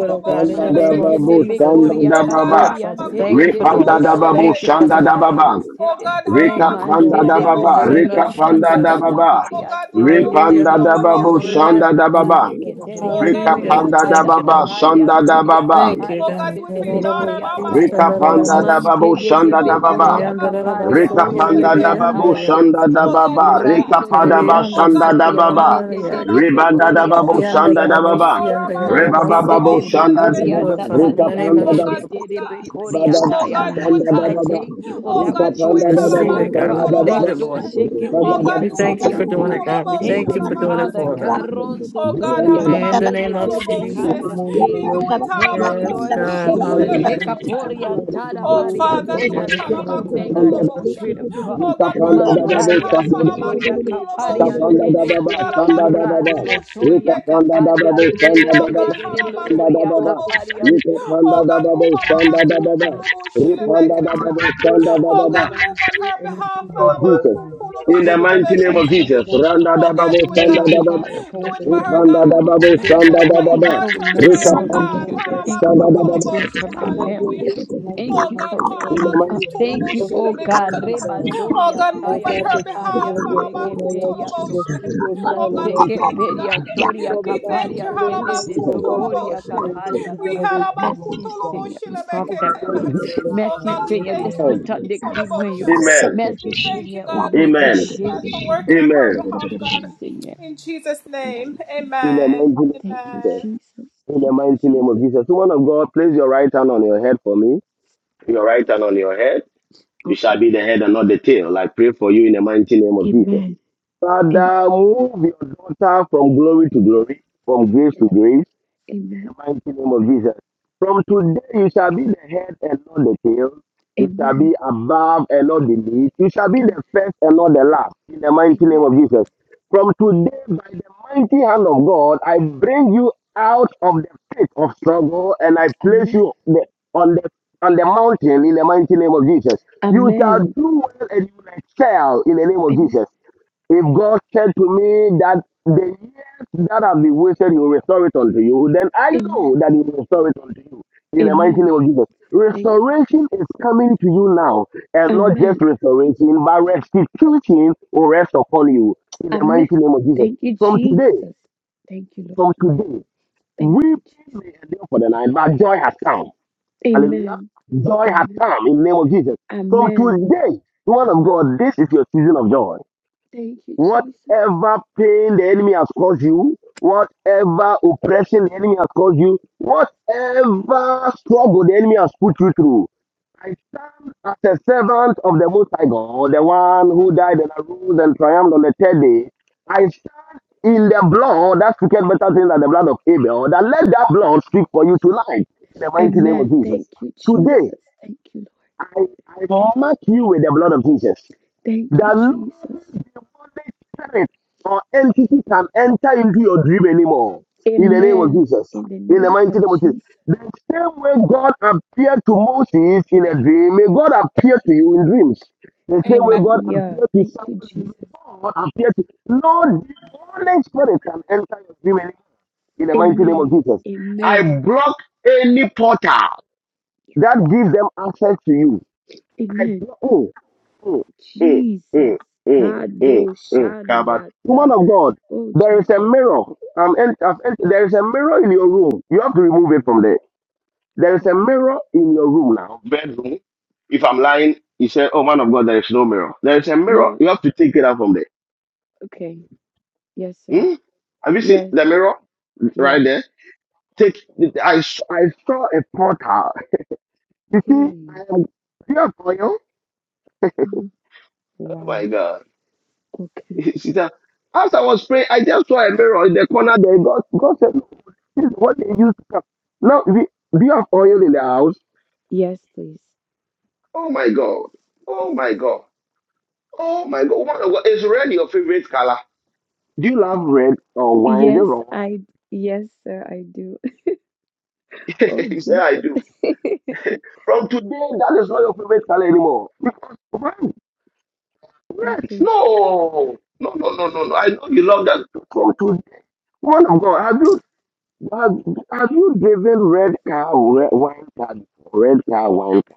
S11: oh God, in the name
S14: Mante
S11: of
S14: de de
S11: Jesus.
S14: becoria
S11: Do it, Father.
S14: capariante de
S11: Thank you for
S14: de de
S11: doing it,
S2: da
S11: God.
S2: babo
S14: becoria
S11: Thank you for
S2: shanda
S11: doing
S2: da
S11: it, God.
S2: baba.
S14: talabariante de
S11: Thank you for
S2: Rekapanda
S11: doing
S14: mante
S11: it,
S2: da
S14: de
S11: God. In
S2: baba,
S11: the name of
S14: bocoria
S2: rekapanda da
S11: Jesus.
S14: satada da
S2: baba,
S14: variante de de de
S11: Hallelujah,
S2: repanda
S14: be
S2: da
S11: hallelujah,
S2: babu,
S11: hallelujah,
S2: shanda
S14: rata
S2: da
S17: We
S2: baba,
S17: pray that thou do it for
S11: hallelujah.
S17: him
S14: padicateriantoria
S17: and
S2: rekapanda da
S17: my
S11: Thank
S14: tada
S11: you,
S14: da
S2: baba,
S11: Lord.
S17: friend,
S2: shanda da
S17: for
S14: variantoria
S2: baba,
S11: Thank you,
S14: caparia
S11: God.
S17: others, Lord, do it for
S11: Yarabashis,
S17: so
S14: seteleboriantaya
S17: many
S2: rekapanda
S17: others,
S2: da
S11: tanarabas,
S14: mante
S2: babu,
S17: that
S14: de de
S2: shanda da baba,
S14: becoria
S11: yandarabas,
S17: that is
S14: capariantoria
S2: rekapanda da
S11: yarabas,
S17: not
S2: babu,
S14: sataya de
S2: shanda
S14: de
S2: da
S11: yandarabas.
S2: baba,
S14: raso
S2: rekapada
S17: what
S2: ba,
S14: doria
S2: shanda da baba,
S14: capariante de de de
S17: for the
S2: rebanda da
S14: becoria
S17: government
S2: babu,
S17: people
S2: shanda da
S14: capariante
S2: baba,
S14: Mante
S2: rebaba
S17: who
S14: de
S17: want
S2: babu,
S17: to
S14: de
S17: own
S2: shanda da
S17: things
S14: Bokoria
S11: Do
S2: baba,
S11: it,
S17: that
S11: Father, in the name of
S2: rekapanda
S14: Satadiante
S2: da
S14: de
S2: baba.
S11: Jesus.
S17: I will
S14: de de
S17: get to the
S14: Bokoria
S2: Ripanda
S17: people
S14: Taya.
S11: Mm,
S8: Thank
S17: who
S14: Father,
S11: thank
S17: say
S11: you.
S2: Rikapandadaboshandadababa.
S17: that
S14: thank you for
S17: other
S14: that which you
S17: people
S14: are
S11: We
S17: who have
S14: doing.
S11: receive
S17: one
S14: Oh
S11: it,
S17: of
S11: God.
S17: the
S11: We
S14: God,
S11: believe
S2: Rikadadaboshandadababa.
S11: it,
S14: Rado
S11: Lord.
S17: Those who
S14: Sheke
S17: choose to
S11: We
S17: not
S11: thank you
S17: be
S11: for doing
S14: Periantoriata.
S11: it,
S17: serious,
S11: God.
S17: O
S11: We
S17: Lord,
S14: Thank
S11: thank
S17: that
S11: you
S14: you,
S17: is
S11: for
S17: not
S11: doing it
S17: given
S14: Father.
S11: for us,
S17: your
S11: God.
S17: day, Lord.
S14: Caroso
S2: Rikandadaboshandadababa.
S11: In the
S17: Father
S14: Toriante
S17: God,
S14: de
S11: name
S17: it
S11: of
S17: is
S14: de
S17: your
S11: Jesus.
S14: Bekara
S17: testimony, O
S14: de.
S17: Lord, Jesus.
S14: Thank you,
S11: Yes,
S14: Lord
S11: God.
S17: For we,
S14: Jesus.
S17: O God,
S11: Hallelujah.
S17: we have you are
S2: Rikapandadaboshandadababa.
S14: Hekaporiantara
S17: open doors
S2: Rikapandadaboshandadababa.
S17: and
S11: Yes,
S17: directions
S14: Bariantoriate.
S17: for us
S11: Father, in
S14: Thank
S11: the
S2: Rikapandadaboshandadababa.
S14: you,
S17: tonight,
S11: name
S17: Lord
S14: Holy
S11: of Jesus.
S14: Spirit of
S17: Jesus.
S14: God.
S17: The people of we ask
S14: Mantaria
S17: you to make the
S14: Sotoria
S17: Lord Jesus really
S8: you.
S14: Capariante de de.
S17: special confidence in the Lord
S14: Raso
S17: Jesus.
S14: toria
S17: That the
S14: kapariante
S17: Lord
S14: de de
S2: Rikapandadaboshandadababa.
S14: de
S17: Jesus,
S14: de
S17: you
S14: de
S17: may always
S14: bokoria
S2: Rikapandadaboshandadababa.
S17: continue to
S14: kapariante.
S17: pray for
S2: Rikandadababa.
S17: the Lord
S2: Rikapandadaboshandadababa.
S17: God. And will continue to praise you, O Lord
S2: Rikandadaboshandadababa.
S17: God, and pray on his people, God.
S2: Jesus.
S17: So,
S2: In the
S17: Father
S14: Thank
S17: God,
S14: you,
S2: mighty
S17: we
S2: name
S17: ask
S2: of
S17: you
S14: Jesus.
S17: to
S2: Jesus.
S17: now for
S2: Randa da
S17: friends
S2: babo,
S17: and have
S2: sanda
S17: your
S14: Thank you,
S2: da
S17: way
S2: baba.
S17: with us
S14: Father,
S17: and
S14: for
S17: our
S14: what you're
S17: God.
S14: doing
S2: Randa
S14: for
S2: da
S14: me, oh
S2: babo,
S17: And, oh
S14: God.
S2: sanda
S17: God,
S2: da
S17: we
S14: Thank
S17: thank
S14: you
S2: baba.
S17: you
S14: for what you're
S17: tonight for
S14: doing
S2: Rita
S14: for
S17: help
S14: my
S2: panda
S17: and
S2: da
S17: all
S14: children.
S17: that,
S2: babo,
S14: Thank you for
S2: sanda
S17: God.
S2: da
S14: what you're
S2: baba.
S14: doing for my
S17: So have your
S14: family.
S17: way tonight,
S14: Thank you for
S17: Almighty God, as
S2: In the
S14: raising
S17: we
S14: me
S17: give
S2: mighty
S14: up.
S17: you
S14: Thank
S17: thanks
S14: you,
S17: for her
S14: oh God.
S17: tonight, O God.
S14: Rebandoria
S17: Oh
S14: taya
S17: God,
S14: da
S17: that she is
S14: baria
S17: one of your
S14: seke
S17: own, O Lord
S14: periato.
S17: Jesus. She is your
S14: Man
S17: child, O Lord
S14: seke
S17: God.
S14: periantoria
S17: Father God, you
S14: caparia
S17: said, O
S14: tede
S17: God,
S2: name of
S14: de
S17: you are
S2: Jesus.
S17: well pleased
S14: pocoria
S17: with your
S14: caparia.
S17: chosen generation,
S14: Merci
S17: Almighty God.
S14: Seigneur pour ce soir
S17: As we
S14: fait
S2: In the
S14: pour
S2: name
S17: thank
S2: of
S14: moi.
S17: you, O
S2: Jesus.
S17: Lord
S14: Merci
S17: God.
S14: Seigneur de des que
S2: Amen.
S17: Amen.
S2: Amen.
S14: Merci Seigneur au nom de
S2: Amen.
S14: Jésus vivant.
S2: Amen.
S14: Merci Seigneur. Thank you, Jesus.
S2: In the mighty name
S14: Thank
S2: of
S14: you,
S2: Jesus.
S14: Jesus.
S2: In the
S14: Thank you,
S2: mighty name of
S14: Jesus.
S2: Jesus. Woman of God, place your right hand on your head for me. Your right hand on your head. You shall
S14: Okay.
S2: be the head and not the tail. I pray for you in the mighty name of Jesus.
S14: Amen. Amen.
S2: Father, move your daughter from glory to glory, from grace to grace, in
S14: Amen.
S2: the mighty name of Jesus. From today, you shall be the head and not the tail. You shall
S14: Amen.
S2: be above and not beneath. You shall be the first and not the last, in the mighty
S14: Amen.
S2: name of Jesus. From today, by the mighty hand of God, I bring you out of the pit of struggle and I place
S14: Amen.
S2: you the- on the on the mountain in the mighty name of Jesus. You shall
S14: Amen.
S2: do well and you will excel in the name of Jesus. If God said to me that the years that have been wasted, He will restore it unto you, then I
S14: Amen.
S2: know that He will restore it unto you. In the mighty name
S14: Amen.
S2: of Jesus.
S14: Amen. Thank you, Jesus.
S2: Restoration is coming to you now, and not
S14: Amen.
S2: just restoration, but restitution will rest upon you. In the mighty
S14: Amen.
S2: name of Jesus.
S14: Thank you,
S2: From today,
S14: Jesus. Thank you, Lord.
S2: from today,
S14: Thank you, Jesus.
S2: weeping may endure for the night, but joy has come. Hallelujah.
S14: Amen.
S2: Joy has
S14: Amen.
S2: come in the name of Jesus. From
S14: Amen.
S2: today, one of God, this is your season of joy.
S14: Thank you, Jesus. Thank
S2: Whatever pain the enemy has caused you, whatever oppression the enemy has caused you, whatever struggle the enemy has put you through, I stand as a servant of the Most High God, the one who died and arose and triumphed on the third day. I stand in the blood that speaketh better things than the blood of Abel. That let that blood speak
S14: you,
S2: for you
S14: Jesus.
S2: tonight in the mighty name of
S14: Amen.
S2: Jesus.
S14: Thank you,
S2: Today,
S14: Jesus. Thank you, Lord.
S2: I, I mark you with the blood of Jesus
S14: Thank you,
S2: that no
S14: Jesus.
S2: demonic spirit or entity can enter into your dream anymore. In the name of
S14: Amen.
S2: Jesus.
S14: In the
S2: In the
S14: name
S2: mighty
S14: of
S2: name of Jesus.
S14: Jesus.
S2: The same way God appeared to Moses in a dream, may God appear to you in dreams. The same way God
S14: Hallelujah.
S2: appeared to
S14: Thank you,
S2: someone, may
S14: Jesus.
S2: God appear to no demonic spirit can enter your dream anymore. In the mighty name of
S14: Amen.
S2: Jesus. I
S14: Amen.
S2: block any portal
S14: Yes,
S2: that
S14: Lord.
S2: gives them access to you I
S14: Amen.
S2: block. Mm, mm, mm,
S14: Jesus.
S2: mm, mm, mm,
S14: Kado
S2: mm. Kabbat. Woman
S14: Shandiata.
S2: of God,
S14: Oh,
S2: there is a
S14: Jesus.
S2: mirror. I'm I've en- there is a mirror in your room. You have to remove it from there. There is a
S14: Okay.
S2: mirror in your room now. Bedroom. If I'm lying, you say, oh man of God, there is no mirror. There is a mirror.
S14: No,
S2: You have to take it out from there.
S14: okay. Yes, sir.
S2: Hmm? Have you seen
S14: Yes,
S2: the mirror right
S14: yes.
S2: there? Take. I, s- I saw a portal. You see, I
S14: Hey.
S2: am. Do you have oil?
S14: Uh-huh.
S2: Oh my
S14: Wow.
S2: God.
S14: Okay.
S2: she said, as I was praying, I just saw a mirror in the corner there. God, God said, "No, this is what they use to come. Now, do do you have oil in the house?
S14: Yes, please.
S2: Oh my God. Oh my God. Oh my God. Woman of God, Is red your favorite color? Do you love red or wine? Is it
S14: Yes,
S2: wrong?
S14: I, yes, sir, I do. Oh,
S2: he said, I
S14: Jesus.
S2: do. From today, that is not your favorite color anymore. Because why? Red.
S14: Okay.
S2: No. No, no, no, no, no. I know you love that. From today. Woman of God, have you Have, have you driven red car, re- wine car, before? red car, wine car?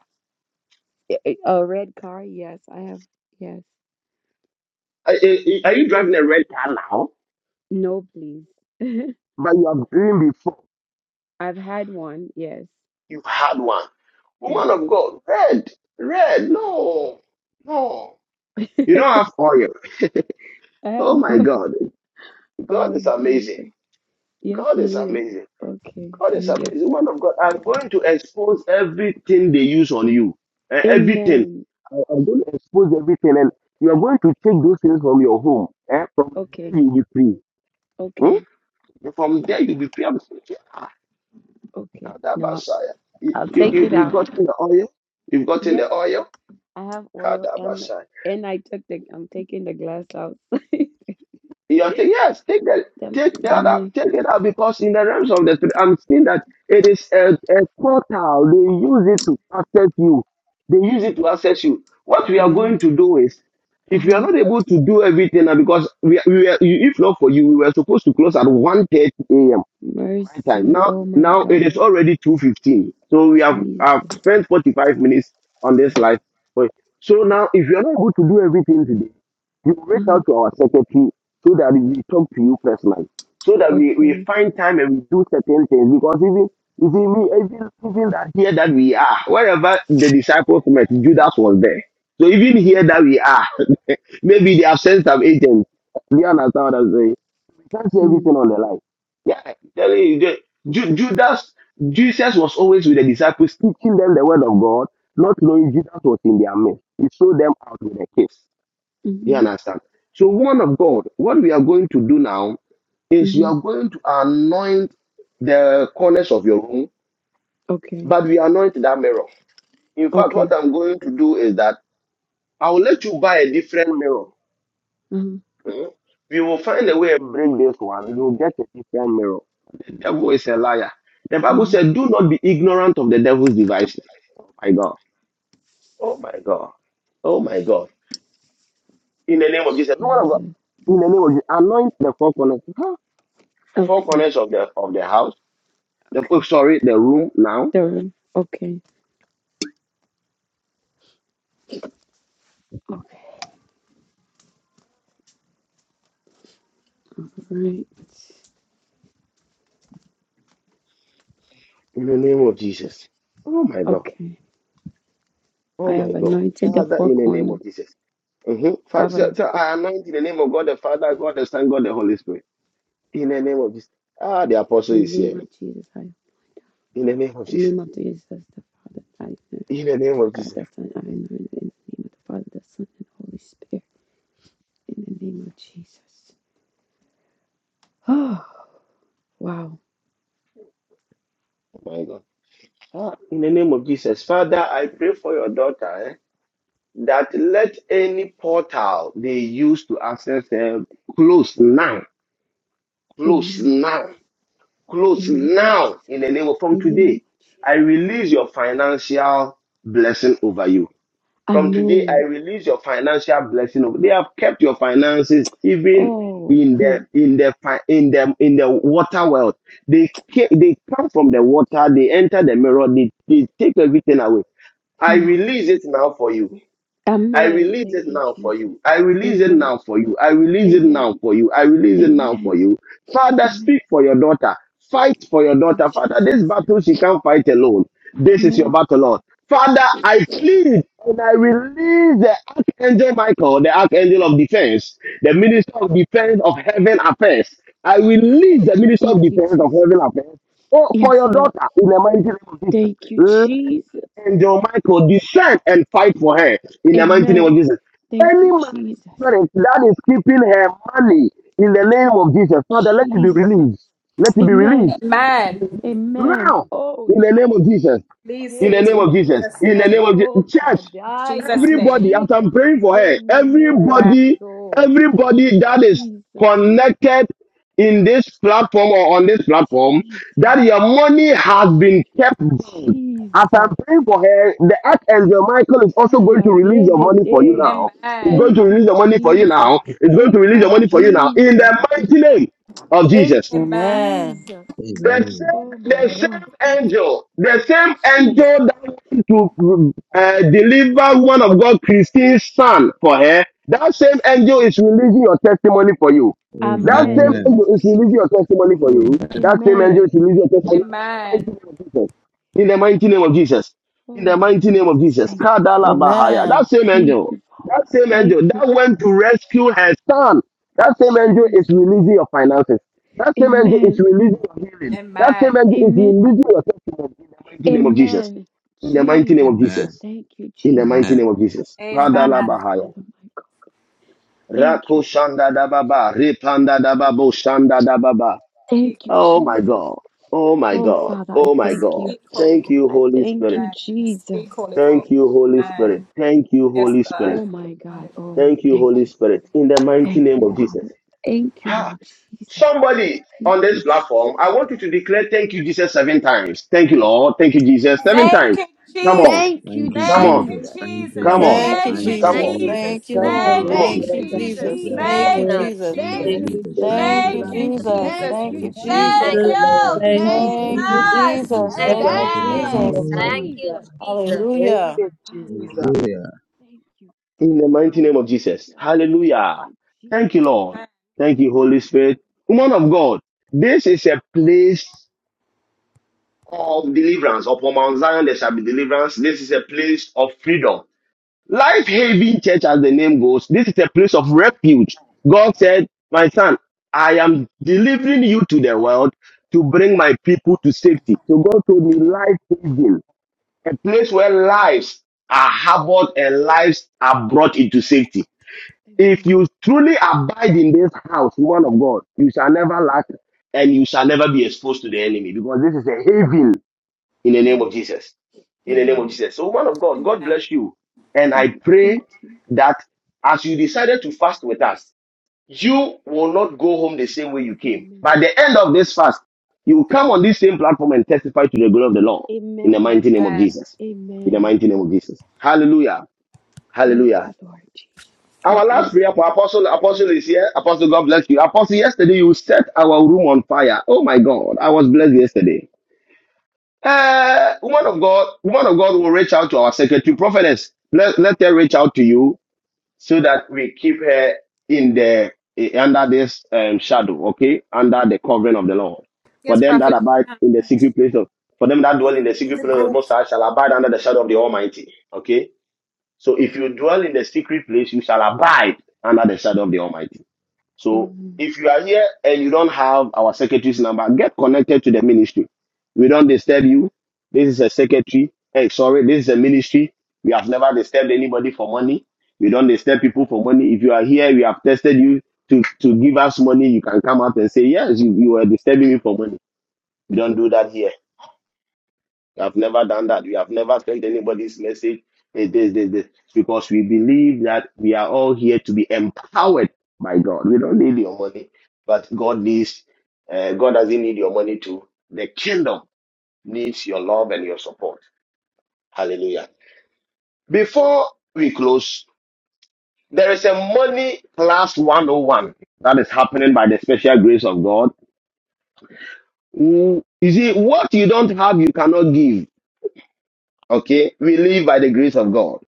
S14: A a- a red car? Yes, I have. Yes.
S2: Are, are- are you driving a red car now?
S14: No, please.
S2: But you have driven before.
S14: I've had one. Yes.
S2: You had one.
S14: Yes.
S2: Woman of God, red, red, no, no.
S14: I
S2: You don't have oil.
S14: have
S2: Oh my
S14: one.
S2: God. God
S14: Oh,
S2: is amazing.
S14: Jesus. Yes,
S2: God
S14: he
S2: is
S14: is.
S2: amazing.
S14: Okay.
S2: God
S14: Let
S2: is
S14: me get
S2: amazing. He's a man of God. I'm going to expose everything they use on you. Eh, Everything.
S14: Amen.
S2: I- I'm going to expose everything, and you are going to take those things from your home. Eh? From
S14: Okay,
S2: there you will be free.
S14: okay,
S2: Hmm? From
S14: yeah,
S2: there you will be free. I'm saying, yeah,
S14: okay. No,
S2: Kadabasaya. You,
S14: I'll
S2: you,
S14: take
S2: you,
S14: it
S2: you've
S14: out.
S2: gotten the oil. You've gotten
S14: Yes,
S2: the oil.
S14: I have oil and and I took the I'm taking the glass out. the
S2: You are saying, yes, take that, take
S14: the
S2: that out,
S14: mi-
S2: take it out because in the realms of the spirit, I'm seeing that it is a, a portal. They use it to access you. They use it to access you. What we are
S14: ah
S2: going to do is, if you are
S14: uh-huh.
S2: not able to do everything, and because we, we are, if not for you, we were supposed to close at one thirty a.m my time.
S14: Mercy.
S2: Now,
S14: Oh my
S2: now it is
S14: God.
S2: already two fifteen. So we have have
S14: Jesus.
S2: spent forty five minutes on this live. But so now, if you are not able to do everything today, you reach
S14: Uh-huh.
S2: out to our secretary so that we talk to you personally, so that we, we
S14: Okay.
S2: find time and we do certain things. Because even you see, we even even that here that we are, wherever the disciples met, Judas was there. So even
S14: Mm-hmm.
S2: here that we are, maybe they have sent some agents. Do you understand what I'm saying? That's everything on the line. Yeah, I'm telling you, the- Ju- Judas, Jesus was always with the disciples, teaching them the word of God, not knowing Judas was in their midst. He showed them out with a kiss. You
S14: Mm-hmm.
S2: understand? So, one of God, what we are going to do now is you
S14: Mm-hmm.
S2: are going to anoint the corners of your room,
S14: Okay.
S2: but we anoint that mirror. In fact, what
S14: Okay.
S2: I'm going to do is that I will let you buy a different mirror
S14: Uh-huh.
S2: Hmm? We will find a way and bring this one. You will get a different mirror. The devil is a liar. The Bible
S14: Um
S2: said, "Do not be ignorant of the devil's devices." Oh my God. Oh my God. Oh my God. In the name of Jesus, no one of God.
S14: Jesus.
S2: In the name of Jesus, anoint the four corners, Huh? four
S14: Okay.
S2: corners of the of the house. The four,
S14: Okay.
S2: sorry, the room now.
S14: The room. Okay. Okay. Right.
S2: In the name of Jesus. Oh my God.
S14: Okay.
S2: Oh
S14: I
S2: my
S14: have
S2: God.
S14: anointed the
S2: Father,
S14: four
S2: in the name
S14: corners.
S2: of Jesus.
S14: Heaven,
S2: Mm-hmm. I anoint in the name of God the Father, God the Son, God the Holy Spirit. In the name of Jesus. Ah, the apostle
S14: in
S2: is
S14: the name
S2: here.
S14: of Jesus, I in
S2: In the name of
S14: the
S2: Jesus.
S14: name of Jesus, the Father, I anoint
S2: In the name of
S14: God
S2: Jesus.
S14: the Son, I anoint in the name of the Father, the Son, and Holy Spirit, in the name of Jesus. Oh, wow.
S2: Oh my God. Ah, in the name of Jesus. Father, I pray for your daughter eh, that let any portal they use to access her close now. Close
S14: Amen.
S2: now. Close
S14: In the name of
S2: now. In
S14: Jesus.
S2: the name of from
S14: In the name
S2: today.
S14: of Jesus.
S2: I release your financial blessing over you. From today, I
S14: Amen.
S2: release your financial blessing. over- They have kept your finances even
S14: Oh,
S2: in
S14: hmm.
S2: the in the fi- in the in the water world. They ca- they come from the water. They enter the mirror. They, they take everything away. I
S14: ha.
S2: release it now for you. I
S14: Amen.
S2: release
S14: Thank
S2: it
S14: you,
S2: now for
S14: Jesus.
S2: you. I release it
S14: Amen.
S2: now for you. I release it
S14: Amen.
S2: now for you. I release it now for
S14: Amen.
S2: you. Father,
S14: Amen.
S2: speak for your daughter. Fight for your
S14: Thank you,
S2: daughter. Father, this
S14: Jesus.
S2: battle she can't fight alone. This is your
S14: Amen.
S2: battle, Lord. Father, I plead and I release the Archangel Michael, the Archangel of Defense, the Minister of Defense of Heaven Affairs. I release the Minister
S14: Thank
S2: of
S14: you,
S2: Defense of
S14: Jesus.
S2: Heaven Affairs oh, for
S14: Yes,
S2: your
S14: Lord.
S2: daughter in the mighty name of
S14: Thank you,
S2: Jesus.
S14: Jesus.
S2: Angel Michael descend and fight for her in the mighty name of
S14: Amen.
S2: Jesus.
S14: Thank
S2: Any
S14: you,
S2: marine
S14: Jesus.
S2: spirit that is keeping her money in the name of Jesus, Father, let it be
S14: Jesus.
S2: released. Let it be
S14: Amen.
S2: released
S14: Amen.
S2: now
S14: Oh,
S2: in the name
S14: Jesus.
S2: of Jesus. In the
S14: Hey.
S2: name of
S14: yeah.
S2: Jesus. In the name of Jesus.
S14: Oh,
S2: Church,
S14: Kadaya.
S2: everybody, as
S14: Jesus.
S2: I'm praying for
S14: Hey,
S2: her,
S14: Nemeria.
S2: everybody,
S14: So,
S2: everybody that is
S14: Jesus.
S2: connected in this platform or on this platform,
S14: Jesus.
S2: that your money has been kept bound. As I'm
S14: Jesus.
S2: praying for her, the Archangel Michael is also going
S14: Kaya.
S2: to release
S14: De,
S2: your
S14: de,
S2: money for you
S14: de.
S2: now. It's going
S14: Thank
S2: to release
S14: you,
S2: your money for you
S14: Jesus.
S2: now. It's going to
S14: Thank
S2: release your
S14: you,
S2: money for you now. In
S14: Jesus.
S2: the mighty name of
S14: Thank
S2: Jesus.
S14: you,
S11: Amen.
S14: Jesus.
S2: The same,
S8: Amen.
S14: Oh, my
S2: the
S16: Uh,
S14: God.
S2: same angel, the same
S14: Jesus.
S2: angel that went to uh, deliver one of God, Christine's son for her, that same
S14: Jesus.
S2: angel is releasing your testimony for you. That same
S14: Amen.
S8: Amen.
S2: angel is releasing your testimony for
S8: Amen.
S2: you. That same angel
S14: Amen.
S2: is releasing your testimony. In the mighty name of Jesus. In the
S14: Oh,
S2: mighty name of
S14: Jesus.
S2: Jesus.
S14: Thank you,
S2: Kadala
S14: Father.
S2: Bahaya.
S11: Amen.
S2: That same
S14: Thank
S2: angel.
S14: you,
S2: That
S14: Father.
S2: same
S14: Thank
S2: angel
S14: you,
S2: that went to rescue her son. That
S14: Father.
S2: same angel
S14: Jesus.
S2: is releasing your finances. That same angel is
S14: Amen.
S2: releasing your healing. That same angel is
S14: Amen.
S2: releasing your testimony in the mighty name of Jesus.
S14: Amen.
S2: In the mighty
S14: Jesus.
S2: name of
S8: Amen.
S2: Jesus.
S14: Thank you,
S2: In the
S8: Amen.
S2: mighty
S14: Jesus.
S2: name of Jesus.
S14: Oh,
S2: Kadala
S14: my
S2: Bahaya.
S14: Father, my God. Thank you,
S2: Rako
S14: Father.
S2: Shanda Dababa. Repanda Dababo Shanda Dababa.
S14: Thank you,
S2: Oh my
S14: Jesus.
S2: God. Oh my
S14: Oh,
S2: God.
S14: Father, I
S2: Oh my
S14: thank
S2: God.
S14: you.
S2: Thank you,
S14: I
S2: Holy
S14: thank
S2: Spirit.
S14: you, Jesus.
S2: Thank you, Holy Spirit. Thank you, Holy Spirit.
S14: Oh, my God. Oh,
S2: Thank you,
S14: thank
S2: Holy
S14: you.
S2: Spirit. In the mighty
S14: Thank
S2: name
S14: you,
S2: of Jesus.
S14: Father. Thank you,
S2: Ha!
S14: Lord Jesus.
S2: Somebody
S14: Thank
S2: on this
S14: you, Jesus.
S2: platform, I want you to declare thank you, Jesus, seven times. Thank you, Lord. Thank you, Jesus, seven times. Come on.
S14: Thank you,
S8: Thank
S3: of
S8: you,
S2: Come
S7: Thank,
S2: on.
S16: Thank
S8: Jesus.
S16: you,
S14: Jesus.
S8: Thank you,
S2: Come
S16: Jesus.
S2: on.
S8: Lord.
S16: Thank
S11: Thank
S17: Thank
S14: Thank
S11: you,
S16: you,
S17: you,
S14: you,
S8: Thank you,
S2: Come
S7: thank
S2: on.
S11: Jesus.
S17: Jesus.
S8: Jesus.
S14: Jesus.
S17: Jesus.
S11: Thank you,
S17: Thank
S16: thank
S8: Thank you,
S17: you,
S16: you,
S11: Lord.
S2: Come
S8: Lord.
S16: Jesus.
S17: Lord.
S2: on.
S14: Thank
S8: Thank
S11: Thank you,
S8: you,
S14: you,
S8: Jesus.
S17: Thank
S16: Thank
S11: Jesus.
S16: you,
S17: you,
S8: Thank you,
S14: Jesus.
S11: Thank you,
S8: Lord.
S17: Lord.
S16: Jesus.
S3: Jesus.
S7: Jesus.
S11: Jesus.
S8: Thank you,
S16: Thank
S14: Thank
S17: Thank
S16: you,
S3: Thank you,
S14: you,
S8: Jesus.
S17: you,
S16: Jesus.
S8: Thank
S11: Thank
S17: Jesus.
S8: you,
S11: you,
S14: Jesus.
S8: Lord.
S16: Thank
S8: Thank
S16: you,
S8: you,
S11: Jesus.
S8: Jesus.
S14: Thank
S16: Jesus.
S11: Thank
S14: you,
S11: you,
S17: Jesus.
S8: Thank
S16: Thank
S8: you, Lord.
S14: Jesus.
S16: you,
S17: Thank
S11: Jesus.
S7: Thank,
S17: you,
S3: Jesus.
S8: Thank you,
S17: Lord.
S8: Jesus.
S17: Thank
S3: Thank
S17: you,
S3: you,
S14: Thank you,
S11: Thank
S16: Jesus.
S8: Thank you,
S11: you,
S3: Jesus.
S8: Lord.
S14: Jesus.
S8: Thank you,
S11: Jesus.
S7: thank.
S8: Jesus.
S11: Thank
S17: Jesus.
S8: Thank
S11: you,
S8: you,
S14: Thank
S17: Thank
S14: you,
S17: you,
S11: Jesus.
S17: mighty
S7: Thank
S8: Lord.
S7: you,
S17: God.
S14: Jesus.
S7: Jesus.
S3: Thank
S14: Thank
S17: Thank
S14: you,
S11: Hallelujah.
S17: you,
S3: you.
S14: Father
S17: Jesus.
S14: God.
S8: Hallelujah.
S14: Thank you.
S2: In the mighty name of Jesus.
S14: Hallelujah. Thank
S2: Hallelujah.
S14: you,
S2: Thank you,
S14: Jesus.
S2: Lord. Thank you, Holy Spirit. Woman of God, this is a place of deliverance. Upon Mount Zion, there shall be deliverance. This is a place of freedom. Life Haven Church, as the name goes, this is a place of refuge. God said, My son, I am delivering you to the world to bring my people to safety. So God told me, Life Haven, a place where lives are harbored and lives are brought into safety. If
S14: Amen.
S2: you truly abide in this house, woman of God, you shall never lack and you shall never be exposed to the enemy because this is a haven in the name of
S14: Amen.
S2: Jesus. In the name of
S14: Amen.
S2: Jesus. So, man of God, God bless you. And I
S14: Amen. Thank
S2: pray
S14: you.
S2: that as you decided to fast with us, you will not go home the same way you came.
S14: Amen.
S2: By the end of this fast, you will come on this same platform and testify to the glory of the Lord in the
S14: Amen.
S2: mighty name of Jesus. In the
S14: Amen.
S2: mighty name of Jesus. Hallelujah.
S14: Thank you,
S2: Hallelujah.
S14: Lord Jesus. God
S2: Our last
S14: bless.
S2: prayer for Apostle Apostle is here. Apostle, God bless you. Apostle, yesterday you set our room on fire. Oh my God. I was blessed yesterday. Uh, woman of God, woman of God will reach out to our secretary prophetess. Let, let her reach out to you so that we keep her in the eh, under this um, shadow, okay, under the covering of the Lord. For them that abide in the secret place of, for them that dwell in the secret place of the Most High shall abide under the shadow of the Almighty, okay. So if you dwell in the secret place, you shall abide under the shadow of the Almighty. So
S14: Amen.
S2: if you are here and you don't have our secretary's number, get connected to the ministry. We don't disturb you. This is a secretary. Hey, sorry, this is a ministry. We have never disturbed anybody for money. We don't disturb people for money. If you are here, we have tested you to, to give us money. You can come out and say, yes, you, you were disturbing me for money. We don't do that here. I've never done that. We have never sent anybody's message. eh, This, this, this, because we believe that we are all here to be empowered by God. We don't need your money, but God needs. Uh, God doesn't need your money too. The kingdom needs your love and your support. Hallelujah. Before we close, there is a money class 101 that is happening by the special grace of God. Mm, You see, what you don't have, you cannot give. Okay, we live by the grace of God.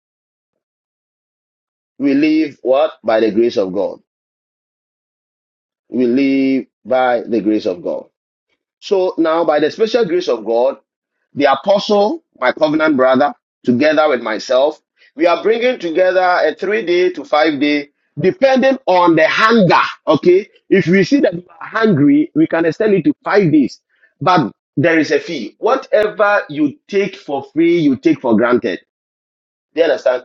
S2: We live what? By the grace of God. We live by the grace of God. So now, by the special grace of God, the apostle, my covenant brother, together with myself, we are bringing together a three day to five day, depending on the hunger. Okay. If we see that we are hungry, we can extend it to five days. But there is a fee. Whatever you take for free, you take for granted. Do you understand?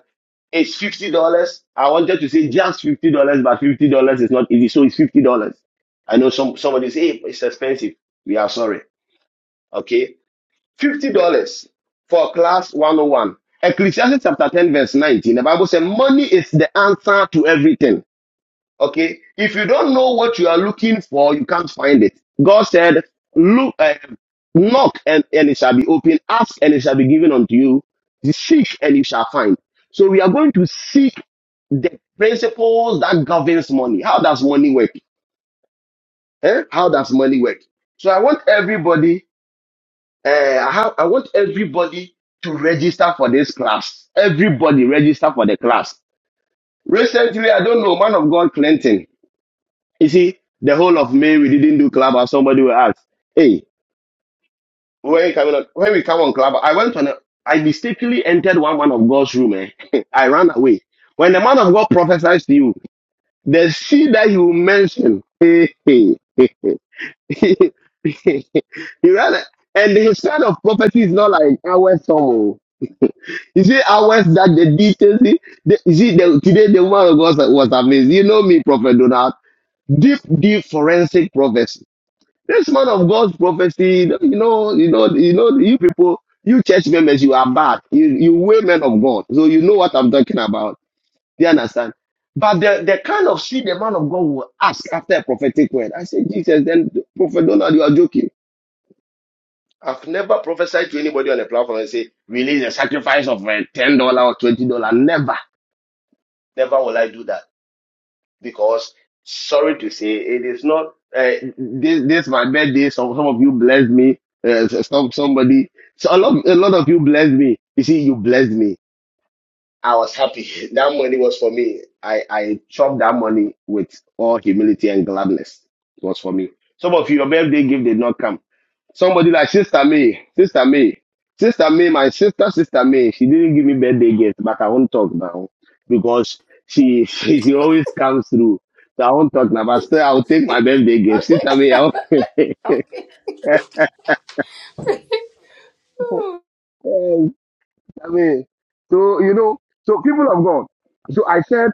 S2: It's fifty dollars. I wanted to say just fifty dollars, but fifty dollars is not easy. So it's fifty dollars. I know some somebody say "Hey, it's expensive. We are sorry. Okay, fifty dollars for class one hundred one. Ecclesiastes chapter ten verse nineteen. The Bible says money is the answer to everything. Okay. If you don't know what you are looking for, you can't find it. God said, look, uh, knock and, and it shall be open. Ask and it shall be given unto you. Seek and you shall find. So we are going to seek the principles that governs money. How does money work? Eh? How does money work? So I want everybody, uh, I, have, I want everybody to register for this class. Everybody register for the class. Recently, I don't know, man of God, Clinton. You see, the whole of May we didn't do Clubhouse. Somebody will ask, "Hey, when you coming on, when we come on Clubhouse?" I went on. A, I mistakenly entered one man of God's room. Eh? I ran away. When the man of God prophesies to you, the seed that you mention, he ran. a- And his kind of prophecy is not like ours. Some oh. you see ours that the details. see, The, you see, the, today the man of God was amazed. You know me, Prophet Donald. Deep, deep forensic prophecy. This man of God's prophecy, you know, you know, you know, you people, you church members, you are bad. You you way men of God. So you know what I'm talking about. Do you understand? But the, the kind of shit the man of God will ask after a prophetic word. I say, Jesus, then Prophet Donald, you are joking. I've never prophesied to anybody on the platform and say, release a sacrifice of uh, $10 or $20. Never. Never will I do that. because sorry to say it is not uh, this this my birthday some some of you blessed me uh, some somebody so a lot a lot of you blessed me you see you blessed me I was happy that money was for me I I chopped that money with all humility and gladness it was for me some of you, your birthday gift did not come Somebody like Sister May, Sister May, Sister May, my sister, Sister May. She didn't give me birthday gift, but I won't talk now because she she, she always comes through. So I won't talk now, but still I'll take my birthday gift.
S18: Okay.
S2: Sister May, I'll, Sister
S18: Okay.
S2: May. So you know, so people of God. So I said,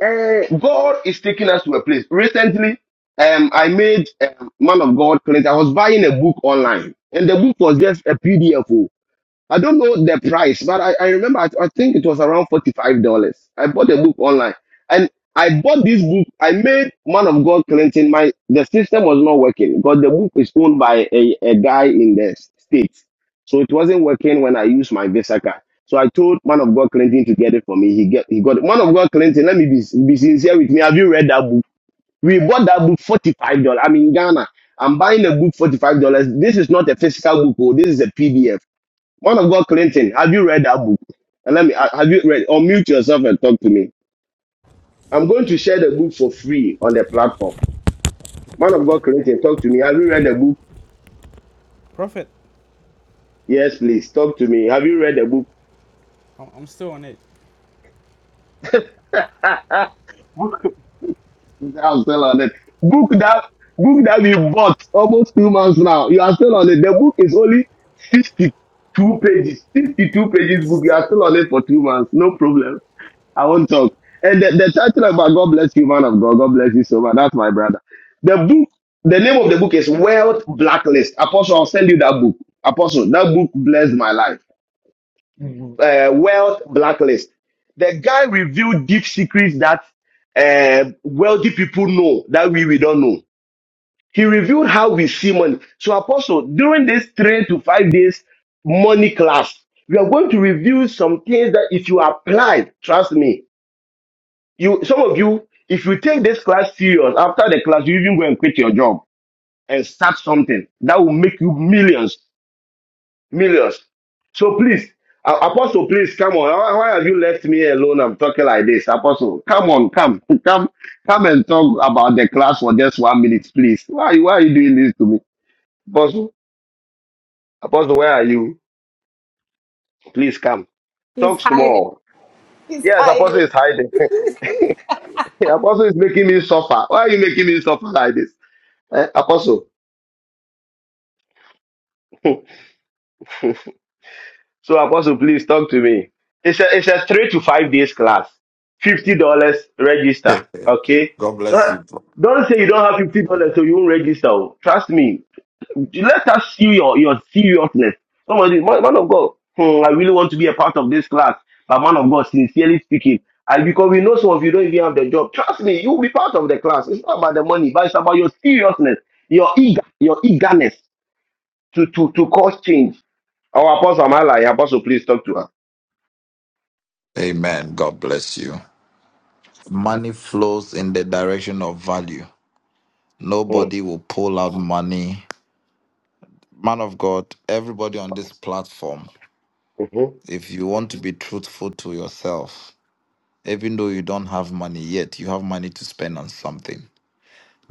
S2: eh, God is taking us to a place. Recently, um, I made um, man of God. Clint. I was buying a book online, and the book was just a PDF. I don't know the price, but I, I remember I, I think it was around $45. I bought the book online. And I bought this book. I made Man of God Clinton. My the system was not working because the book is owned by a, a guy in the States. So it wasn't working when I used my Visa card. So I told Man of God Clinton to get it for me. He get he got it. Man of God Clinton, let me be, be sincere with me. Have you read that book? We bought that book $45. I'm in Ghana. I'm buying a book $45. This is not a physical book, oh, this is a PDF. Man of God Clinton, have you read that book? And let me ha- have you read or mute yourself and talk to me. I'm going to share the book for free on the platform. Man of God Clinton, talk to me. Have you read the book?
S12: Prophet,
S2: Yes, please. Talk to me. Have you read the book?
S12: I'm, I'm still on it.
S2: book I'm still on it. Book that book that we bought almost two months now. You are still on it. The book is only 62 pages. 62 pages book. You are still on it for two months. No problem. I won't talk. And the, the title about God bless you, man of God. God bless you so much. That's my brother. The book, the name of the book is Wealth Blacklist. Apostle, I'll send you that book. Apostle, that book blessed my life. Uh, Wealth Blacklist. The guy revealed deep secrets that uh, wealthy people know that we, we don't know. He revealed how we see money. So, Apostle, during this three to five days money class, we are going to review some things that if you apply, trust me, you some of you, if you take this class serious, after the class, you even go and quit your job and start something that will make you millions, millions. So please, A- Apostle, please come on. Why, why have you left me alone? I'm talking like this, Apostle. Come on, come, come, come and talk about the class for just one minute, please. Why, why are you doing this to me, Apostle? Apostle, where are you? Please come. Talk small. Yes, Apostle is hiding. Apostle is making me suffer. Why are you making me suffer like this, eh, Apostle? So Apostle, please talk to me. It's a it's a three to five days class. Fifty dollars register. Okay.
S19: God
S2: So
S19: bless you. bro.
S2: don't say you don't have fifty dollars so you won't register. oh. Trust me. Let us see your, your seriousness. Somebody, man, man of God, hmm, I really want to be a part of this class. But man of God, sincerely speaking, and because we know some of you don't even have the job. Trust me, you will be part of the class. It's not about the money, but it's about your seriousness, your eager, your eagerness to to to cause change. Our apostle Malai, apostle, please talk to her.
S19: Amen. God bless you. Money flows in the direction of value.
S2: Mm,
S19: Nobody will pull out money. Man of God, everybody on this platform,
S2: mhm.
S19: if you want to be truthful to yourself, even though you don't have money yet, you have money to spend on something.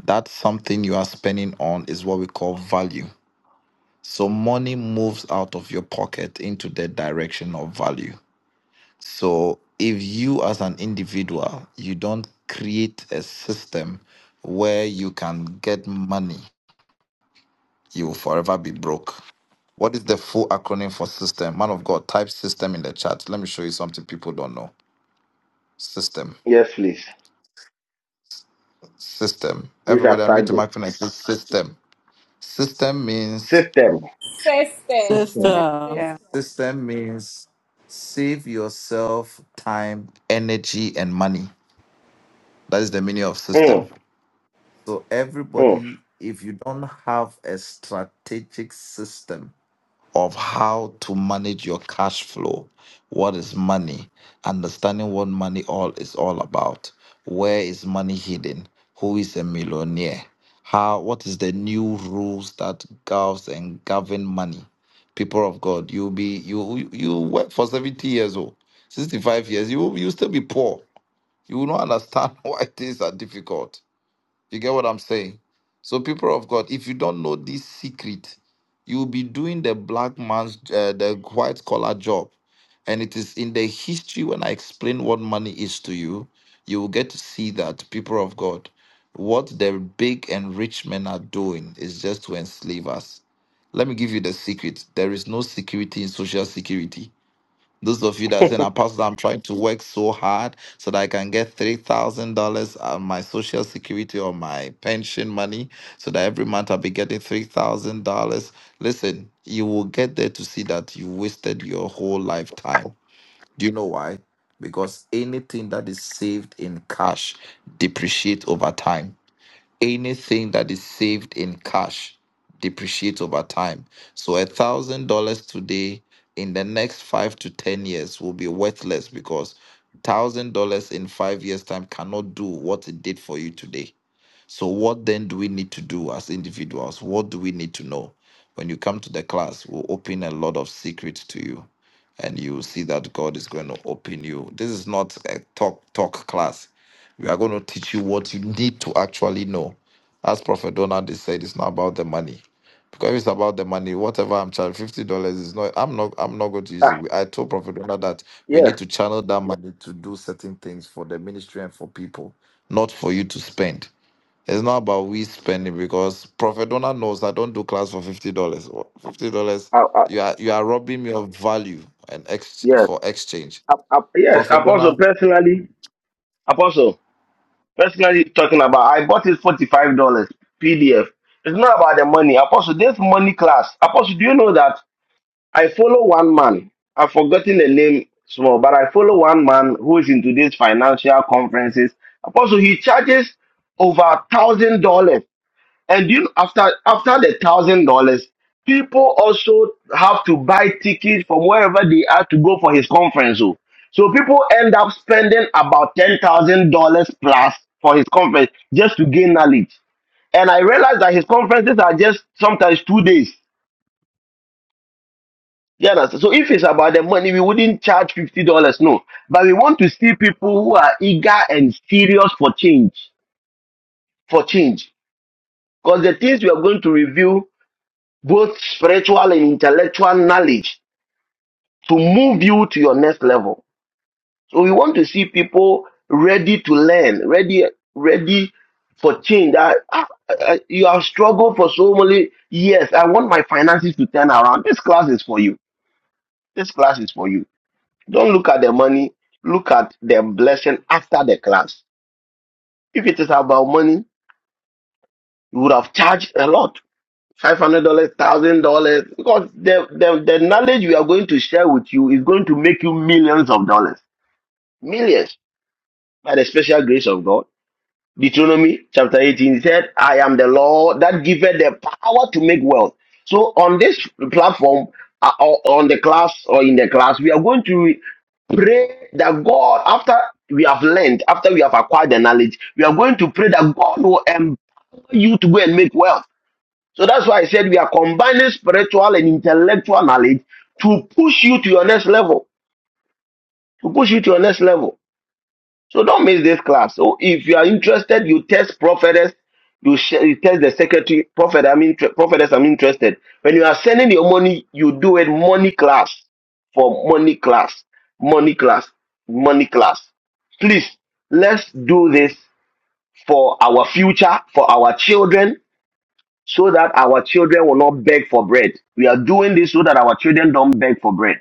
S19: That something you are spending on is what we call value. So money moves out of your pocket into the direction of value. So if you as an individual, you don't create a system where you can get money, you will forever be broke. What is the full acronym for system? Man of God, type system in the chat. Let me show you something people don't know. System.
S2: Yes, please.
S19: System.
S2: Please
S19: Everybody
S2: have
S19: I meet to
S2: typed it.
S19: my and say system. System means
S2: System.
S16: Jesus.
S8: System.
S11: Sister.
S19: system means save yourself time, energy, and money. That is the meaning of system.
S2: Mm,
S19: So,
S2: mm.
S19: everybody, if you don't have a strategic system of how to manage your cash flow, what is money, understanding what money all is all about, where is money hidden, who is a millionaire, how what is the new rules that governs and govern money? People of God, you'll be you you work for 70 years old, 65 years, you will- you still be poor. You will not understand why things are difficult you get what I'm saying? So, people of God, if you don't know this secret, you'll be doing the black man's, uh, the white collar job. And it is in the history when I explain what money is to you, you will get to see that, people of God, what the big and rich men are doing is just to enslave us. Let me give you the secret. There is no security in social security. Those of you that are saying, Apostle, I'm trying to work so hard so that I can get $3,000 on my social security or my pension money, so that every month I'll be getting $3,000. Listen, you will get there to see that you wasted your whole lifetime. Do you know why? Because anything that is saved in cash depreciates over time anything that is saved in cash depreciates over time. So a thousand dollars today in the next five to ten years will be worthless because thousand dollars in five years time cannot do what it did for you today. So, what then do we need to do as individuals? What do we need to know? When you come to the class, we'll open a lot of secrets to you, and you will see that God is going to open you. This is not a talk talk class. We are going to teach you what you need to actually know. As Prophet Donald has said, it's not about the money. Because if it's about the money, whatever I'm charging, fifty dollars is not. I'm not. I'm not going to use it.
S2: Ah,
S19: We- I told Prophet Donald that we
S2: yes.
S19: need to channel that money to do certain things for the ministry and for people, not for you to spend. It's not about we spending because Prophet Donald knows I don't do class for fifty dollars. Fifty dollars,
S2: Ah, ah,
S19: you are you are robbing me of value and ex
S2: yes.
S19: for exchange.
S2: Ah, ah, yes,
S19: Prophet
S2: apostle,
S19: Donald,
S2: personally, apostle, personally talking about, I bought it $45 PDF. It's not about the money. Apostle, this money class. Apostle, do you know that? I follow one man. I've forgotten the name small, but I follow one man who is into these financial conferences. Apostle, he charges over a thousand dollars. And you know, after after the thousand dollars, people also have to buy tickets from wherever they are to go for his conference. oh. So people end up spending about ten thousand dollars plus for his conference just to gain knowledge. And I realized that his conferences are just sometimes two days. You understand? So if it's about the money, we wouldn't charge fifty dollars, no. But we want to see people who are eager and serious for change, for change, because the things we are going to review, both spiritual and intellectual knowledge, to move you to your next level. So we want to see people ready to learn, ready, ready for change. I, I, I, you have struggled for so many years. I want my finances to turn around. This class is for you. This class is for you. Don't look at the money, look at the blessing after the class. If it is about money, you would have charged a lot. Five hundred dollars, thousand dollars, because the, the the knowledge we are going to share with you is going to make you millions of dollars, millions by the special grace of God. Deuteronomy chapter 18, he said, I am the Lord that giveth the power to make wealth. So on this platform, uh, or on the class or in the class, we are going to pray that God, after we have learned, after we have acquired the knowledge, we are going to pray that God will empower you to go and make wealth. So that's why I said we are combining spiritual and intellectual knowledge to push you to your next level, to push you to your next level. So don't miss this class. So if you are interested, you test prophetess, you, sh- you test the secretary, prophet, I'm inter- prophetess, I'm interested. When you are sending your money, you do it money class for money class, money class, money class. Please, let's do this for our future, for our children, so that our children will not beg for bread. We are doing this so that our children don't beg for bread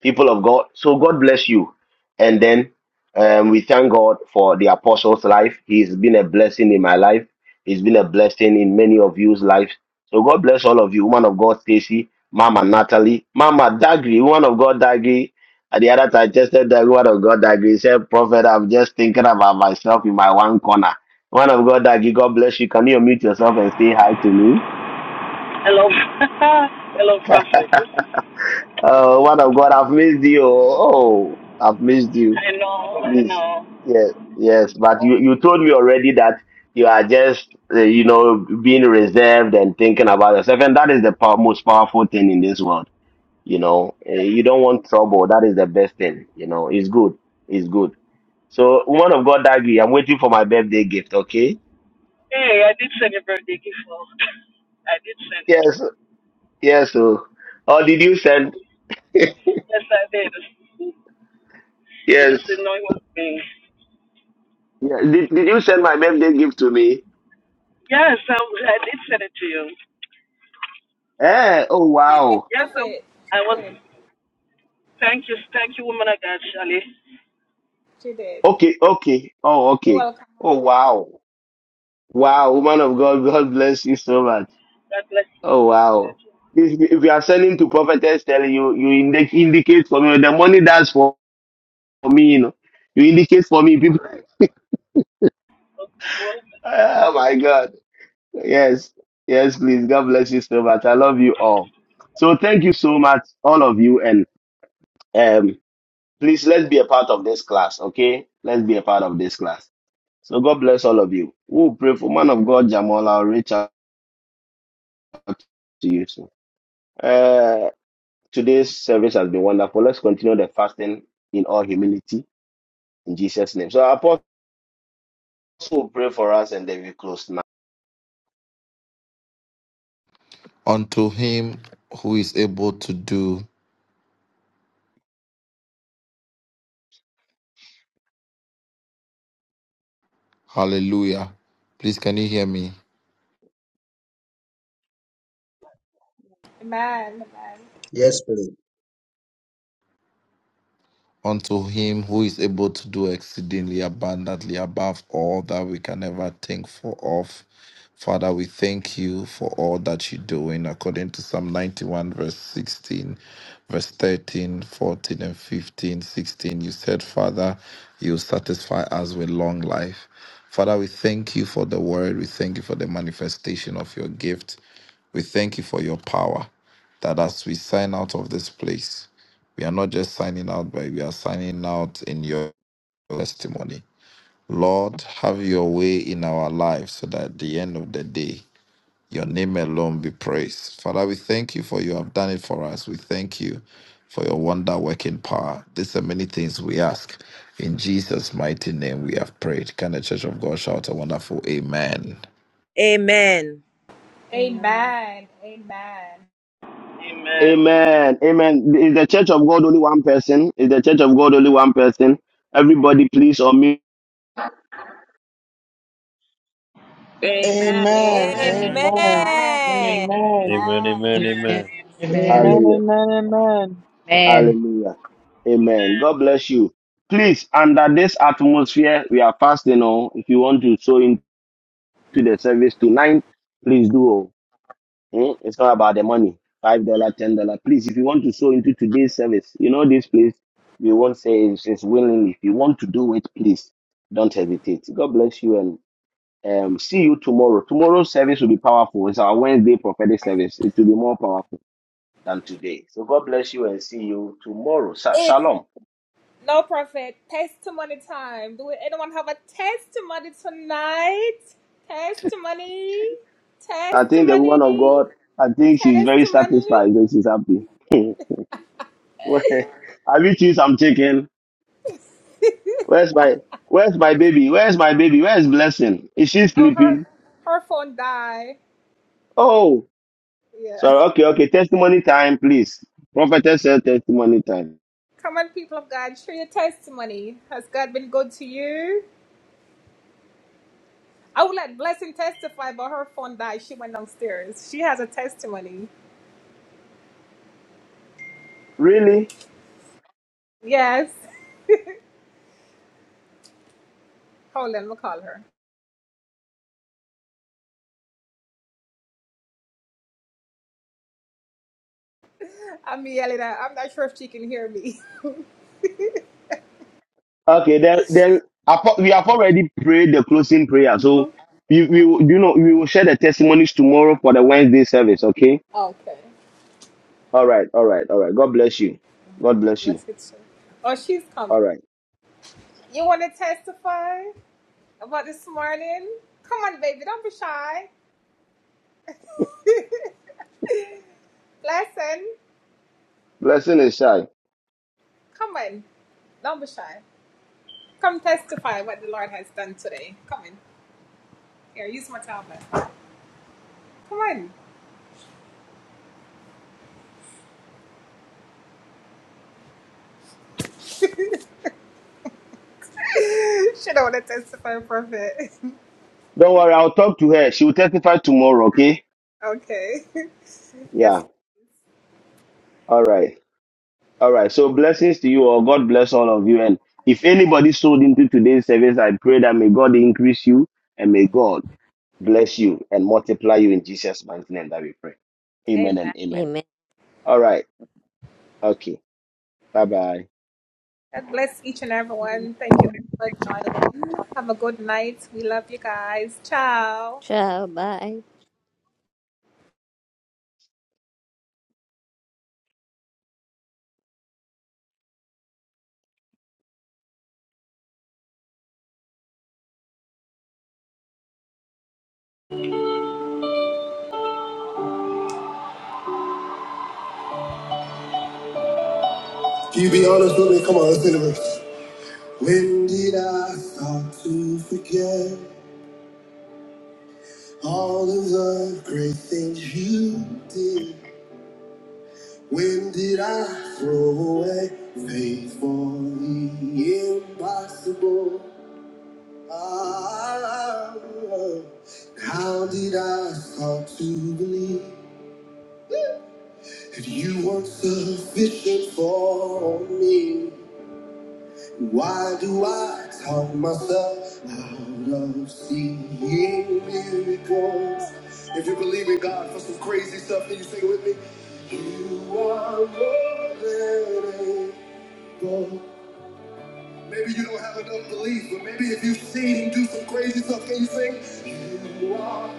S2: people of God. So God bless you. And then um, we thank God for the apostle's life. He's been a blessing in my life. He's been a blessing in many of you's lives. So God bless all of you, woman of God, Stacy, Mama Natalie, Mama Dagri, woman of God, Dagri. At the other time, just said that woman of God, Dagri said, Prophet, I'm just thinking about myself in my one corner. Woman of God, Dagri, God bless you. Can you unmute yourself and say hi to me?
S20: Hello, hello, Prophet.
S2: Oh, one of God, I've missed you. Oh, I've missed you.
S20: I know, I
S2: Please,
S20: know.
S2: yes, yes, but you, you told me already that you are just, uh, you know, being reserved and thinking about yourself, and that is the pow- most powerful thing in this world. You know, Uh, you don't want trouble. That is the best thing. You know, it's good. It's good. So, woman of God, Daggy, I'm waiting for my birthday gift. Okay?
S20: Hey, I did send your birthday gift. out. I did send it.
S2: Yes, yes. Oh, oh did you send?
S20: Yes, I did. You
S2: Yes,
S20: just didn't know it was me.
S2: Yeah. Did, did you send my birthday gift to me?
S20: Yes, I, I did send it to you.
S2: Eh? Oh, wow.
S20: Yes, I, I was. Thank you, thank you, woman of God, Shirley.
S2: Okay, okay. Oh, okay. Oh, wow. Wow, woman of God, God bless you so much.
S20: God bless you.
S2: Oh
S20: Thank
S2: wow. If, if you are selling to prophetess telling you, you indi- indicate for me the money that's for, me, you know. You indicate for me, people.
S20: you.
S2: Oh my God. Yes. Yes, please. God bless you so much. I love you all. So thank you so much, all of you, and um please let's be a part of this class, okay? Let's be a part of this class. So God bless all of you. We'll pray for man of God, Jamal. I'll reach out to you soon. Uh, Today's service has been wonderful. Let's continue the fasting in all humility in Jesus' name. So, Apostle, will pray for us and then we close now.
S19: unto him who is able to do. Hallelujah. Please, can you hear me?
S8: Yes, please.
S19: unto him who is able to do exceedingly abundantly above all that we can ever think for of. Father, we thank you for all that you're doing according to Psalm 91, verse 16, verse 13, 14, and 15, 16, You said, Father, you satisfy us with long life. Father, we thank you for the word. We thank you for the manifestation of your gift. We thank you for your power that as we sign out of this place, we are not just signing out, but we are signing out in your testimony. Lord, have your way in our lives so that at the end of the day, your name alone be praised. Father, we thank you for you have done it for us. We thank you for your wonder working power. These are many things we ask. In Jesus' mighty name we have prayed. Can the church of God shout a wonderful amen?
S21: Amen.
S16: Amen.
S20: Amen.
S2: Amen. Amen. Is the church of God only one person? Is the church of God only one person? Everybody, please, on me.
S22: Amen.
S17: Amen.
S22: Amen.
S12: Amen.
S17: Amen.
S21: Amen.
S17: Amen.
S22: Amen.
S13: Amen, amen,
S15: Amen.
S13: amen.
S15: Amen.
S17: Amen.
S2: Hallelujah.
S17: Amen. Amen.
S15: Amen.
S2: Hallelujah. Amen. God bless you. Please, under this atmosphere, we are fasting. Oh, if you want to sow into the service tonight, please do. Oh. Hmm? It's not about the money. Five dollar, ten dollar. Please, if you want to sow into today's service, you know this place. We won't say it's, it's willingly. If you want to do it, please don't hesitate. God bless you and um, see you tomorrow. Tomorrow's service will be powerful. It's our Wednesday prophetic service. It will be more powerful than today. So God bless you and see you tomorrow. Sa- Shalom. I think the woman of God, I think she's very satisfied and she's happy. Have you seen some chicken? Where's my where's my baby? Where's my baby? Where's blessing? Is she sleeping? Oh, sorry. Okay, okay. Testimony time, please. Prophetess said testimony time. Really? Okay, then then apo- we have already prayed the closing prayer. So we we will- you know we will share the testimonies tomorrow for the Wednesday service. Okay. All right. All right. All right. God bless you. God bless you. All right. Blessing is shy. Don't worry. I'll talk to her. She will testify tomorrow. Okay. Yeah. All right. All right. So blessings to you all. God bless all of you. And if anybody sold into today's service, I pray that may God increase you and may God bless you and multiply you in Jesus' mighty name that we pray. Amen and amen. All right. Okay. Bye bye.
S1: Can you be honest with me? Come on, let's do the verse. When did I start to forget all of the great things you did? When did I throw away faith for the impossible? Ah, how did I start to believe that you weren't sufficient for me? Why do I talk myself out of seeing miracles? If you believe in God for some crazy stuff, can you sing it with me? You are more than able. Maybe you don't have enough belief, but maybe if you've seen Him do some crazy stuff, can you sing? You are.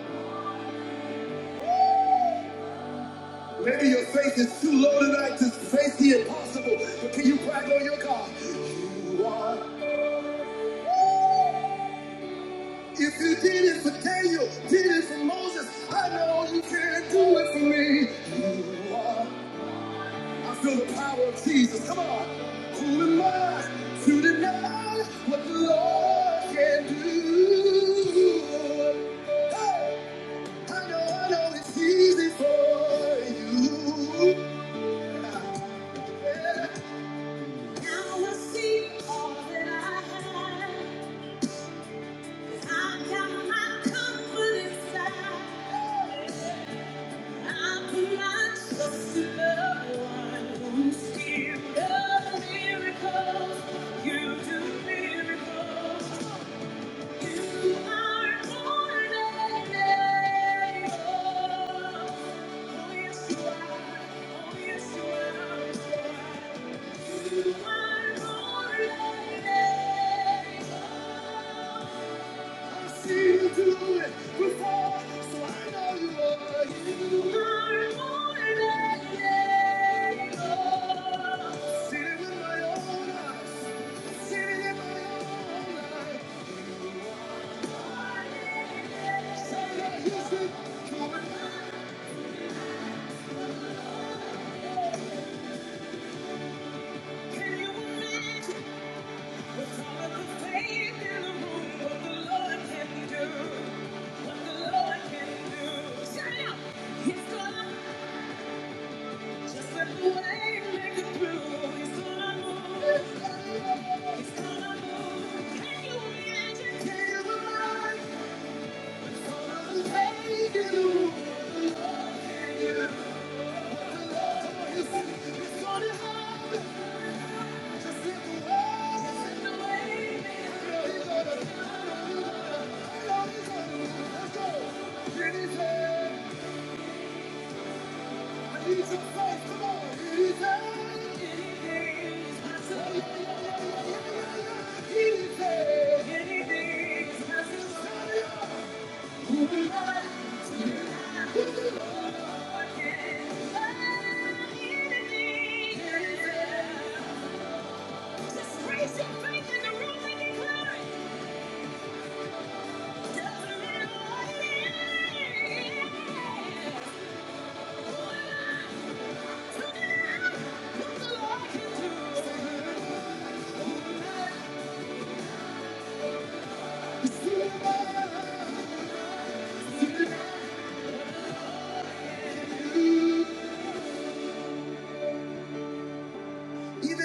S1: Maybe your faith is too low tonight to face the impossible, but can you brag on your God? You are. If you did it for Daniel, did it for Moses, I know you can do it for me. I feel the power of Jesus. Come on. Who am I to deny what the Lord can do? Hey, I know, I know it's easy for you. Yeah. I got my comfort inside. Thank you. are more than Let's go! Pretty Even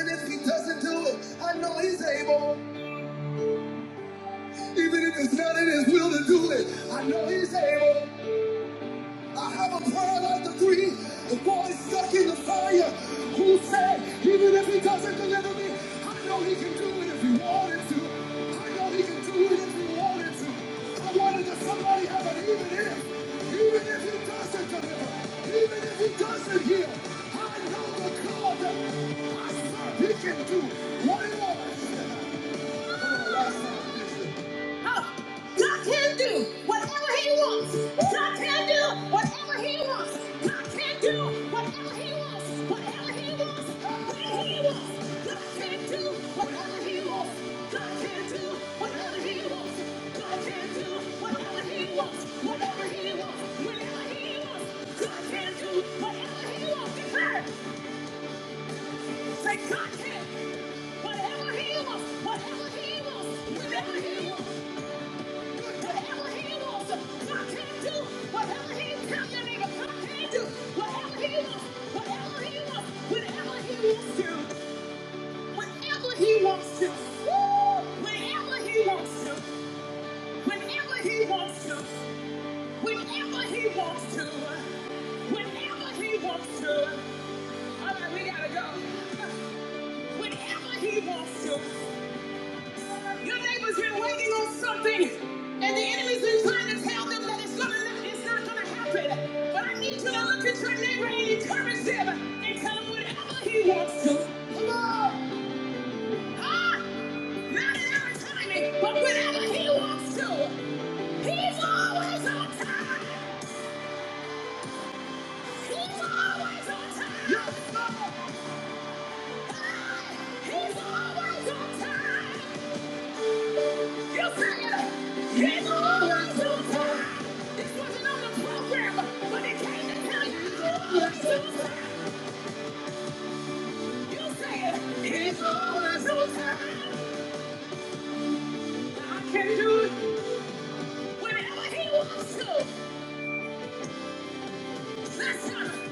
S1: if he doesn't do it, I know he's able. Even if it's not in his will to do it, I know he's able. I have a prayer like the three, the boy stuck in the fire, who said, even if he doesn't deliver me, I know he can do it if he wanted to. I know he can do it if he wanted to. I wanted that somebody have an even if, even if he doesn't deliver, even if he doesn't heal. I know the God that I serve, he can do what he wants. listen. God can do whatever He wants. God can do whatever He wants. God can do whatever He wants. Whatever He wants, when He wants. God can do whatever He wants. God can do whatever He wants. God can do whatever He wants. Whatever He wants, whenever He wants. God can do whatever He wants. Declare, say God can. Whatever He wants, whatever He wants, whenever He wants. Whatever he wants, I can do. Whatever he tell you, nigga, I can do. Whatever he wants, whatever he wants, whenever he wants to, whenever he wants to. Woo! Whenever he wants to, whenever he wants to, whenever he wants to, whenever he wants to. All right, we gotta go. Whenever he wants to. Your neighbor's been waiting on something, and the enemy's been trying to tell them that it's gonna not, it's not gonna happen. But I need you to look at your neighbor and encourage him and tell him whatever he wants to. Come on, huh? Not in our timing, but whenever he wants to. He's always on time. He's always on time. Yes, Lord. Ah, He's always on time. You say it. He's always on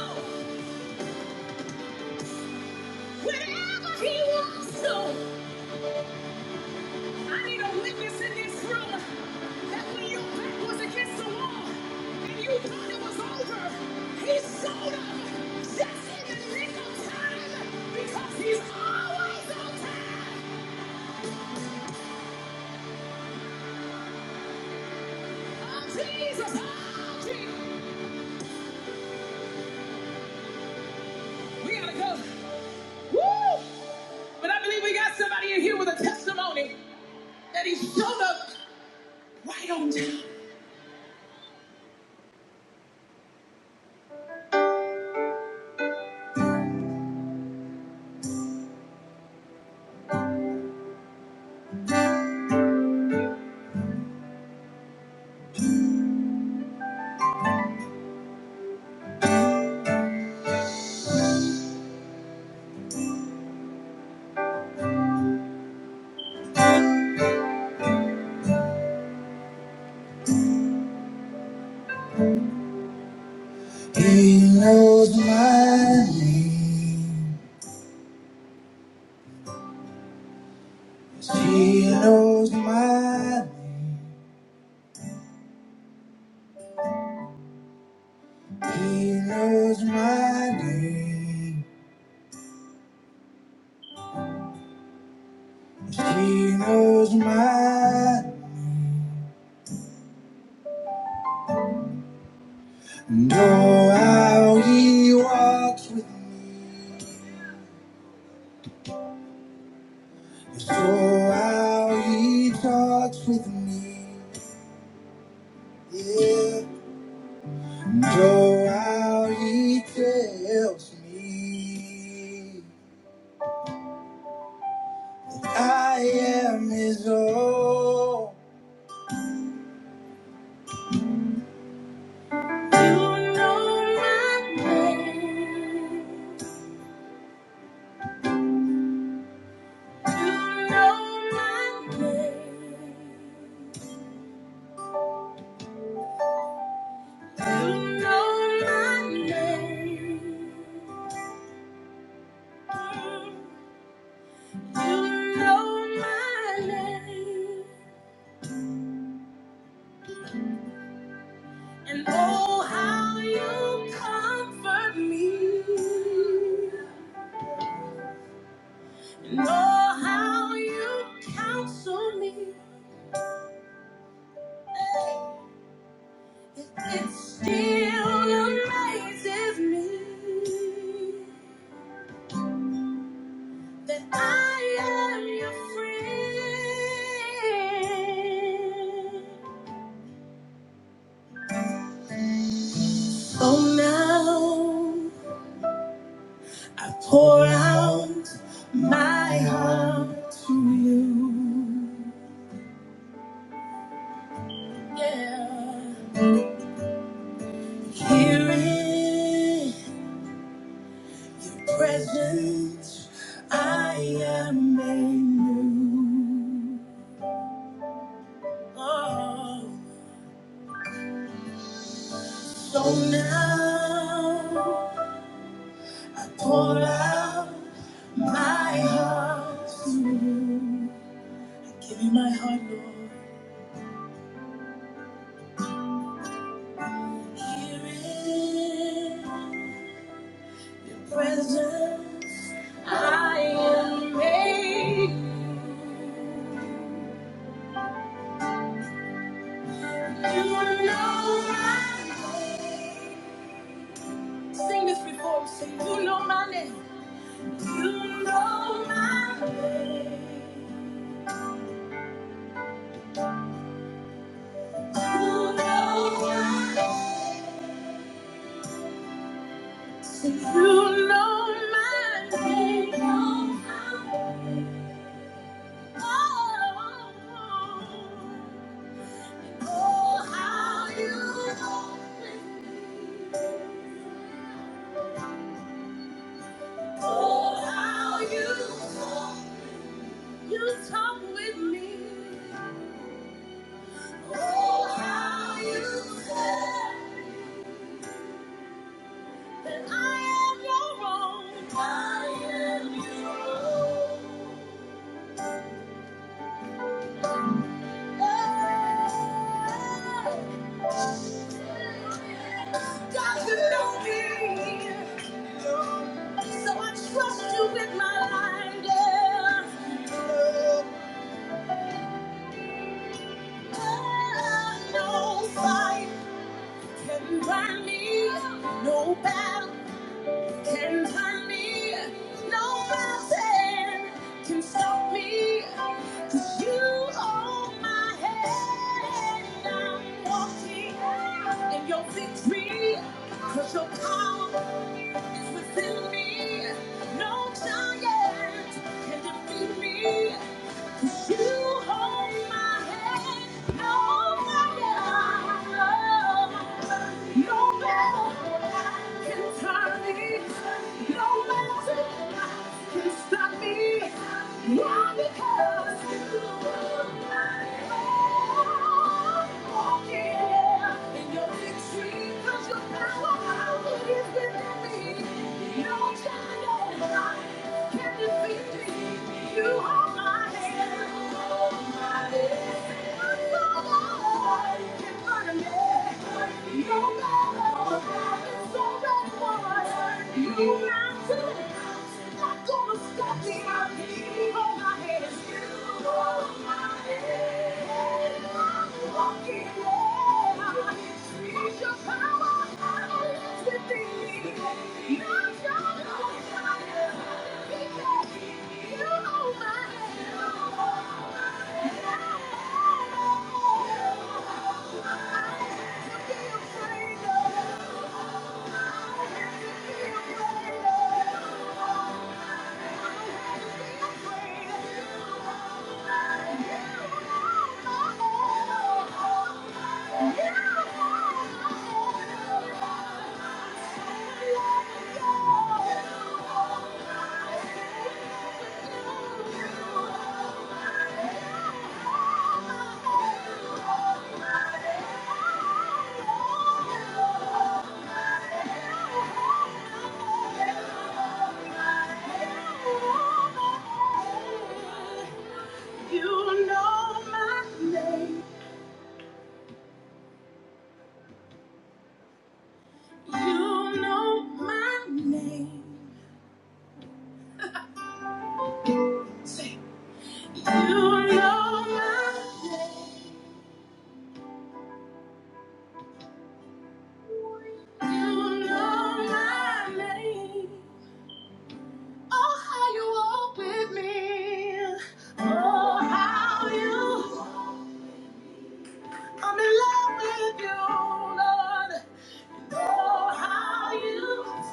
S1: time. Whenever He wants to. Woo! But I believe we got somebody in here with a testimony that he showed up right on time. He knows my name. He knows my name. He knows my name. He knows my know how he walks with me. So how he talks with me. Yeah. Know how he tells me I am his own. You know my name. You know my name. You know my name. You know my name. And oh, how you comfort me. Still amazes me that I am your friend. I pour out my heart to you. Yeah. Here in your presence, I am made new. Oh, so you know my name. Sing this before, me. sing, you know my name. that I am your own. I am your own. Got to know me, so I trust you with my life. Yeah. Oh, no fight, no back can turn me, no mountain can stop me. 'Cause you hold my hand, I'm walking in your victory. 'Cause your power is within me, no giant can defeat me. Because you are walking in your you you know my name. You know my name. Oh, how you walk with me. Oh, how you. I'm in love with you, Lord. Oh, how you.